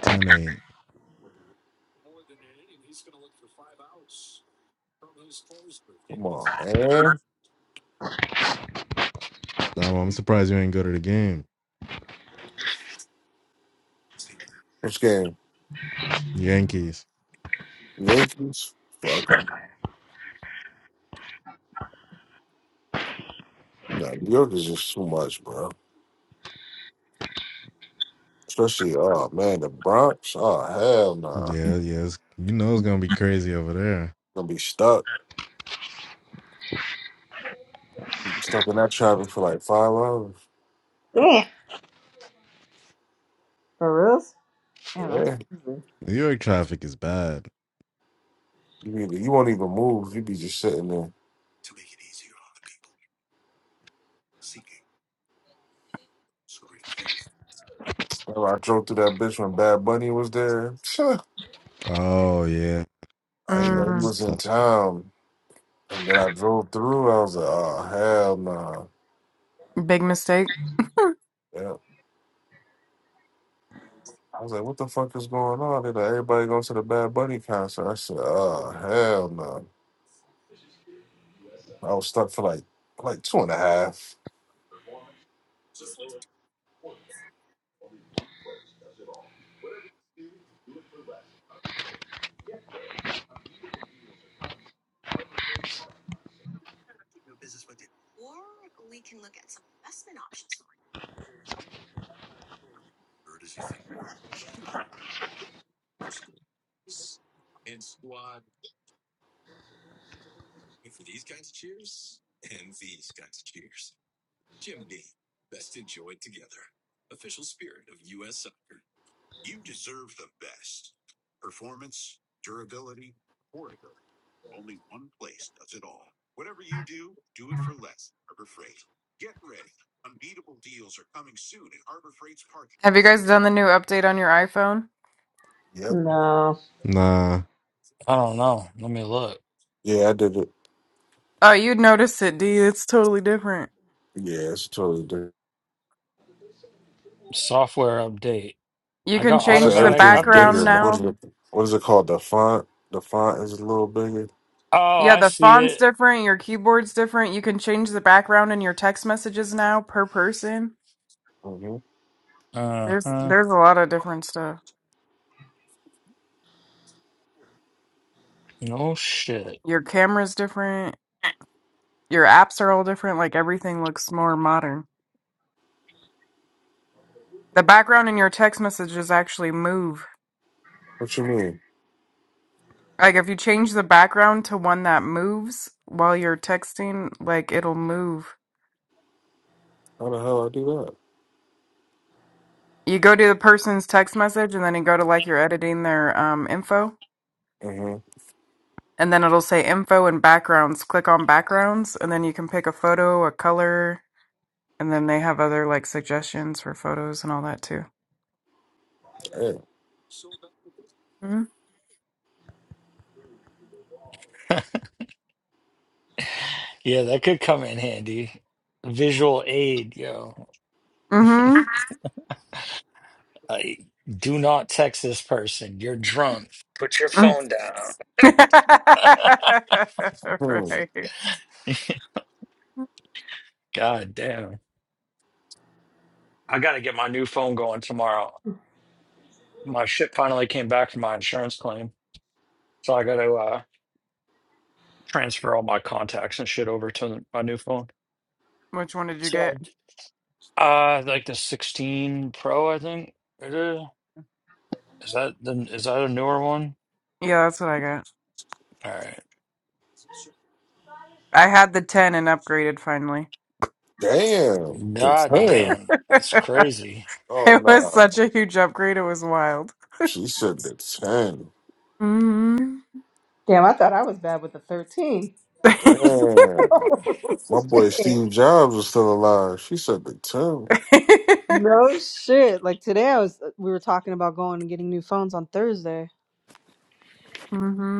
Speaker 6: 10 8.
Speaker 4: Come on, man.
Speaker 6: I'm I'm surprised you ain't go to the game.
Speaker 4: This game,
Speaker 6: Yankees.
Speaker 4: Yankees, fuck 'em. Nah, New York is just too much, bro. Especially, oh, man, the Bronx. Oh, hell no.
Speaker 6: Yeah, yes. You know it's gonna be crazy over there.
Speaker 4: Gonna be stuck. Stuck in that traffic for like five hours.
Speaker 2: Damn. For reals? Damn, that's...
Speaker 4: Yeah.
Speaker 6: New York traffic is bad.
Speaker 4: You, either, you won't even move. You be just sitting there. Remember, I drove through that bitch when Bad Bunny was there. Sure,
Speaker 6: Oh yeah,
Speaker 4: I ain't
Speaker 6: yeah.
Speaker 4: know
Speaker 5: mm.
Speaker 4: he
Speaker 6: It's
Speaker 4: was in
Speaker 6: tough.
Speaker 4: town. And then I drove through. I was like, oh, hell no.
Speaker 5: Big mistake.
Speaker 4: Yeah. I was like, what the fuck is going on? They're like, everybody going to the Bad Bunny concert. I said, oh, hell no. I was stuck for like like two and a half.
Speaker 5: Have you guys done the new update on your iPhone?
Speaker 4: Yep.
Speaker 2: No.
Speaker 6: Nah,
Speaker 7: I don't know. Let me look.
Speaker 4: Yeah, I did it.
Speaker 5: Oh, you'd notice it, D. It's totally different.
Speaker 4: Yeah, it's totally different.
Speaker 7: Software update.
Speaker 5: You
Speaker 7: I
Speaker 5: can
Speaker 7: got
Speaker 4: So
Speaker 5: change the
Speaker 7: automatic
Speaker 4: everything's
Speaker 5: background
Speaker 7: updates
Speaker 4: bigger. now.
Speaker 7: on.
Speaker 4: What is
Speaker 5: now.
Speaker 4: it? What is it called? The font. The font is a little bigger.
Speaker 7: Oh,
Speaker 5: Yeah,
Speaker 7: I
Speaker 5: the
Speaker 7: see
Speaker 5: font's
Speaker 7: it.
Speaker 5: different, your keyboard's different. You can change the background in your text messages now per person.
Speaker 4: hmm
Speaker 7: Uh
Speaker 5: There's
Speaker 7: huh.
Speaker 5: there's a lot of different stuff.
Speaker 7: No shit.
Speaker 5: Your camera's different. Your apps are all different. Like everything looks more modern. The background in your text messages actually move.
Speaker 4: What you mean?
Speaker 5: Like if you change the background to one that moves while you're texting, like it'll move.
Speaker 4: How the hell I do that?
Speaker 5: You go to the person's text message and then you go to like you're editing their um, info.
Speaker 4: Mm-hmm.
Speaker 5: And then it'll say info and backgrounds. Click on backgrounds and then you can pick a photo, a color, and then they have other like suggestions for photos and all that too.
Speaker 4: Hey.
Speaker 7: Yeah, that could come in handy. Visual aid, yo.
Speaker 5: Mm-hmm.
Speaker 7: Uh, do not text this person. You're drunk. Put your phone down.
Speaker 4: hmm.
Speaker 5: right.
Speaker 7: God damn. I got to get my new phone going tomorrow. My shit finally came back from my insurance claim. So I got to uh, transfer all my contacts and shit over to my new phone.
Speaker 5: Which one did you
Speaker 7: So I'll
Speaker 5: get?
Speaker 7: d- uh, like the 16 Pro, I think it is. Is that the, is that a newer one?
Speaker 5: Yeah, that's what I got.
Speaker 7: All right.
Speaker 5: I had the 10 and upgraded finally.
Speaker 4: Damn. The
Speaker 7: God
Speaker 4: ten.
Speaker 7: damn. That's
Speaker 5: it
Speaker 7: crazy.
Speaker 4: Oh
Speaker 5: was
Speaker 4: no.
Speaker 5: such a huge upgrade. It was wild.
Speaker 4: She said the ten.
Speaker 5: Mm-hmm.
Speaker 2: Damn, I thought I was bad with the 13.
Speaker 4: Damn. My boy
Speaker 2: Shit.
Speaker 4: Steve Jobs is still alive. She said the ten.
Speaker 2: No shit. Like today, I was uh, we were talking about going and getting new phones on Thursday.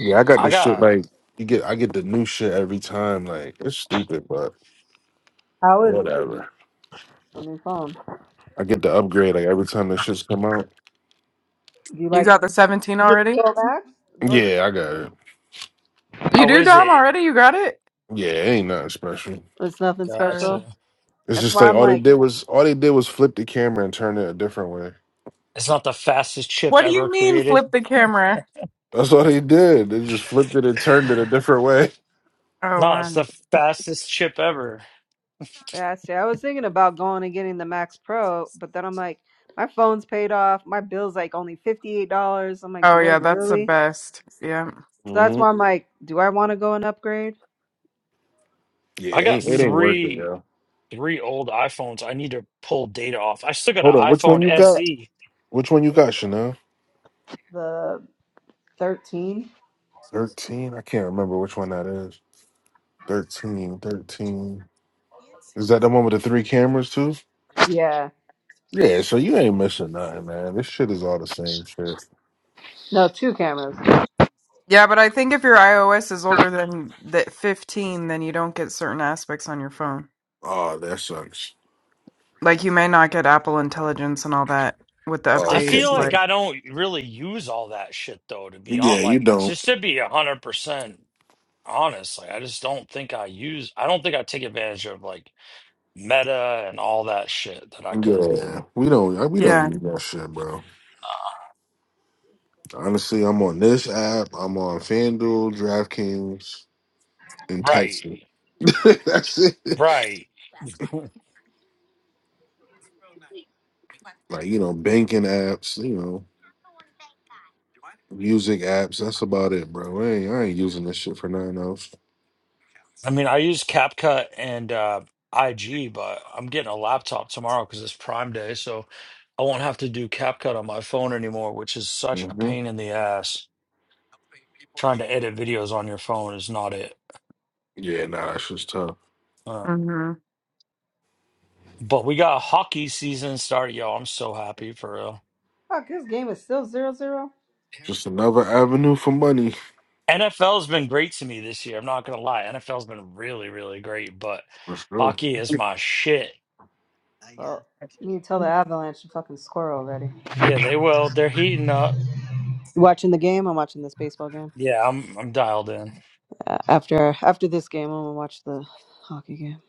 Speaker 4: Yeah, I got
Speaker 7: I
Speaker 4: the shit
Speaker 7: got,
Speaker 4: like you get. I get the new shit every time. Like it's stupid, but
Speaker 2: How is it?
Speaker 4: whatever.
Speaker 2: A new phone.
Speaker 4: I get the upgrade like every time the shits come out.
Speaker 2: Do you
Speaker 5: You
Speaker 2: like
Speaker 5: got the 17
Speaker 2: the
Speaker 5: already?
Speaker 2: Pro Max? Pro.
Speaker 4: Yeah, I got it.
Speaker 5: You
Speaker 7: Oh,
Speaker 5: do,
Speaker 7: is
Speaker 5: Dom,
Speaker 7: it?
Speaker 5: already? You got it?
Speaker 4: Yeah, it ain't nothing special.
Speaker 2: It's nothing
Speaker 5: All right.
Speaker 7: Gotcha.
Speaker 2: special.
Speaker 4: It's
Speaker 2: That's
Speaker 4: just
Speaker 2: why
Speaker 4: like
Speaker 2: I'm
Speaker 4: all they
Speaker 2: like,
Speaker 4: did was all they did was flip the camera and turn it a different way.
Speaker 7: It's not the fastest chip
Speaker 5: What do
Speaker 7: ever
Speaker 5: you mean
Speaker 7: created.
Speaker 5: flip the camera?
Speaker 4: That's all they did. They just flipped it and turned it a different way.
Speaker 5: Oh,
Speaker 7: No, it's the
Speaker 5: one.
Speaker 7: fastest chip ever.
Speaker 2: yeah. See, I was thinking about going and getting the Max Pro, but then I'm like, my phone's paid off. My bill's like only fifty eight dollars. I'm like,
Speaker 5: Oh,
Speaker 2: do I
Speaker 5: yeah, that's the
Speaker 2: really?
Speaker 5: best. Yeah.
Speaker 2: So that's
Speaker 4: hmm
Speaker 2: why I'm like, do I want to go and upgrade
Speaker 4: Yeah,
Speaker 7: I
Speaker 4: it
Speaker 7: got
Speaker 4: ain't, it ain't
Speaker 5: Mm.
Speaker 4: working,
Speaker 7: three
Speaker 4: yo.
Speaker 7: three old iPhones. I need to pull data off. I still got an
Speaker 4: Hold on, which one
Speaker 7: iPhone
Speaker 4: you got?
Speaker 7: SE.
Speaker 4: Which one you got, Chanel?
Speaker 2: the thirteen?
Speaker 4: Thirteen. I can't remember which one that is. 13, 13. Is that the one with the three cameras too?
Speaker 2: Yeah.
Speaker 4: Yeah, so you ain't missing nothing, man. This shit is all the same shit.
Speaker 2: No, two cameras.
Speaker 5: Yeah, but I think if your iOS is older than the 15, then you don't get certain aspects on your phone.
Speaker 4: Oh, that sucks.
Speaker 5: Like you may not get Apple Intelligence and all that with the
Speaker 4: Oh,
Speaker 7: I
Speaker 4: okay,
Speaker 7: feel
Speaker 5: updates.
Speaker 4: yeah,
Speaker 7: like
Speaker 5: Like,
Speaker 7: I don't really use all that shit though. To be
Speaker 4: yeah.
Speaker 7: on,
Speaker 4: You
Speaker 7: like
Speaker 4: don't.
Speaker 7: just to be a hundred percent honest, like I just don't think I use. I don't think I take advantage of like Meta and all that shit that I could.
Speaker 4: Yeah, we don't. We don't
Speaker 5: yeah.
Speaker 4: need that shit, bro. Honestly, I'm on this app. I'm on FanDuel, DraftKings, and
Speaker 7: Right,
Speaker 4: texting. that's it.
Speaker 7: right.
Speaker 4: Like you know, banking apps. You know, music apps. That's about it, bro. I ain't, I ain't using this shit for nothing else.
Speaker 7: I mean, I use CapCut and uh, IG, but I'm getting a laptop tomorrow because it's Prime Day, so I won't have to do CapCut on my phone anymore, which is such a
Speaker 4: hmm
Speaker 7: pain in the ass. Trying to edit videos on your phone is not it.
Speaker 4: Yeah, nah, that's just tough.
Speaker 7: Uh,
Speaker 5: Mm-hmm.
Speaker 7: but we got hockey season started, yo. I'm so happy for real.
Speaker 2: Fuck, this game is still zero zero.
Speaker 4: Just another avenue for money
Speaker 7: NFL's been great to me this year. I'm not gonna lie. NFL's been really, really great, but
Speaker 4: for sure.
Speaker 7: hockey is my shit.
Speaker 2: Well, you need to tell the Avalanche to fucking score already.
Speaker 7: Yeah, they will. They're heating up.
Speaker 2: You watching the game? I'm watching this baseball game.
Speaker 7: Yeah, I'm I'm dialed in.
Speaker 2: Uh, after after this game, I'm gonna watch the hockey game.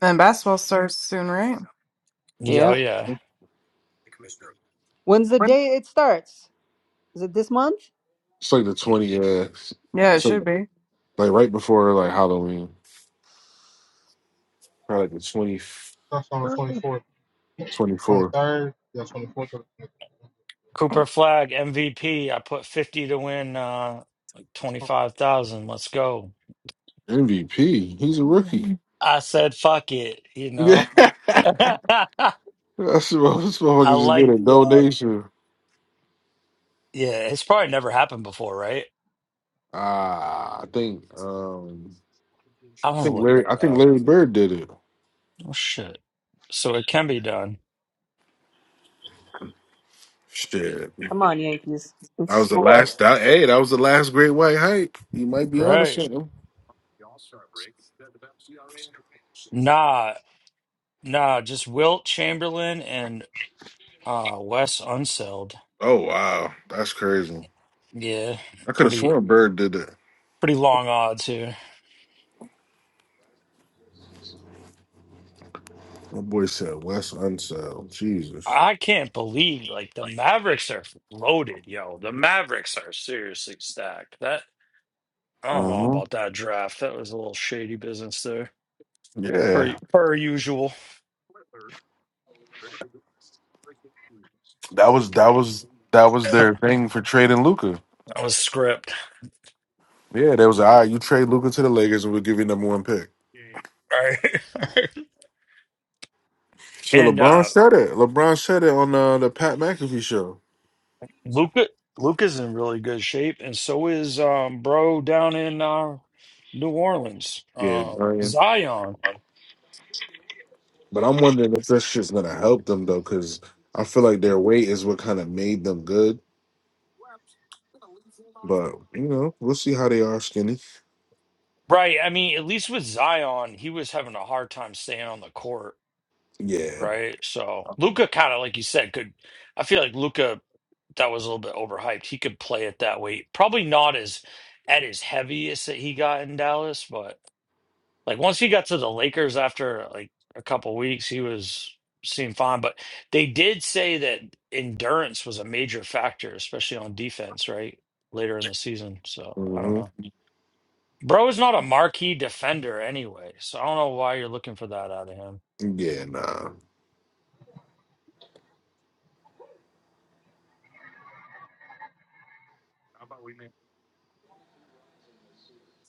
Speaker 5: And basketball starts soon, right?
Speaker 7: Yo,
Speaker 2: Yeah.
Speaker 7: yeah.
Speaker 2: When's the day it starts? Is it this month?
Speaker 4: It's like the twenty. Uh,
Speaker 5: Yeah, it
Speaker 4: it's like
Speaker 5: should be.
Speaker 4: like right before like Halloween, probably like the 20
Speaker 1: That's on the 24th,
Speaker 4: 24
Speaker 1: 23rd. Yeah, 24th or the 23rd.
Speaker 7: Cooper Flag MVP. I put 50 to win uh like 25,000. Let's go.
Speaker 4: MVP. He's a rookie.
Speaker 7: I said fuck it, you
Speaker 4: Yeah.
Speaker 7: know.
Speaker 4: That's
Speaker 7: I
Speaker 4: what this motherfucker just get
Speaker 7: like
Speaker 4: a
Speaker 7: the odds.
Speaker 4: donation.
Speaker 7: Yeah, it's probably never happened before, right?
Speaker 4: Ah, I think um
Speaker 7: I
Speaker 4: I
Speaker 7: want to
Speaker 4: think
Speaker 7: look
Speaker 4: Larry
Speaker 7: that
Speaker 4: I think
Speaker 7: up.
Speaker 4: Larry Bird did it.
Speaker 7: Oh shit. So it can be done.
Speaker 4: Shit.
Speaker 2: Come
Speaker 4: That
Speaker 2: on, Yankees. Let's
Speaker 4: was the
Speaker 2: score.
Speaker 4: last that, hey, that was the last great white hike. You might be on to
Speaker 7: Right.
Speaker 4: something.
Speaker 7: Nah, nah, just Wilt Chamberlain and uh Wes Unseld.
Speaker 4: Oh wow. That's crazy.
Speaker 7: Yeah,
Speaker 4: I could have
Speaker 7: pretty
Speaker 4: sworn Bird did it.
Speaker 7: pretty long odds here.
Speaker 4: My boy said Wes Unseld. Jesus.
Speaker 7: I can't believe like the Mavericks are loaded, yo. The Mavericks are seriously stacked. That I don't know
Speaker 4: Uh-huh.
Speaker 7: about that draft. That was a little shady business there. Per
Speaker 4: Yeah.
Speaker 7: per usual.
Speaker 4: That was that was that was their thing for trading Luca.
Speaker 7: That was script.
Speaker 4: Yeah, there was all right, you trade Luca to the Lakers and we'll give you number one pick.
Speaker 7: Right.
Speaker 4: Shit,
Speaker 7: and
Speaker 4: LeBron
Speaker 7: uh
Speaker 4: said it. LeBron said it on uh, the Pat McAfee show.
Speaker 7: Luca Luca's in really good shape, and so is um bro down in uh New Orleans.
Speaker 4: Yeah,
Speaker 7: Um
Speaker 4: Brian.
Speaker 7: Zion.
Speaker 4: But I'm wondering if that shit's gonna help them though, because I feel like their weight is what kind of made them good. But you know, we'll see how they are skinny.
Speaker 7: Right. I mean, at least with Zion, he was having a hard time staying on the court.
Speaker 4: Yeah.
Speaker 7: right? So Luca kind of like you said could. I feel like Luca that was a little bit overhyped. He could play it that way. Probably not as at his heaviest that he got in Dallas, but like once he got to the Lakers after like a couple weeks, he was seemed fine. But they did say that endurance was a major factor, especially on defense, right? Later in the season. So I don't
Speaker 4: hmm
Speaker 7: know. Bro is not a marquee defender anyway, so I don't know why you're looking for that out of him.
Speaker 4: Yeah, nah.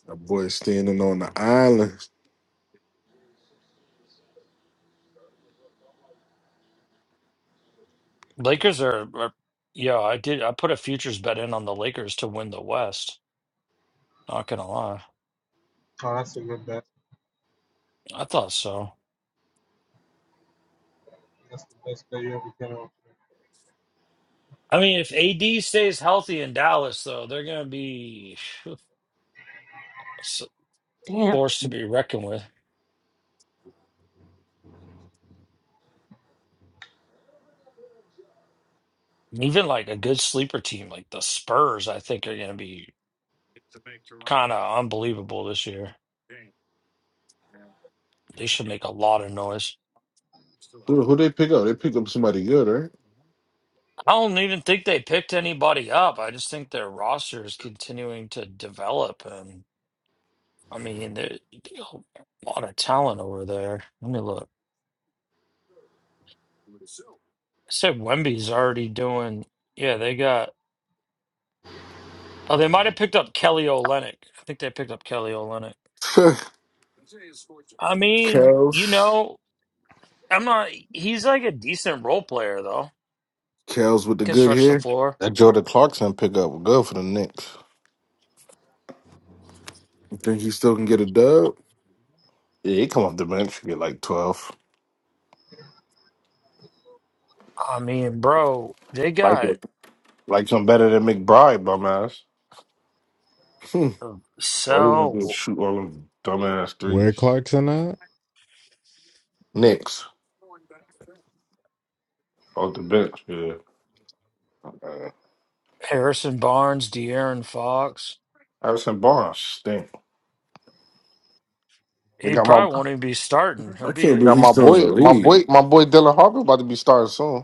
Speaker 4: That boy standing on the island.
Speaker 7: Lakers are, are yeah, I did I put a futures bet in on the Lakers to win the West. Not gonna lie.
Speaker 1: Oh, that's a good bet.
Speaker 7: I thought so.
Speaker 1: That's the best bet you ever came up.
Speaker 7: I mean, if AD stays healthy in Dallas though, they're gonna be s-
Speaker 2: Damn.
Speaker 7: forced to be reckoned with. Even like a good sleeper team like the Spurs, I think are gonna be kind of unbelievable this year. They should make a lot of noise.
Speaker 4: Who, who they pick up? They pick up somebody good, right?
Speaker 7: I don't even think they picked anybody up. I just think their roster is continuing to develop and. I mean, there, there a lot of talent over there. Let me look. I said Wemby's already doing. Yeah, they got. Oh, they might have picked up Kelly Olynyk. I think they picked up Kelly Olynyk. I mean, you
Speaker 4: Kels.
Speaker 7: know, I'm not. He's like a decent role player though.
Speaker 4: Kels with
Speaker 7: He
Speaker 4: the
Speaker 7: can
Speaker 4: good
Speaker 7: stretch the
Speaker 4: hair.
Speaker 7: floor.
Speaker 3: That Jordan Clarkson pickup was good for the Knicks.
Speaker 4: You think he still can get a dub?
Speaker 3: Yeah, he come off the bench, get like twelve.
Speaker 7: I mean, bro, they
Speaker 3: Like
Speaker 7: got
Speaker 3: it. Like him better than McBride, dumbass.
Speaker 4: Hmm.
Speaker 3: All he wanna do is
Speaker 7: Sell,
Speaker 3: shoot all them dumbass
Speaker 6: where
Speaker 3: threes.
Speaker 6: Clarkson at?
Speaker 3: Knicks off the bench, yeah. Uh,
Speaker 7: Harrison Barnes, De'Aaron Fox.
Speaker 3: Harrison Barnes stink. They
Speaker 7: He
Speaker 3: got my,
Speaker 7: probably won't even be starting. He'll
Speaker 4: I
Speaker 7: be
Speaker 4: can't
Speaker 3: they
Speaker 4: believe
Speaker 3: got
Speaker 7: a, a
Speaker 4: he's
Speaker 3: my
Speaker 4: still in
Speaker 3: boy,
Speaker 7: bench
Speaker 4: the
Speaker 7: player.
Speaker 3: my
Speaker 4: league.
Speaker 3: boy, my boy Dylan Harper about to be starting soon.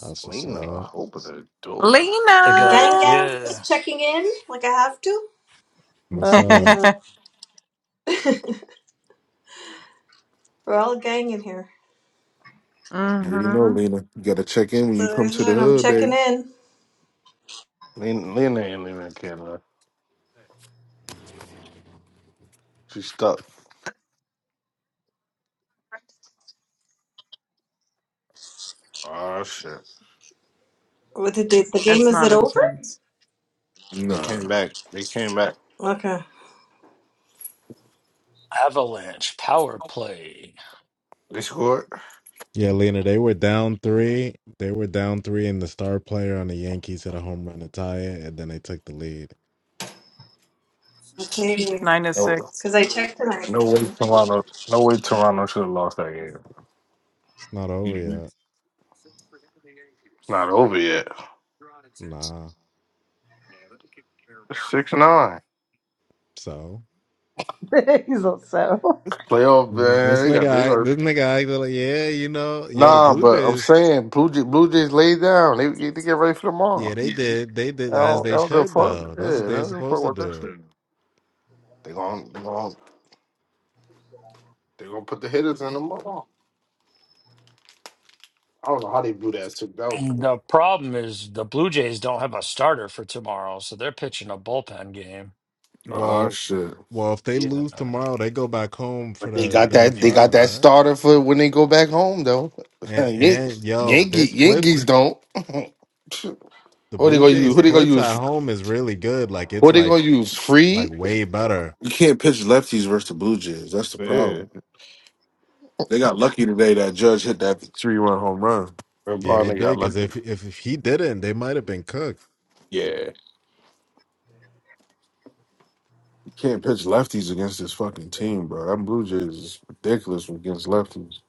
Speaker 6: That's what's up.
Speaker 3: Lena, open the door.
Speaker 7: They
Speaker 9: Gang,
Speaker 7: got
Speaker 9: gang,
Speaker 5: Lena.
Speaker 7: yeah,
Speaker 9: just checking in like I have to.
Speaker 6: What's
Speaker 2: Up,
Speaker 6: up?
Speaker 2: Lena.
Speaker 9: We're all gang in here.
Speaker 4: You already know,
Speaker 5: hmm
Speaker 4: Lena. You gotta check in when
Speaker 9: So
Speaker 4: you
Speaker 9: I
Speaker 4: come to the
Speaker 9: said I'm
Speaker 4: hood,
Speaker 9: checking
Speaker 4: babe.
Speaker 9: in.
Speaker 3: Lena, Lena ain't leaving Canada. She stuck. Oh shit!
Speaker 9: What did the, the game?
Speaker 5: It's
Speaker 9: Is
Speaker 5: not
Speaker 9: it
Speaker 3: They
Speaker 9: over?
Speaker 5: intense.
Speaker 3: they came
Speaker 4: Nah.
Speaker 3: back. They came back.
Speaker 9: Okay.
Speaker 7: Avalanche power play.
Speaker 3: They scored.
Speaker 6: Yeah, Lena. They were down three. They were down three, and the star player on the Yankees hit a home run to tie it, and then they took the lead.
Speaker 9: Okay.
Speaker 5: Nine to
Speaker 3: No,
Speaker 5: 6
Speaker 9: Because I checked
Speaker 3: no
Speaker 9: tonight.
Speaker 3: way Toronto. No way Toronto should have lost that game.
Speaker 6: It's not over yet.
Speaker 3: It's not over yet.
Speaker 6: Nah.
Speaker 3: It's Six nine.
Speaker 6: So
Speaker 2: He's also.
Speaker 3: It's playoff,
Speaker 6: Mm, this
Speaker 3: man. They
Speaker 6: nigga,
Speaker 3: got. They
Speaker 6: act-
Speaker 3: got.
Speaker 6: this nigga, acted like, yeah, you know, yo, the
Speaker 3: Nah,
Speaker 6: Blue
Speaker 3: but I'm
Speaker 6: Jays.
Speaker 3: saying Blue Jays, Blue Jays laid down. They, they they get ready for
Speaker 6: Yeah,
Speaker 3: tomorrow.
Speaker 6: they
Speaker 3: Yeah.
Speaker 6: did. They
Speaker 3: I
Speaker 6: did as
Speaker 3: don't, I
Speaker 6: they
Speaker 3: don't give a
Speaker 6: should
Speaker 3: fuck.
Speaker 6: though.
Speaker 3: Yeah,
Speaker 6: That's what
Speaker 3: they
Speaker 6: they're
Speaker 3: don't give a fuck
Speaker 6: supposed to
Speaker 3: about that
Speaker 6: do.
Speaker 3: shit. They gonna they gonna they gonna put the hitters in tomorrow. I don't know how they blew that too. That was
Speaker 7: And
Speaker 3: crazy.
Speaker 7: the problem is the Blue Jays don't have a starter for tomorrow, so they're pitching a bullpen game. So,
Speaker 4: Oh
Speaker 6: Well,
Speaker 4: shit.
Speaker 6: well, if they
Speaker 3: yeah.
Speaker 7: uh,
Speaker 6: lose tomorrow, they go back home for
Speaker 3: But they
Speaker 6: the
Speaker 3: got
Speaker 6: game
Speaker 3: that. They got
Speaker 6: five,
Speaker 3: that
Speaker 6: right?
Speaker 3: starter for when they go back home though.
Speaker 6: And
Speaker 3: Yan-
Speaker 6: and yo, their
Speaker 3: Yankee,
Speaker 6: splits,
Speaker 3: Yankees don't. who
Speaker 6: the
Speaker 3: they
Speaker 6: Blue
Speaker 3: gonna use?
Speaker 6: Jays
Speaker 3: Who they
Speaker 4: You
Speaker 3: gonna
Speaker 6: splits at
Speaker 3: use?
Speaker 6: home is really good. Like
Speaker 3: Who
Speaker 6: it's
Speaker 3: they
Speaker 6: like
Speaker 3: gonna use?
Speaker 6: like
Speaker 3: Free.
Speaker 6: way better.
Speaker 4: can't pitch lefties versus the Blue Jays. That's the
Speaker 3: Yeah,
Speaker 4: problem. They got lucky today that Judge hit that three run home run.
Speaker 6: Yeah, they
Speaker 3: Urbana got
Speaker 6: did because
Speaker 3: lucky.
Speaker 6: if, if if he didn't, they might have been cooked.
Speaker 4: Yeah. You can't pitch lefties against this fucking team, bro. That Blue Jays is ridiculous against lefties.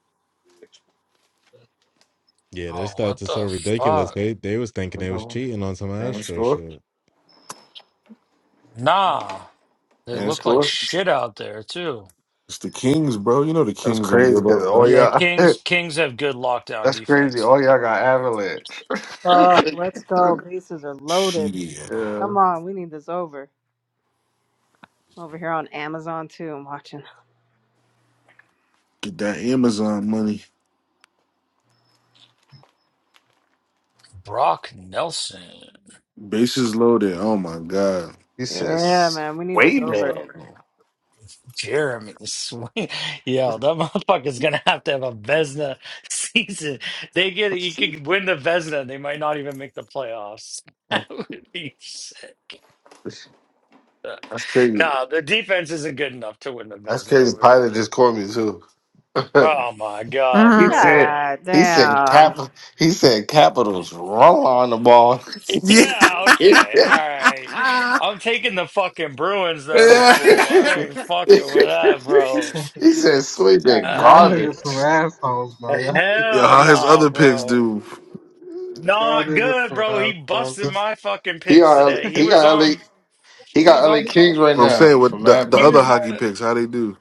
Speaker 6: Yeah, their
Speaker 7: oh,
Speaker 6: stats
Speaker 7: what
Speaker 6: are so
Speaker 7: the
Speaker 6: ridiculous.
Speaker 7: fuck?
Speaker 6: They they was thinking they was
Speaker 3: And
Speaker 6: cheating on some Astro
Speaker 3: score.
Speaker 6: shit.
Speaker 7: Nah, they
Speaker 3: And
Speaker 7: look like
Speaker 3: score.
Speaker 7: shit out there too.
Speaker 4: It's the Kings, bro. You know the
Speaker 3: That's
Speaker 4: Kings don't
Speaker 3: crazy
Speaker 4: give up
Speaker 3: because all
Speaker 7: Yeah,
Speaker 4: nothing.
Speaker 3: y'all.
Speaker 7: Kings Kings have good lockdown
Speaker 3: That's crazy.
Speaker 7: defense.
Speaker 3: All y'all got avalanche.
Speaker 2: Fuck, let's go. Bases are loaded.
Speaker 4: Shit.
Speaker 3: yeah.
Speaker 2: Come on, we need this over. I'm over here on Amazon too. I'm watching.
Speaker 4: Get that Amazon money.
Speaker 7: Brock Nelson,
Speaker 4: Bases loaded. Oh my God.
Speaker 3: He
Speaker 2: Yeah,
Speaker 3: says,
Speaker 2: man, we need this
Speaker 3: "Wait,
Speaker 2: over.
Speaker 3: man."
Speaker 7: Jeremy Swing, yo, that motherfucker's gonna have to have a Vesna season. They get it, you could win the Vesna, they might not even make the playoffs. That would be sick.
Speaker 3: That's crazy.
Speaker 7: No, the defense isn't good enough to win the
Speaker 3: That's
Speaker 7: Vesna
Speaker 3: crazy.
Speaker 7: over there.
Speaker 3: Pilot just called me too.
Speaker 7: Oh my god,
Speaker 3: he
Speaker 5: Mm-hmm.
Speaker 3: said,
Speaker 7: brother.
Speaker 2: God
Speaker 3: he said,
Speaker 2: damn.
Speaker 3: cap, he said, Capitals roll on the ball.
Speaker 7: Yeah,
Speaker 3: he
Speaker 7: okay. All right. I'm taking the fucking Bruins then,
Speaker 4: Yeah.
Speaker 7: fool. I ain't fucking with that, bro.
Speaker 3: said, sweet that
Speaker 1: Y'all
Speaker 7: Uh,
Speaker 1: niggas
Speaker 3: garbage.
Speaker 1: some assholes, bro. Y'all,
Speaker 4: Yeah,
Speaker 7: hell
Speaker 4: how his
Speaker 7: no,
Speaker 4: other picks
Speaker 7: bro.
Speaker 4: do?
Speaker 1: y'all
Speaker 7: Not
Speaker 1: niggas
Speaker 7: good,
Speaker 1: some
Speaker 7: bro. He
Speaker 1: assholes.
Speaker 7: busted
Speaker 3: He
Speaker 7: my fucking
Speaker 3: he
Speaker 7: picks
Speaker 3: got LA,
Speaker 7: today. He
Speaker 3: he
Speaker 7: was
Speaker 3: got LA,
Speaker 7: on
Speaker 3: he
Speaker 7: he was
Speaker 3: got
Speaker 7: on
Speaker 3: LA Kings right
Speaker 4: I'm
Speaker 3: now
Speaker 4: saying what
Speaker 3: from
Speaker 4: the
Speaker 3: Matt
Speaker 4: the
Speaker 7: he
Speaker 4: other
Speaker 7: was
Speaker 3: Bundy.
Speaker 4: hockey
Speaker 7: on
Speaker 4: picks, how they do?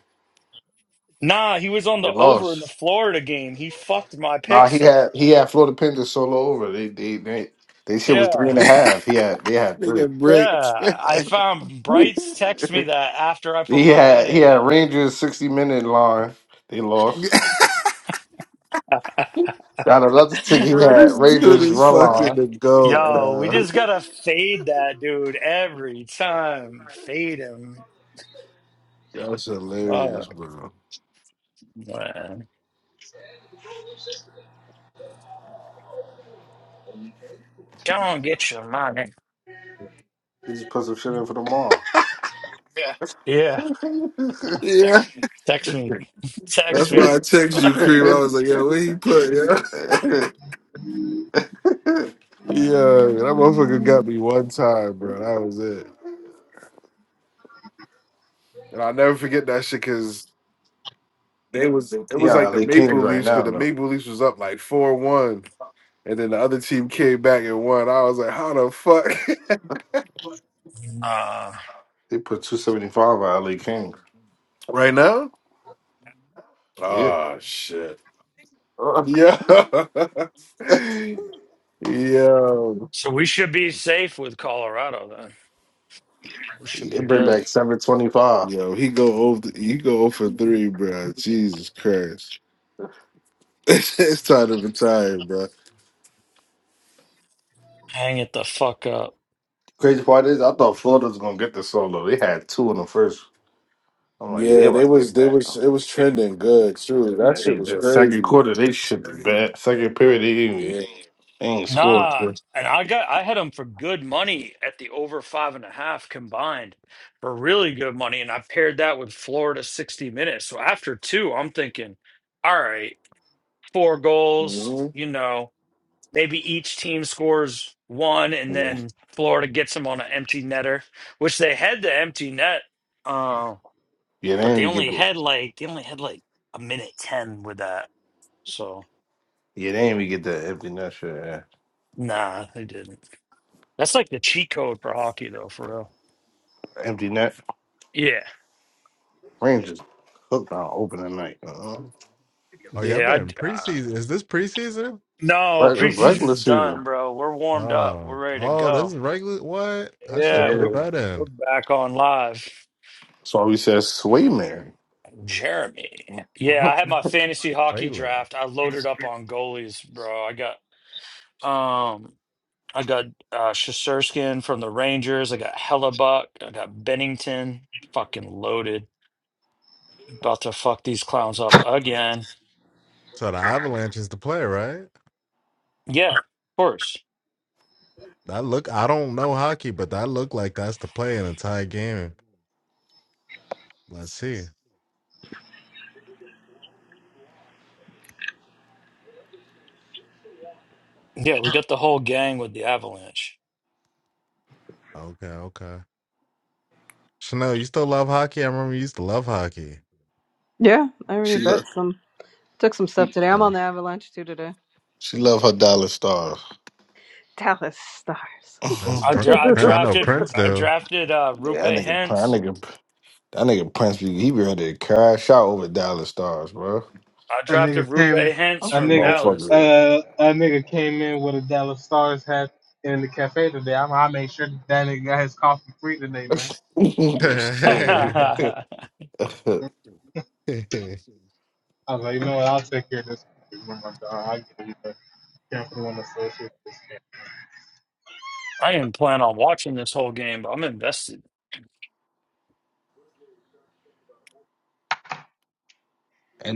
Speaker 7: Nah, he was on
Speaker 3: They
Speaker 7: the over in the
Speaker 3: lost.
Speaker 7: Florida game. He fucked my
Speaker 3: Nah, he
Speaker 7: picks up.
Speaker 3: had he had Florida Panthers solo over. They they they they shit was three
Speaker 7: Yeah.
Speaker 3: and a half. He had they had three.
Speaker 4: Nigga breaks.
Speaker 7: Yeah, I found Brights text me that after I put
Speaker 3: He
Speaker 7: my bet
Speaker 3: had he
Speaker 7: in.
Speaker 3: had Rangers sixty minute line. They lost. Got another ticket. He
Speaker 4: Bro,
Speaker 3: had
Speaker 4: this dude
Speaker 3: Rangers
Speaker 4: is
Speaker 3: run
Speaker 4: fucking
Speaker 3: line.
Speaker 4: the goat.
Speaker 7: Yo, we
Speaker 4: Uh,
Speaker 7: just gotta fade that dude every time. Fade him.
Speaker 4: that's hilarious,
Speaker 7: Fuck,
Speaker 4: bro.
Speaker 7: man. Go on, get your money.
Speaker 3: They just put some shit in for the mall.
Speaker 4: Yeah.
Speaker 7: Yeah,
Speaker 4: Yeah,
Speaker 7: text me. text
Speaker 4: that's
Speaker 7: me.
Speaker 4: why I text you, Cream. I was like, "Yo, where he put? Yeah, yeah, that motherfucker got me one time, bro. That was it, and I'll never forget that shit because they was it
Speaker 3: he
Speaker 4: was like
Speaker 3: on
Speaker 4: the
Speaker 3: LA Kings
Speaker 4: Maple
Speaker 3: right
Speaker 4: Leafs
Speaker 3: now
Speaker 4: because the
Speaker 3: though.
Speaker 4: Maple Leafs was up like four one, and then the other team came back and won. I was like, "How the fuck?"
Speaker 7: uh,
Speaker 3: They put two seventy five on LA Kings.
Speaker 4: right now.
Speaker 3: Yeah.
Speaker 4: Oh shit. Yeah. Yo.
Speaker 7: so we should be safe with Colorado then. We should be
Speaker 3: it bring
Speaker 7: good.
Speaker 3: back seven twenty five.
Speaker 4: Yo, he go over he go over three, bro. Jesus Christ. it's time to retire, bro.
Speaker 7: Hang it the fuck up.
Speaker 3: Crazy part is I thought Florida was gonna get the solo. They had two in the first. I'm like, yeah, they
Speaker 4: Yeah,
Speaker 3: about
Speaker 4: they
Speaker 3: to
Speaker 4: was
Speaker 3: get
Speaker 4: they
Speaker 3: that.
Speaker 4: was it was trending good too. That
Speaker 3: They,
Speaker 4: shit was
Speaker 3: the second
Speaker 4: crazy.
Speaker 3: quarter, they shit the bad. Second period, they ain't, even-
Speaker 4: Yeah.
Speaker 3: they ain't score.
Speaker 7: Nah, and I got I had them for good money at the over five and a half combined for really good money, and I paired that with Florida 60 minutes. So after two, I'm thinking, all right, four
Speaker 4: hmm
Speaker 7: goals, you know, maybe each team scores one, and
Speaker 3: Yeah,
Speaker 7: then Florida gets them on an empty netter, which they had the empty net, uh,
Speaker 3: Yeah, they
Speaker 7: but
Speaker 3: ain't
Speaker 7: they
Speaker 3: even get
Speaker 7: only
Speaker 3: the.
Speaker 7: had like they only had like a minute ten with that. So
Speaker 3: Yeah, they ain't even get the empty net shit. Yeah.
Speaker 7: nah, they didn't. That's like the cheat code for hockey, though, for real.
Speaker 3: Empty net.
Speaker 7: Yeah.
Speaker 3: Rangers hooked on open tonight. Uh-huh.
Speaker 6: Oh yeah, I
Speaker 7: Yeah. I
Speaker 6: bet in
Speaker 7: d uh,
Speaker 6: preseason is this preseason?
Speaker 7: no,
Speaker 3: Like it's regular
Speaker 7: preseason's
Speaker 3: season.
Speaker 7: done, bro. We're warmed up. We're
Speaker 6: Oh,
Speaker 7: ready to
Speaker 6: oh, this
Speaker 7: go.
Speaker 6: is regular. What? I should have
Speaker 7: Yeah,
Speaker 6: put a
Speaker 7: we're
Speaker 3: Yeah.
Speaker 6: bet
Speaker 7: we're
Speaker 6: in.
Speaker 7: back on live.
Speaker 3: That's why we said sway Mary.
Speaker 7: Jeremy. Yeah,
Speaker 3: Uh-huh.
Speaker 7: I had my fantasy hockey
Speaker 6: Wayland.
Speaker 7: draft. I loaded up on goalies, bro. I got um I got uh Shusterskin from the Rangers. I got Hellebuck. I got Bennington. Fucking loaded. About to fuck these clowns up again.
Speaker 6: So the Avalanche is the play, right?
Speaker 7: Yeah, of course.
Speaker 6: That look. I don't know hockey, but that look like that's the play in a tie game. Let's see.
Speaker 7: Yeah, we got the whole gang with the Avalanche.
Speaker 6: Okay, okay. Chanel, you still love hockey? I remember you used to love hockey.
Speaker 2: Yeah, I already
Speaker 3: She love
Speaker 2: bet some. Took some stuff
Speaker 3: she
Speaker 2: today. I'm on
Speaker 6: Uh,
Speaker 2: the Avalanche too today.
Speaker 3: she love her dollar stars.
Speaker 2: Dallas Stars.
Speaker 6: that's
Speaker 7: I,
Speaker 3: Mhm.
Speaker 7: dra-
Speaker 6: Prin-
Speaker 7: I
Speaker 6: Prin- I know
Speaker 7: drafted
Speaker 6: Prince
Speaker 7: I
Speaker 6: do.
Speaker 7: drafted uh Rupe
Speaker 3: yeah, that nigga, Prin-
Speaker 7: Hentz.
Speaker 3: that nigga, that nigga Prince, be- he be ready to cash out over dollar stars, bro.
Speaker 7: I
Speaker 1: A
Speaker 7: drafted
Speaker 1: nigga
Speaker 7: Rupe
Speaker 1: came,
Speaker 7: Hentz
Speaker 1: a
Speaker 7: from
Speaker 1: nigga,
Speaker 7: Dallas.
Speaker 3: Motherfucker.
Speaker 1: uh, a nigga came in with a Dallas Stars hat in the cafe today. I, I made sure that nigga got his coffee free today, man.
Speaker 3: Shit. End
Speaker 7: I
Speaker 1: I was like, you know what? I'll take care of this. Oh my God, I get it. Can't for the one associated with this.
Speaker 7: didn't plan on watching this whole game, but I'm invested.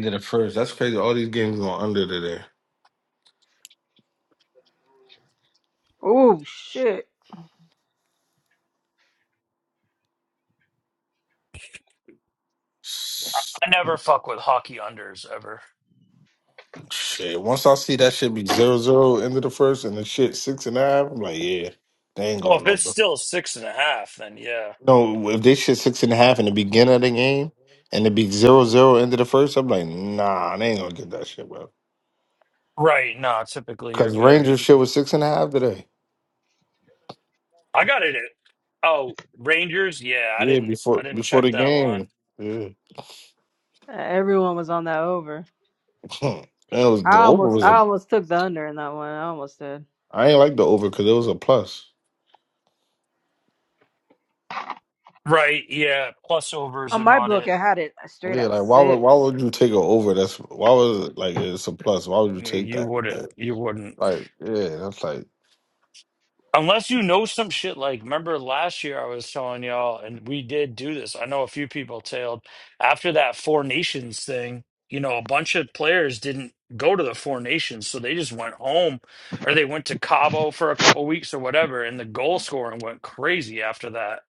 Speaker 3: of the first. That's crazy. All these games going under today.
Speaker 2: Oh shit!
Speaker 7: I never fuck with hockey unders ever.
Speaker 3: Shit. Once I see that shit be zero zero end of the first and the shit six and a half, I'm like, yeah, they ain't
Speaker 7: Well, if
Speaker 3: going
Speaker 7: it's
Speaker 3: over.
Speaker 7: still six and a half, then yeah.
Speaker 3: No, if they shit six and a half in the beginning of the game and it be zero zero end of the first, I'm like, nah, they ain't gonna get that shit, bro.
Speaker 7: Right, no, typically you're
Speaker 3: Cause
Speaker 7: good.
Speaker 3: Rangers shit was six and a half today.
Speaker 7: I got it at, oh, Rangers, yeah, I
Speaker 3: Yeah,
Speaker 7: didn't I
Speaker 3: before
Speaker 7: didn't
Speaker 3: before
Speaker 7: check
Speaker 3: the
Speaker 7: that line.
Speaker 3: game. Yeah.
Speaker 2: Everyone was on that over.
Speaker 3: and it was
Speaker 2: I
Speaker 3: the over
Speaker 2: almost,
Speaker 3: was a
Speaker 2: I almost took the under in that one. I almost did.
Speaker 3: I ain't like the over because it was a plus.
Speaker 7: Right, yeah. Plus overs
Speaker 2: On
Speaker 7: are
Speaker 2: my
Speaker 7: not
Speaker 2: book,
Speaker 7: it.
Speaker 2: I had it straight
Speaker 3: Yeah,
Speaker 2: at
Speaker 3: like why would why
Speaker 2: six.
Speaker 3: would you take it over? That's why was it like it's a plus. Why would you
Speaker 7: Yeah,
Speaker 3: take
Speaker 7: you
Speaker 3: that? Like,
Speaker 7: wouldn't. You wouldn't.
Speaker 3: like, yeah, that's like
Speaker 7: Unless you know some shit like remember last year I was telling y'all and we did do this. I know a few people tailed after that Four Nations thing, you know, a bunch of players didn't go to the Four Nations, so they just went home or they went to Cabo for a couple weeks or whatever and the goal scoring went crazy after that.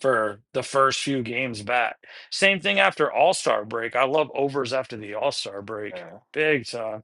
Speaker 7: for the first few games back. Same thing after All Star break. I love overs after the All Star break.
Speaker 3: yeah.
Speaker 7: Big time.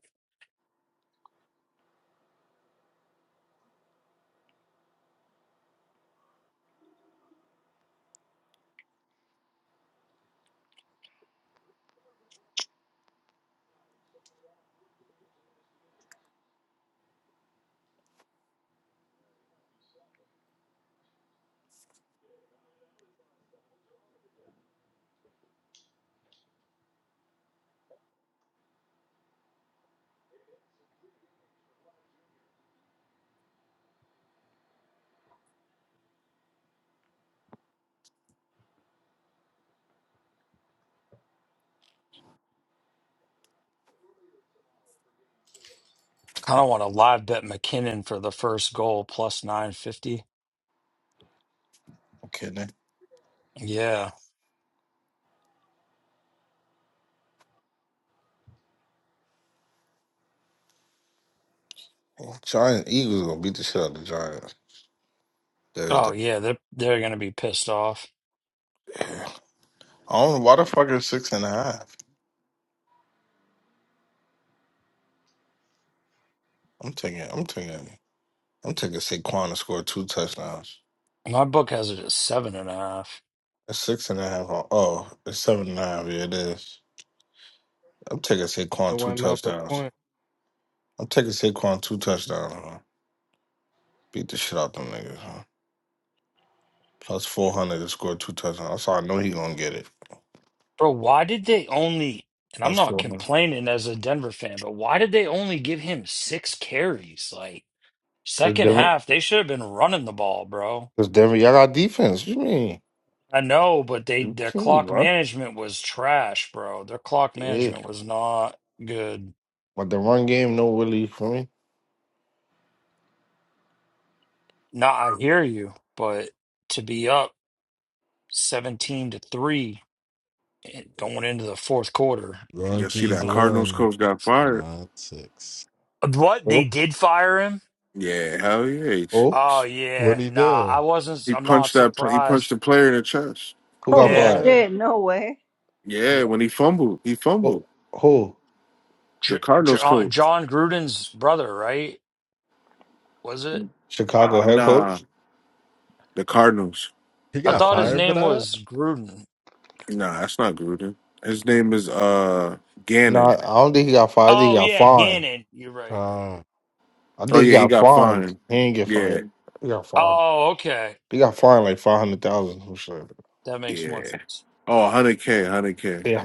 Speaker 7: I don't want to live bet McKinnon for the first goal plus 950.
Speaker 3: okay then.
Speaker 7: Yeah.
Speaker 3: Giant Eagles gonna beat the shit out of the Giants Thursday.
Speaker 7: Oh, yeah. They're, they're going to be pissed off.
Speaker 3: I don't know why the fuck is six and a half. I'm taking I'm taking I'm taking Saquon to score two touchdowns.
Speaker 7: My book has it at seven and a half.
Speaker 3: It's six and a half. on- Oh, it's seven and a half. Yeah, it is. I'm taking
Speaker 1: It
Speaker 3: Saquon two
Speaker 1: wasn't up a
Speaker 3: touchdowns.
Speaker 1: point.
Speaker 3: I'm taking Saquon two touchdowns. huh? Beat the shit out them niggas. Huh? Plus four hundred to score two touchdowns. That's how I know he gonna get it.
Speaker 7: Bro, why did they only, and I'm
Speaker 3: That's
Speaker 7: not
Speaker 3: true.
Speaker 7: complaining as a Denver fan, but why did they only give him six carries? Like,
Speaker 3: Because
Speaker 7: second
Speaker 3: Denver,
Speaker 7: half, they should have been running the ball, bro.
Speaker 3: because Denver, y'all got defense. What you mean?
Speaker 7: I know, but they
Speaker 3: You
Speaker 7: their
Speaker 3: can't be
Speaker 7: clock
Speaker 3: run.
Speaker 7: management was trash, bro. Their clock
Speaker 3: Yeah.
Speaker 7: management was not good.
Speaker 3: But the run game, no really for me.
Speaker 7: Nah, I hear you, but to be up 17 to 3 and going into the fourth quarter.
Speaker 4: You see
Speaker 7: I
Speaker 6: Yankees
Speaker 4: that
Speaker 7: don't know.
Speaker 4: Cardinals
Speaker 6: win
Speaker 4: coach got fired?
Speaker 6: nine six.
Speaker 7: What they
Speaker 3: Oh,
Speaker 7: did fire him?
Speaker 4: Yeah, hell yeah. He,
Speaker 3: oh,
Speaker 7: Oh
Speaker 6: What
Speaker 7: yeah.
Speaker 6: What'd he
Speaker 7: Nah, I
Speaker 6: do?
Speaker 7: wasn't
Speaker 4: he
Speaker 7: I'm not
Speaker 4: punched that pl- he punched
Speaker 7: surprised.
Speaker 4: the player in the chest.
Speaker 3: who got
Speaker 2: Oh
Speaker 7: Yeah.
Speaker 6: What?
Speaker 3: fired?
Speaker 2: shit! No way.
Speaker 4: Yeah,
Speaker 7: Yeah.
Speaker 4: when he fumbled, he fumbled.
Speaker 3: Oh, who?
Speaker 4: The
Speaker 7: J-
Speaker 4: Cardinals
Speaker 7: John
Speaker 4: coach.
Speaker 7: John Gruden's brother, right? Was it?
Speaker 3: Chicago
Speaker 4: Ah,
Speaker 3: head
Speaker 4: nah.
Speaker 3: coach?
Speaker 4: The Cardinals.
Speaker 6: He
Speaker 7: I
Speaker 3: Doug
Speaker 6: got
Speaker 7: thought his
Speaker 3: Carter.
Speaker 6: fired for
Speaker 7: name
Speaker 6: that?
Speaker 7: was Gruden.
Speaker 4: Nah, that's not Gruden. His name is uh
Speaker 3: No,
Speaker 4: Gannon.
Speaker 3: I don't think he got fired. I think he
Speaker 7: Oh
Speaker 3: got
Speaker 7: yeah,
Speaker 3: fined.
Speaker 7: Gannon. You're right.
Speaker 6: Uh,
Speaker 3: I think
Speaker 4: Oh
Speaker 3: he
Speaker 4: yeah, he
Speaker 3: got
Speaker 4: got
Speaker 3: fined.
Speaker 4: fined.
Speaker 3: He didn't get
Speaker 4: Yeah,
Speaker 3: fired. He got fined.
Speaker 7: Oh, okay.
Speaker 3: He got fined like 500000 or something.
Speaker 7: That makes more
Speaker 4: yeah.
Speaker 7: sense.
Speaker 4: Oh, 100k, 100k.
Speaker 3: Yeah,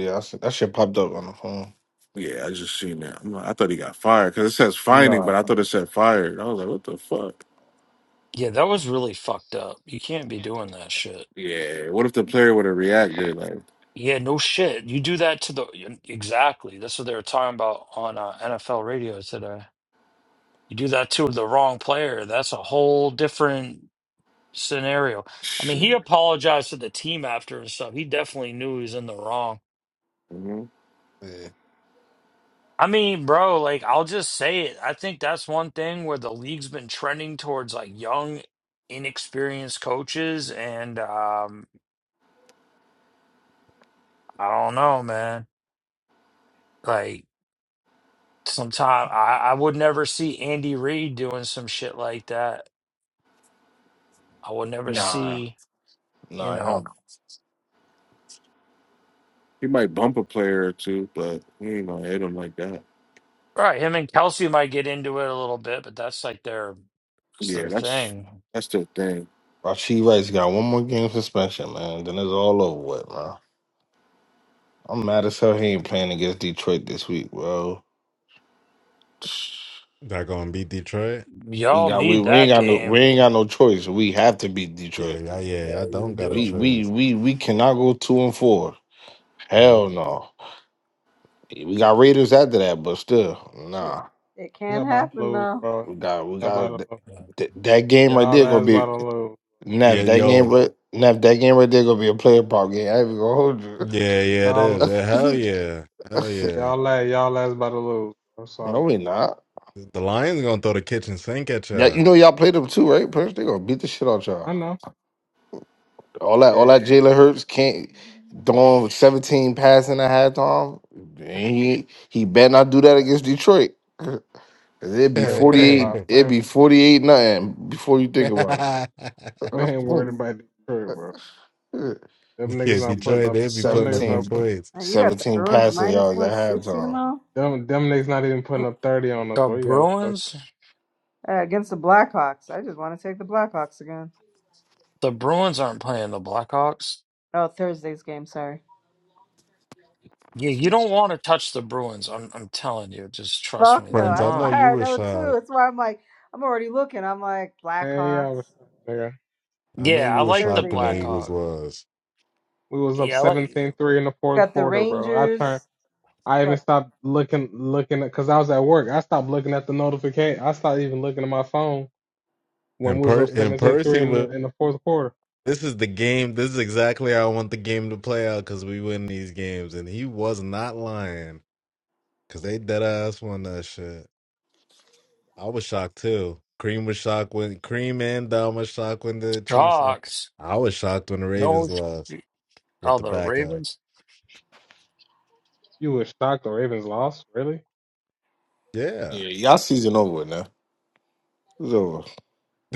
Speaker 3: Yeah, that shit, that shit popped up on the phone.
Speaker 4: Yeah, I just seen that. I'm like, I thought he got fired because it says fining, but
Speaker 3: Nah.
Speaker 4: I thought it said fired. I was like, what the fuck?
Speaker 7: Yeah, that was really fucked up. You can't be doing that shit.
Speaker 4: Yeah. What if the player would have reacted? Like,
Speaker 7: Yeah, no shit. You do that to the exactly. That's what they were talking about on uh, NFL radio today. You do that to the wrong player. That's a whole different scenario. I mean, he
Speaker 4: shit.
Speaker 7: apologized to the team after and stuff. He definitely knew he was in the wrong.
Speaker 4: You know?
Speaker 3: Yeah.
Speaker 7: I mean, bro, like I'll just say it. I think that's one thing where the league's been trending towards like young, inexperienced coaches, and um, I don't know, man. Like sometime I, I would never see Andy Reid doing some shit like that. I would never
Speaker 3: Nah.
Speaker 7: see, you
Speaker 3: Nah, hell
Speaker 7: know.
Speaker 3: no.
Speaker 4: He might bump a player or two, but he ain't gonna hit him like that.
Speaker 7: Right, him and Kelsey might get into it a little bit, but that's like their it's
Speaker 4: Yeah,
Speaker 7: their
Speaker 4: that's
Speaker 7: thing.
Speaker 4: that's the thing.
Speaker 3: Rasheed Rice got one more game suspension, man. Then it's all over with, man. I'm mad as hell he ain't playing against Detroit this week, bro.
Speaker 6: they're gonna beat Detroit.
Speaker 3: We
Speaker 7: Y'all
Speaker 3: got we,
Speaker 7: need
Speaker 3: we ain't
Speaker 7: that
Speaker 3: got no we
Speaker 7: game.
Speaker 3: ain't got no choice. We have to beat
Speaker 6: Yeah,
Speaker 3: Detroit.
Speaker 6: yeah,
Speaker 7: Yeah,
Speaker 6: yeah. I
Speaker 7: you
Speaker 6: don't got a
Speaker 7: do.
Speaker 3: We we
Speaker 6: choice.
Speaker 3: we we cannot go two and four. Hell
Speaker 6: No.
Speaker 3: no. We got Raiders after that, but still,
Speaker 2: Shit,
Speaker 3: nah.
Speaker 2: it
Speaker 1: Y'all
Speaker 2: can
Speaker 1: about to
Speaker 2: happen
Speaker 1: lose,
Speaker 2: though.
Speaker 1: bro.
Speaker 3: We got we
Speaker 1: Y'all about
Speaker 3: got
Speaker 1: to
Speaker 3: th-
Speaker 1: lose.
Speaker 7: Yeah.
Speaker 3: th- that game right
Speaker 1: Y'all
Speaker 3: there gonna
Speaker 1: last about
Speaker 3: be
Speaker 1: to lose, bro.
Speaker 6: Yeah,
Speaker 3: Neff. That game
Speaker 6: yo.
Speaker 3: right Neff. That game right there gonna be a player prop game. I ain't even gonna
Speaker 6: Yeah, yeah, it
Speaker 1: Y'all,
Speaker 6: is.
Speaker 3: hold
Speaker 6: Yeah, hell yeah. Hell
Speaker 3: you.
Speaker 6: yeah.
Speaker 1: y'all last, y'all last about to lose. Bro. It's all
Speaker 3: no,
Speaker 1: good.
Speaker 3: we not.
Speaker 6: The lion's gonna throw the kitchen sink at
Speaker 3: Yeah, you
Speaker 6: y'all.
Speaker 3: know y'all played them too, right? Purge, they gonna beat the shit out y'all.
Speaker 1: I know.
Speaker 3: All that, all
Speaker 1: Yeah,
Speaker 3: that Jalen Hurts can't throwing seventeen passing at halftime. He he better not do that against Detroit. 'Cause It'd be
Speaker 1: we ain't
Speaker 6: yeah,
Speaker 3: forty
Speaker 1: worried
Speaker 3: eight.
Speaker 1: about we
Speaker 3: It'd
Speaker 1: ain't,
Speaker 3: be forty eight nothing before you think about
Speaker 1: we ain't worried about Detroit, bro.
Speaker 3: it.
Speaker 1: Them niggas not
Speaker 3: 17,
Speaker 1: putting
Speaker 6: Detroit,
Speaker 1: up.
Speaker 6: they'd be
Speaker 1: Them
Speaker 6: putting up
Speaker 1: niggas
Speaker 6: them
Speaker 1: not
Speaker 3: 17
Speaker 1: put.
Speaker 6: plates.
Speaker 2: Uh, You got the Bruins
Speaker 3: passing
Speaker 2: minus
Speaker 3: yards at
Speaker 2: one sixty
Speaker 3: halftime.
Speaker 2: tomorrow
Speaker 1: Them them niggas not even
Speaker 2: uh,
Speaker 1: putting up thirty on us,
Speaker 7: The
Speaker 1: bro. You gotta fuck up.
Speaker 7: Bruins,
Speaker 2: against the Blackhawks. I just want to take the Blackhawks again.
Speaker 7: the Bruins aren't playing the Blackhawks.
Speaker 2: Oh, Thursday's game. Sorry.
Speaker 7: Yeah, you don't want to touch the Bruins. I'm I'm telling you, just trust
Speaker 2: Fuck
Speaker 7: me.
Speaker 2: no.
Speaker 7: They're
Speaker 6: Friends, I
Speaker 2: That's
Speaker 6: know
Speaker 7: not.
Speaker 6: you
Speaker 2: why I
Speaker 6: were
Speaker 2: know too.
Speaker 6: shocked.
Speaker 2: That's why I'm like, I'm already looking. I'm like
Speaker 1: Hey, I was
Speaker 2: Blackhawks.
Speaker 1: nigga.
Speaker 6: I know
Speaker 7: Yeah,
Speaker 6: you
Speaker 7: I
Speaker 2: That's
Speaker 6: were
Speaker 7: like the
Speaker 6: shocked
Speaker 2: Thursday
Speaker 6: when the
Speaker 2: game.
Speaker 6: Eagles
Speaker 7: Blackhawks.
Speaker 6: was.
Speaker 1: We was up
Speaker 7: Yeah, I like
Speaker 1: seventeen-three in the fourth
Speaker 2: Got the
Speaker 1: quarter, bro. I turned.
Speaker 2: Rangers.
Speaker 1: I even
Speaker 2: Fuck.
Speaker 1: stopped looking looking at because I was at work. I stopped looking at the notification. I stopped even looking at my phone when we
Speaker 6: And
Speaker 1: was
Speaker 6: per
Speaker 1: up
Speaker 6: and
Speaker 1: seventeen three
Speaker 6: Percy
Speaker 1: in
Speaker 6: was
Speaker 1: the in the fourth quarter.
Speaker 6: this is the game. This is exactly how I want the game to play out because we win these games. And he was not lying. Cause they dead ass won that shit. I was shocked too. Cream was shocked when Cream and Dom was shocked when the Chiefs lost.
Speaker 7: Jocks.
Speaker 6: I was shocked when the
Speaker 7: No,
Speaker 6: Ravens lost
Speaker 7: sh-
Speaker 6: with
Speaker 7: oh,
Speaker 6: the
Speaker 7: the Ravens.
Speaker 6: backouts.
Speaker 1: You were shocked the Ravens lost, really?
Speaker 6: Yeah.
Speaker 3: Yeah, y'all season over with now. It's over.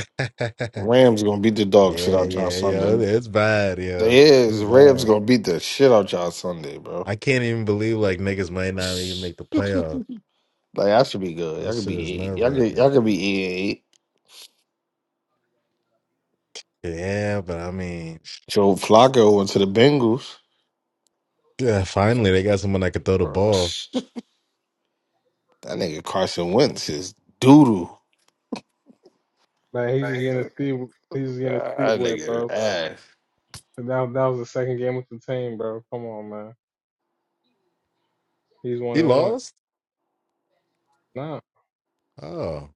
Speaker 6: yeah,
Speaker 3: Rams gonna beat the dog shit out y'all
Speaker 6: yeah, yo.
Speaker 3: Sunday.
Speaker 6: It's bad,
Speaker 3: They
Speaker 6: yo. It's
Speaker 3: is Rams
Speaker 6: bad.
Speaker 3: gonna beat the shit out y'all Sunday, bro.
Speaker 6: I can't even believe like niggas might not even make the playoff.
Speaker 3: Like I should be good. Y'all
Speaker 6: This
Speaker 3: could
Speaker 6: shit is
Speaker 3: be 8
Speaker 6: nerve
Speaker 3: y'all could
Speaker 6: wracking.
Speaker 3: y'all could be eight. and eight.
Speaker 6: Yeah, but I mean,
Speaker 3: Joe Flacco went to the Bengals.
Speaker 6: yeah, finally they got someone that could throw the ball.
Speaker 3: That nigga Carson Wentz is doodoo.
Speaker 1: Man,
Speaker 3: Uh,
Speaker 1: he's just getting his feet he's just getting his feet
Speaker 3: That
Speaker 1: wet,
Speaker 3: nigga is
Speaker 1: bro.
Speaker 3: ass.
Speaker 1: And that that was the second game with the team, bro. Come on, man. He's one
Speaker 6: He
Speaker 1: and one.
Speaker 6: lost?
Speaker 1: Nah,
Speaker 6: Oh,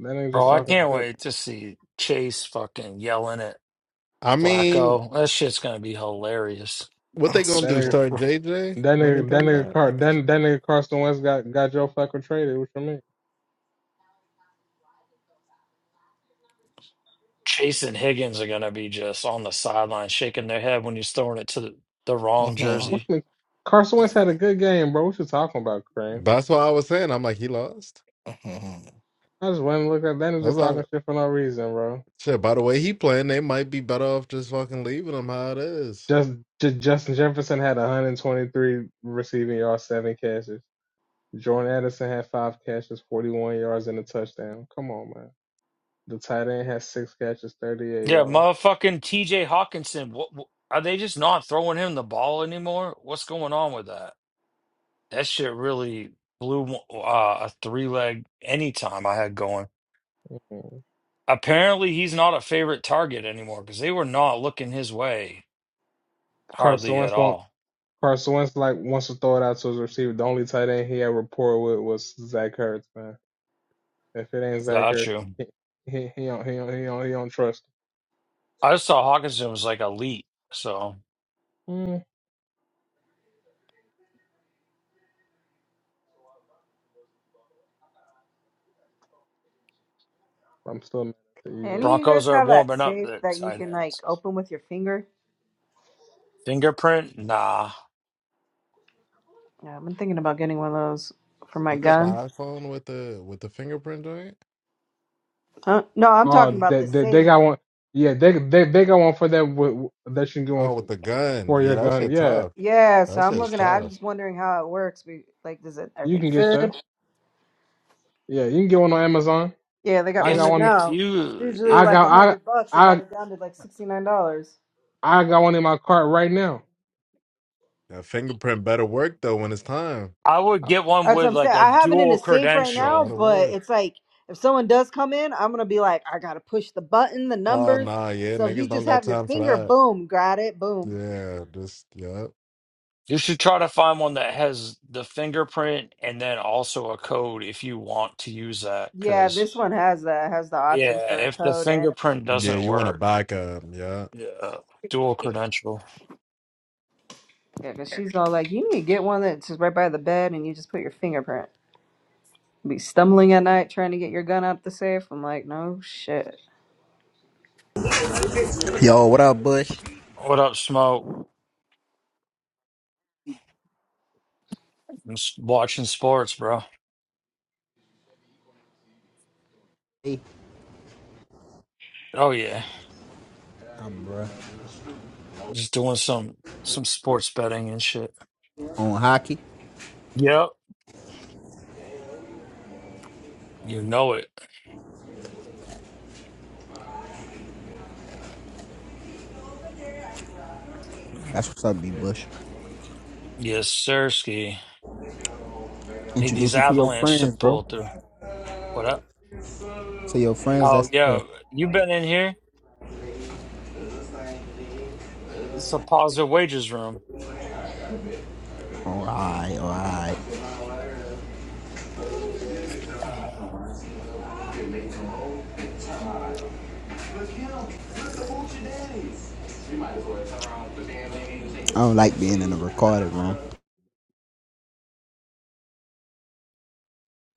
Speaker 1: that nigga just
Speaker 7: Bro, I
Speaker 6: yeah.
Speaker 1: talking
Speaker 7: can't
Speaker 1: shit.
Speaker 7: wait to see Chase fucking yelling at
Speaker 6: I mean,
Speaker 7: Flacco. That shit's gonna be hilarious.
Speaker 6: what they
Speaker 1: Bro.
Speaker 6: gonna
Speaker 1: That
Speaker 6: do?
Speaker 1: nigga.
Speaker 7: R-
Speaker 6: Start JJ
Speaker 1: That
Speaker 6: when he
Speaker 1: nigga, that
Speaker 6: come
Speaker 1: nigga,
Speaker 6: back?
Speaker 1: Car, that, that nigga Carson Wentz got, got Joe Flacco traded. What you mean?
Speaker 7: Chase and Higgins are gonna be just on the sideline shaking their head when he's throwing it to the, the wrong
Speaker 3: Mhm,
Speaker 1: What
Speaker 7: jersey.
Speaker 1: you mean? Carson Wentz
Speaker 7: Mm,
Speaker 1: had a good game, bro. What you talking about, Crane?
Speaker 6: That's why I was saying. I'm like, he lost.
Speaker 3: mhm.
Speaker 1: I just went and looked at that and was
Speaker 6: I was
Speaker 1: just talking
Speaker 6: like,
Speaker 1: shit for no reason, bro.
Speaker 6: shit, by the way he playing, they might be better off just fucking leaving him how it is.
Speaker 1: Just, J- Justin Jefferson had 123 receiving yards, seven catches. Jordan Addison had five catches, 41 yards, and a touchdown. Come on, man. The tight end had six catches, 38
Speaker 7: Yeah,
Speaker 1: yards.
Speaker 7: motherfucking TJ Hawkinson. What, what are they just not throwing him the ball anymore? What's going on with that? That shit really blew uh, a three leg anytime I had going.
Speaker 1: Mm.
Speaker 7: Apparently, he's not a favorite target anymore because they were not looking his way
Speaker 1: Carson
Speaker 7: Hardly at
Speaker 1: Wentz won't.
Speaker 7: all.
Speaker 1: Carson Wentz like wants to throw it out to his receiver. The only tight end he had rapport with was Zach Ertz, man. If it ain't Zach
Speaker 7: Got
Speaker 1: Ertz,
Speaker 7: you.
Speaker 1: he he, he don't he don't he don't he don't trust.
Speaker 7: I just saw Hawkinson was like elite. So
Speaker 1: him. Mm. I'm still mad at the Eagles.
Speaker 2: Any of you guys
Speaker 7: Broncos are
Speaker 2: have that
Speaker 7: warming up
Speaker 2: safe
Speaker 7: at
Speaker 2: that you
Speaker 7: tight
Speaker 2: can like
Speaker 7: ends.
Speaker 2: open with your finger?
Speaker 7: Fingerprint? Nah.
Speaker 2: Yeah, I've been thinking about getting one of those for my
Speaker 6: You got the
Speaker 2: gun.
Speaker 6: iPhone with the with the fingerprint joint?
Speaker 2: Huh? No, I'm talking
Speaker 1: Oh,
Speaker 2: about
Speaker 1: they,
Speaker 2: the
Speaker 1: they they
Speaker 2: safe.
Speaker 1: got one. Yeah, they they they got one for that. With, that you can get one
Speaker 6: Oh, with
Speaker 1: for,
Speaker 6: the gun.
Speaker 1: for your
Speaker 6: Yeah, that
Speaker 1: gun.
Speaker 6: shit
Speaker 1: Yeah,
Speaker 6: tough.
Speaker 2: Yeah, so
Speaker 6: That
Speaker 2: I'm
Speaker 6: shit's
Speaker 2: looking at. I'm
Speaker 6: tough.
Speaker 2: just wondering how it works. We like, does it? Are
Speaker 1: you
Speaker 2: they
Speaker 1: can get that.
Speaker 2: good?
Speaker 1: Yeah, you can get one on Amazon.
Speaker 2: Yeah, they got
Speaker 1: I
Speaker 2: one
Speaker 1: got
Speaker 7: If
Speaker 2: there
Speaker 1: one.
Speaker 7: if
Speaker 2: now. It's usually
Speaker 1: I
Speaker 7: you,
Speaker 2: like a
Speaker 1: got
Speaker 2: hundred bucks. They
Speaker 1: I
Speaker 2: got
Speaker 1: I
Speaker 2: it down to like sixty nine dollars.
Speaker 1: I got one in my cart right now.
Speaker 6: That fingerprint better work though when it's time.
Speaker 7: I would get one
Speaker 2: That's what
Speaker 7: with
Speaker 2: I'm
Speaker 7: like
Speaker 2: saying.
Speaker 7: a
Speaker 2: I have it in a
Speaker 7: dual
Speaker 2: safe
Speaker 6: That
Speaker 2: right
Speaker 6: shit
Speaker 2: now,
Speaker 7: credential.
Speaker 6: better
Speaker 2: but
Speaker 6: work.
Speaker 2: it's like if someone does come in, I'm gonna be like, I gotta push the button, the
Speaker 6: Oh
Speaker 2: numbers.
Speaker 6: nah, yeah,
Speaker 2: So if
Speaker 6: niggas
Speaker 2: you just
Speaker 6: don't got
Speaker 2: have your
Speaker 6: time for
Speaker 2: finger,
Speaker 6: that.
Speaker 2: boom, got it, boom.
Speaker 6: Yeah, just yeah.
Speaker 7: You should try to find one that has the fingerprint and then also a code if you want to use that.
Speaker 2: Yeah,
Speaker 7: Because
Speaker 2: this one has that has the option
Speaker 7: yeah,
Speaker 2: for a
Speaker 7: if the
Speaker 2: code and
Speaker 7: fingerprint
Speaker 6: Yeah,
Speaker 7: doesn't
Speaker 6: you want a
Speaker 7: work,
Speaker 6: backup, yeah.
Speaker 7: yeah, dual credential.
Speaker 2: yeah, because she's all like, you need to get one that's just right by the bed and you just put your fingerprint. Be stumbling at night trying to get your gun out the safe. I'm like, no shit.
Speaker 10: Yo, what up, Bush?
Speaker 7: What up, Smoke? I'm s- watching sports, bro.
Speaker 10: Hey,
Speaker 7: Oh yeah,
Speaker 10: I'm bruh.
Speaker 7: just doing some some sports betting and shit.
Speaker 10: On hockey.
Speaker 7: Yep, you know it.
Speaker 10: That's what's up, B Bush.
Speaker 7: Yes, sirski. Need these
Speaker 10: Introduce me to your
Speaker 7: Avalanche to
Speaker 10: friends, bro.
Speaker 7: pull through. What up?
Speaker 10: To your friends,
Speaker 7: Oh
Speaker 10: that's
Speaker 7: yeah,
Speaker 10: here.
Speaker 7: you been in here? It's a positive wages room.
Speaker 10: Alright, alright. I don't like being in a recorded room.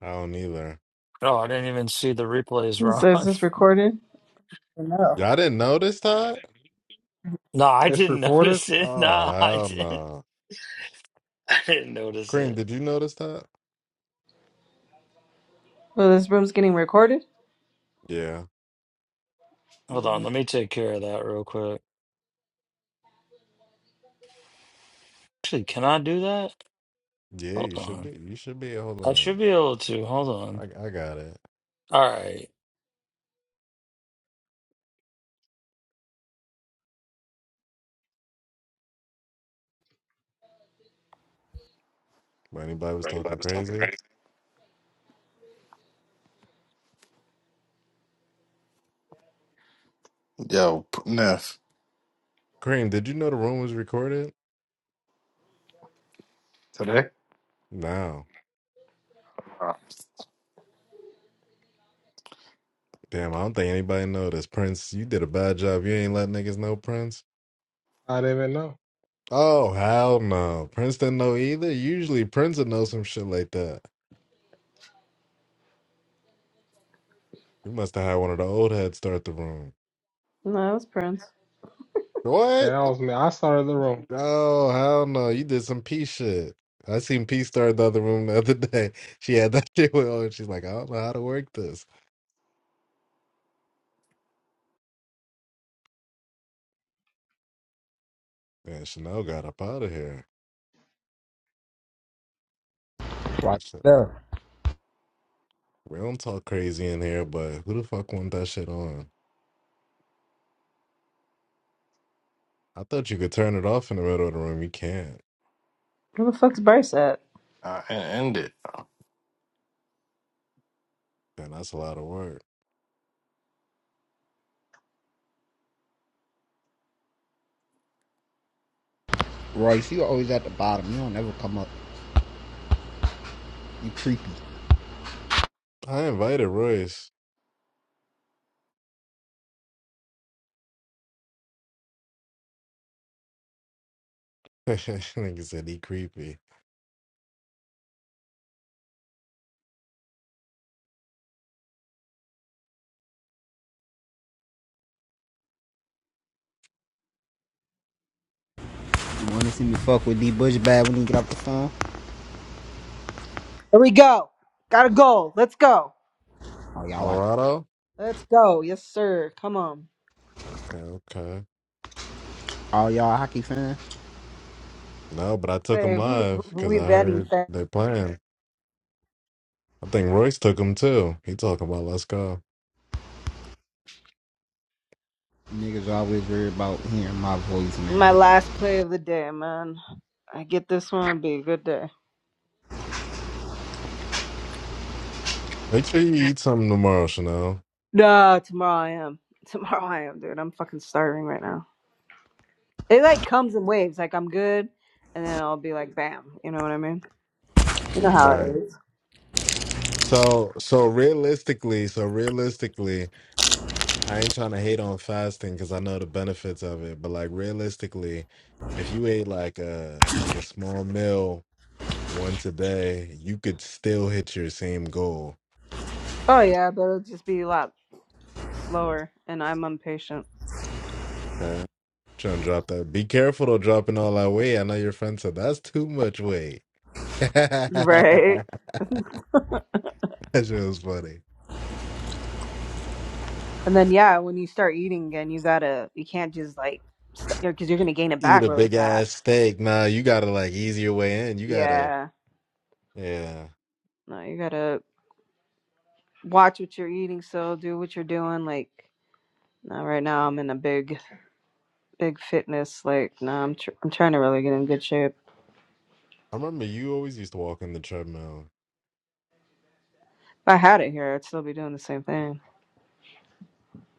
Speaker 6: I don't either.
Speaker 7: Oh, I didn't even see the replays, Ron.
Speaker 2: So is this recorded? No.
Speaker 6: Y'all didn't notice that?
Speaker 7: no, I
Speaker 1: It's
Speaker 7: didn't
Speaker 1: recorded.
Speaker 7: notice it.
Speaker 6: Oh
Speaker 7: No, I
Speaker 6: hell
Speaker 7: didn't.
Speaker 6: no.
Speaker 7: I didn't notice
Speaker 6: Cream,
Speaker 7: it.
Speaker 6: did you notice that?
Speaker 2: Well, this room's getting recorded.
Speaker 6: Yeah.
Speaker 2: Uh,
Speaker 7: Hold on, let me take care of that real quick. Actually, can I do that?
Speaker 6: Yeah,
Speaker 7: Hold
Speaker 6: you should
Speaker 7: on.
Speaker 6: be. You should be. Hold
Speaker 7: I should
Speaker 6: on.
Speaker 7: be able to. Hold on.
Speaker 6: I I got it.
Speaker 7: All right.
Speaker 6: But anybody was talking crazy.
Speaker 3: Yo, P- Neff.
Speaker 6: Kareem, did you know the room was recorded?
Speaker 3: Today?
Speaker 6: No.
Speaker 3: Uh,
Speaker 6: Damn, I don't think anybody noticed. Prince, you did a bad job. You ain't let niggas know Prince.
Speaker 1: I didn't even know.
Speaker 6: Oh, hell no. Prince didn't know either. Usually Prince would know some shit like that. You must have had one of the old heads start the room.
Speaker 2: no, that was Prince.
Speaker 1: Man,
Speaker 6: What?
Speaker 1: That was me. I started the room.
Speaker 6: Oh, hell no. You did some P shit. I seen P start the other room the other day. She had that shit with her. She's like, I don't know how to work this. Man, Chanel got up out of here. Turn
Speaker 10: Right
Speaker 6: that shit up.
Speaker 10: there.
Speaker 6: We don't talk crazy in here, but who the fuck want that shit on? I thought you could turn it off in the middle of the room. You can't.
Speaker 2: Where the fuck's Bryce at?
Speaker 3: I end it.
Speaker 6: Man, that's a lot of work.
Speaker 10: Royce, you always at the bottom. You don't ever come up. You creepy.
Speaker 6: I invited Royce. Nigga said he creepy.
Speaker 10: You wanna see me fuck with D Bush bad when you get off the phone?
Speaker 2: Here we go. got a goal. Let's go.
Speaker 10: all y'all like
Speaker 6: Colorado?
Speaker 2: Let's go. Yes, sir. Come on.
Speaker 6: Okay, okay.
Speaker 10: all y'all hockey fans?
Speaker 6: No, but I took him
Speaker 2: Save.
Speaker 6: live because
Speaker 2: We
Speaker 6: I
Speaker 2: betting.
Speaker 6: heard
Speaker 2: Thing.
Speaker 6: they playing. I think Royce took him too. He talking about let's go.
Speaker 10: Niggas always worried about hearing my voice, man.
Speaker 2: My last play of the day, man. I get this one. it'd Be a good day.
Speaker 6: Make sure you eat something tomorrow, Chanel.
Speaker 2: Nah, tomorrow I am. Tomorrow I am, dude. I'm fucking starving right now. It like comes in waves. Like I'm good, and then I'll be like, bam. You know what I mean? You know how it
Speaker 6: Right.
Speaker 2: is.
Speaker 6: So, so realistically, so realistically, I ain't trying to hate on fasting because I know the benefits of it, but like realistically, if you ate like a like a small meal one today, you could still hit your same goal.
Speaker 2: Oh yeah, but it'll just be a lot slower, and I'm impatient.
Speaker 6: Okay? Trying to drop that. Be careful though, dropping all that weight. I know your friend said that's too much weight.
Speaker 2: Right.
Speaker 6: that shit was funny.
Speaker 2: And then yeah, when you start eating again, you gotta you can't just like st- because you're gonna gain it
Speaker 6: Eat
Speaker 2: back
Speaker 6: a
Speaker 2: really
Speaker 6: big ass
Speaker 2: fast.
Speaker 6: steak. Nah, you gotta like ease your way in. You gotta,
Speaker 2: Yeah,
Speaker 6: yeah.
Speaker 2: no, you gotta watch what you're eating. So do what you're doing. Like no, right now, I'm in a big big fitness. Like no, I'm tr- I'm trying to really get in good shape.
Speaker 6: I remember you always used to walk on the treadmill.
Speaker 2: If I had it here, I'd still be doing the same thing.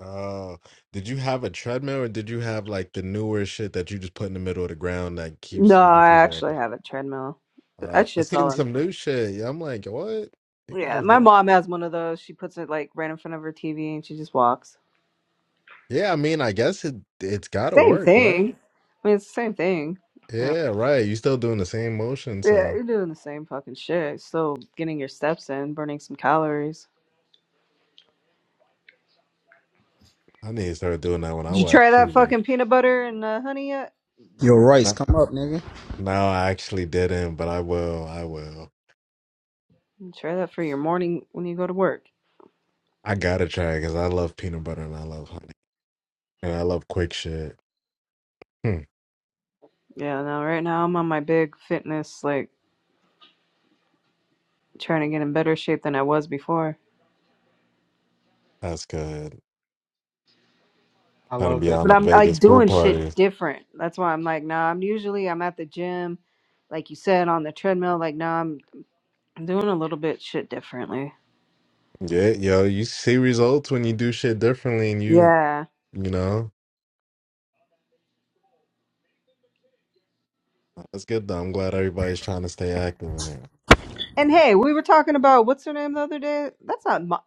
Speaker 6: Oh, did you have a treadmill or did you have like the newer shit that you just put in the middle of the ground that
Speaker 2: No,
Speaker 6: keeps you can
Speaker 2: I
Speaker 6: keep
Speaker 2: actually
Speaker 6: walking?
Speaker 2: have a treadmill.
Speaker 6: Uh,
Speaker 2: That
Speaker 6: I
Speaker 2: shit's
Speaker 6: seen
Speaker 2: all in.
Speaker 6: some new shit. Yeah, I'm like, what? It could
Speaker 2: Yeah,
Speaker 6: just
Speaker 2: my
Speaker 6: work.
Speaker 2: mom has one of those. She puts it like right in front of her TV and she just walks.
Speaker 6: Yeah, I mean, I guess it it's gotta
Speaker 2: Same
Speaker 6: work,
Speaker 2: thing.
Speaker 6: right?
Speaker 2: I mean, it's the same thing.
Speaker 6: Yeah, right. You still doing the same motion,
Speaker 2: Yeah,
Speaker 6: so
Speaker 2: you're doing the same fucking shit. Still getting your steps in, burning some calories.
Speaker 6: I need to start doing that when I
Speaker 2: Did you
Speaker 6: watch
Speaker 2: try that
Speaker 6: TV.
Speaker 2: fucking peanut butter and uh, honey yet?
Speaker 10: Yo, Royce,
Speaker 6: No,
Speaker 10: come up, nigga.
Speaker 6: no, I actually didn't, but I will. I will.
Speaker 2: You try that for your morning when you go to work.
Speaker 6: I gotta try because I love peanut butter and I love honey and I love quick shit. Hmm,
Speaker 2: Yeah, no, right now I'm on my big fitness, like trying to get in better shape than I was before.
Speaker 6: that's good.
Speaker 1: I
Speaker 6: Trying to
Speaker 1: love
Speaker 6: be
Speaker 1: that.
Speaker 6: on
Speaker 2: But
Speaker 6: a
Speaker 2: I'm like
Speaker 6: Vegas pool
Speaker 2: doing shit
Speaker 6: party.
Speaker 2: different. That's why I'm like, nah, I'm usually I'm at the gym, like you said, on the treadmill. Like, nah, I'm I'm doing a little bit shit differently.
Speaker 6: Yeah, yo, you see results when you do shit differently and you,
Speaker 2: Yeah.
Speaker 6: you know, that's good though. I'm glad everybody's trying to stay active in there.
Speaker 2: And hey, we were talking about what's her name the other day? That's not Mo-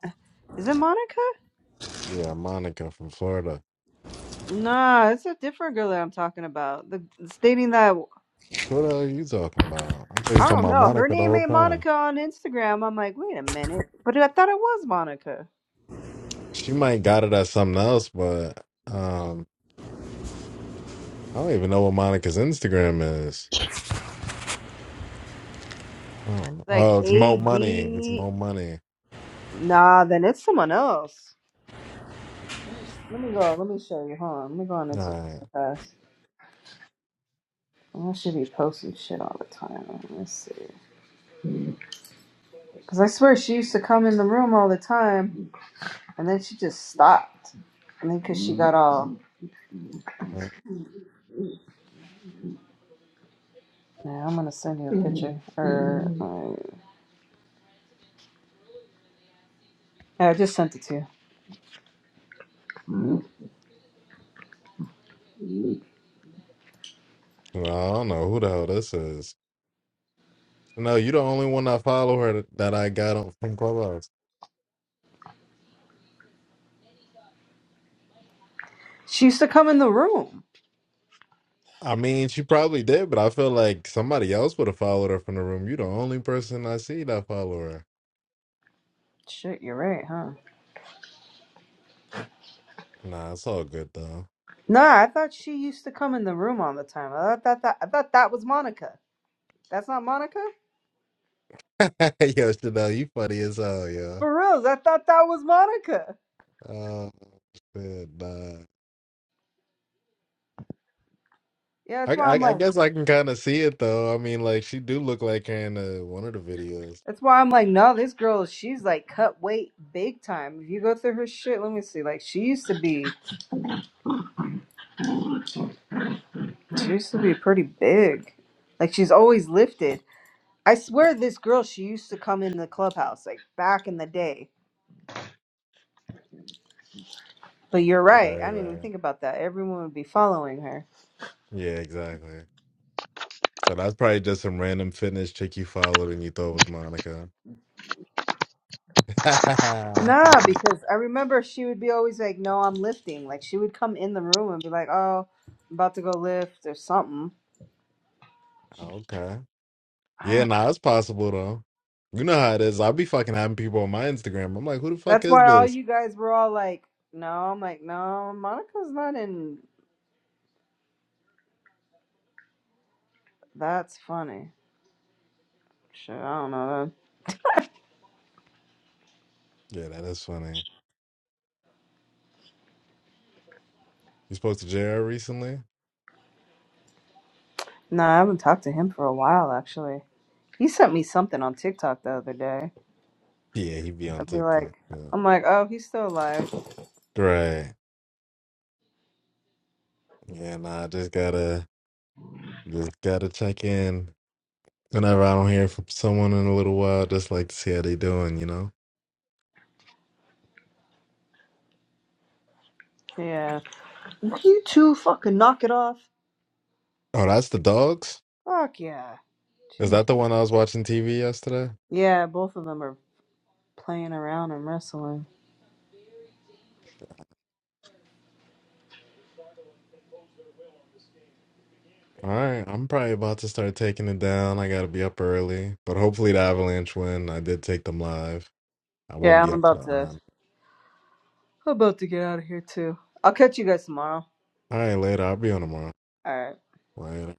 Speaker 2: is it Monica?
Speaker 6: Yeah, Monica from Florida.
Speaker 2: Nah, it's a different girl that I'm talking about. The stating that
Speaker 6: What are you talking about? I thought you
Speaker 2: I
Speaker 6: was talking
Speaker 2: don't
Speaker 6: about
Speaker 2: know her
Speaker 6: Monica the
Speaker 2: name
Speaker 6: whole
Speaker 2: ain't
Speaker 6: time.
Speaker 2: Monica on Instagram. I'm like, wait a minute, but I thought it was Monica.
Speaker 6: She might got it at something else, but um, I don't even know what Monica's Instagram is. Um,
Speaker 2: Like
Speaker 6: oh, it's
Speaker 2: A
Speaker 6: Mo Money. It's
Speaker 2: B.
Speaker 6: Mo Money.
Speaker 2: Nah, then it's someone else. Let me let me go. Let me show you. Hold on. Let me go on Instagram
Speaker 6: All
Speaker 2: fast. I should be posting shit all the time. Let's see. Cause I swear she used to come in the room all the time, and then she just stopped. And then cause she got all.
Speaker 6: right.
Speaker 2: Yeah, I'm gonna send you a picture. Or uh, yeah, I just sent it to you.
Speaker 6: Well, I don't know who the hell this is. No, you're the only one I follow her that I got on from Clubhouse.
Speaker 2: She used to come in the room.
Speaker 6: I mean, she probably did, but I feel like somebody else would have followed her from the room. You're the only person I see that follow her.
Speaker 2: Shit, you're right, huh?
Speaker 6: Nah, it's all good though.
Speaker 2: Nah, I thought she used to come in the room all the time. I thought that I thought that was Monica. That's not Monica?
Speaker 6: yo, Chanel, you funny as hell, yo.
Speaker 2: For reals, I thought that was Monica.
Speaker 6: Oh shit, nah.
Speaker 2: Yeah,
Speaker 6: I,
Speaker 2: that's why
Speaker 6: I
Speaker 2: I'm
Speaker 6: I
Speaker 2: like
Speaker 6: guess I can kind of see it though. I mean, like she do look like her in uh, one of the videos.
Speaker 2: that's why I'm like, no, this girl, she's like cut weight big time. If you go through her shit, let me see. Like she used to be she used to be pretty big. Like she's always lifted. I swear this girl, she used to come in the clubhouse, like back in the day. But you're right.
Speaker 6: Right,
Speaker 2: I didn't even
Speaker 6: right.
Speaker 2: think about that. Everyone would be following her.
Speaker 6: Yeah, exactly. So that's probably just some random fitness chick you followed and you thought was Monica.
Speaker 2: No, because I remember she would be always like, "No, I'm lifting." Like she would come in the room and be like, "Oh, I'm about to go lift or something."
Speaker 6: okay. Yeah,
Speaker 2: Ah,
Speaker 6: nah, it's possible though. You know how it is. I'll be fucking having people on my Instagram. I'm like, who the fuck
Speaker 2: That's
Speaker 6: is
Speaker 2: why all
Speaker 6: this?
Speaker 2: you guys were all like, "No," I'm like, "No, Monica's not in." That's funny. Shit, I don't know.
Speaker 6: Yeah, that is funny. You spoke to JR recently?
Speaker 2: No, I haven't talked to him for a while actually. He sent me something on TikTok the other day.
Speaker 6: Yeah, he be on
Speaker 2: I'd be
Speaker 6: TikTok.
Speaker 2: like,
Speaker 6: Yeah.
Speaker 2: "I'm like, oh, he's still alive."
Speaker 6: Right. Yeah, nah, I just gotta just gotta check in. Whenever I don't hear from someone in a little while, just like to see how they doing, you know?
Speaker 2: Yeah. You two fucking knock it off.
Speaker 6: Oh, that's the dogs?
Speaker 2: Fuck yeah.
Speaker 6: Is
Speaker 2: Jeez.
Speaker 6: that the one I was watching TV yesterday?
Speaker 2: Yeah, both of them are playing around and wrestling.
Speaker 6: All right, I'm probably about to start taking it down. I gotta be up early. But hopefully the Avalanche win. I did take them live. I won't
Speaker 2: Yeah,
Speaker 6: be
Speaker 2: I'm
Speaker 6: up to the
Speaker 2: about to
Speaker 6: All
Speaker 2: I'm about to get out of here too. I'll catch you guys tomorrow.
Speaker 6: right, later. I'll be on tomorrow.
Speaker 2: All right.
Speaker 6: Later.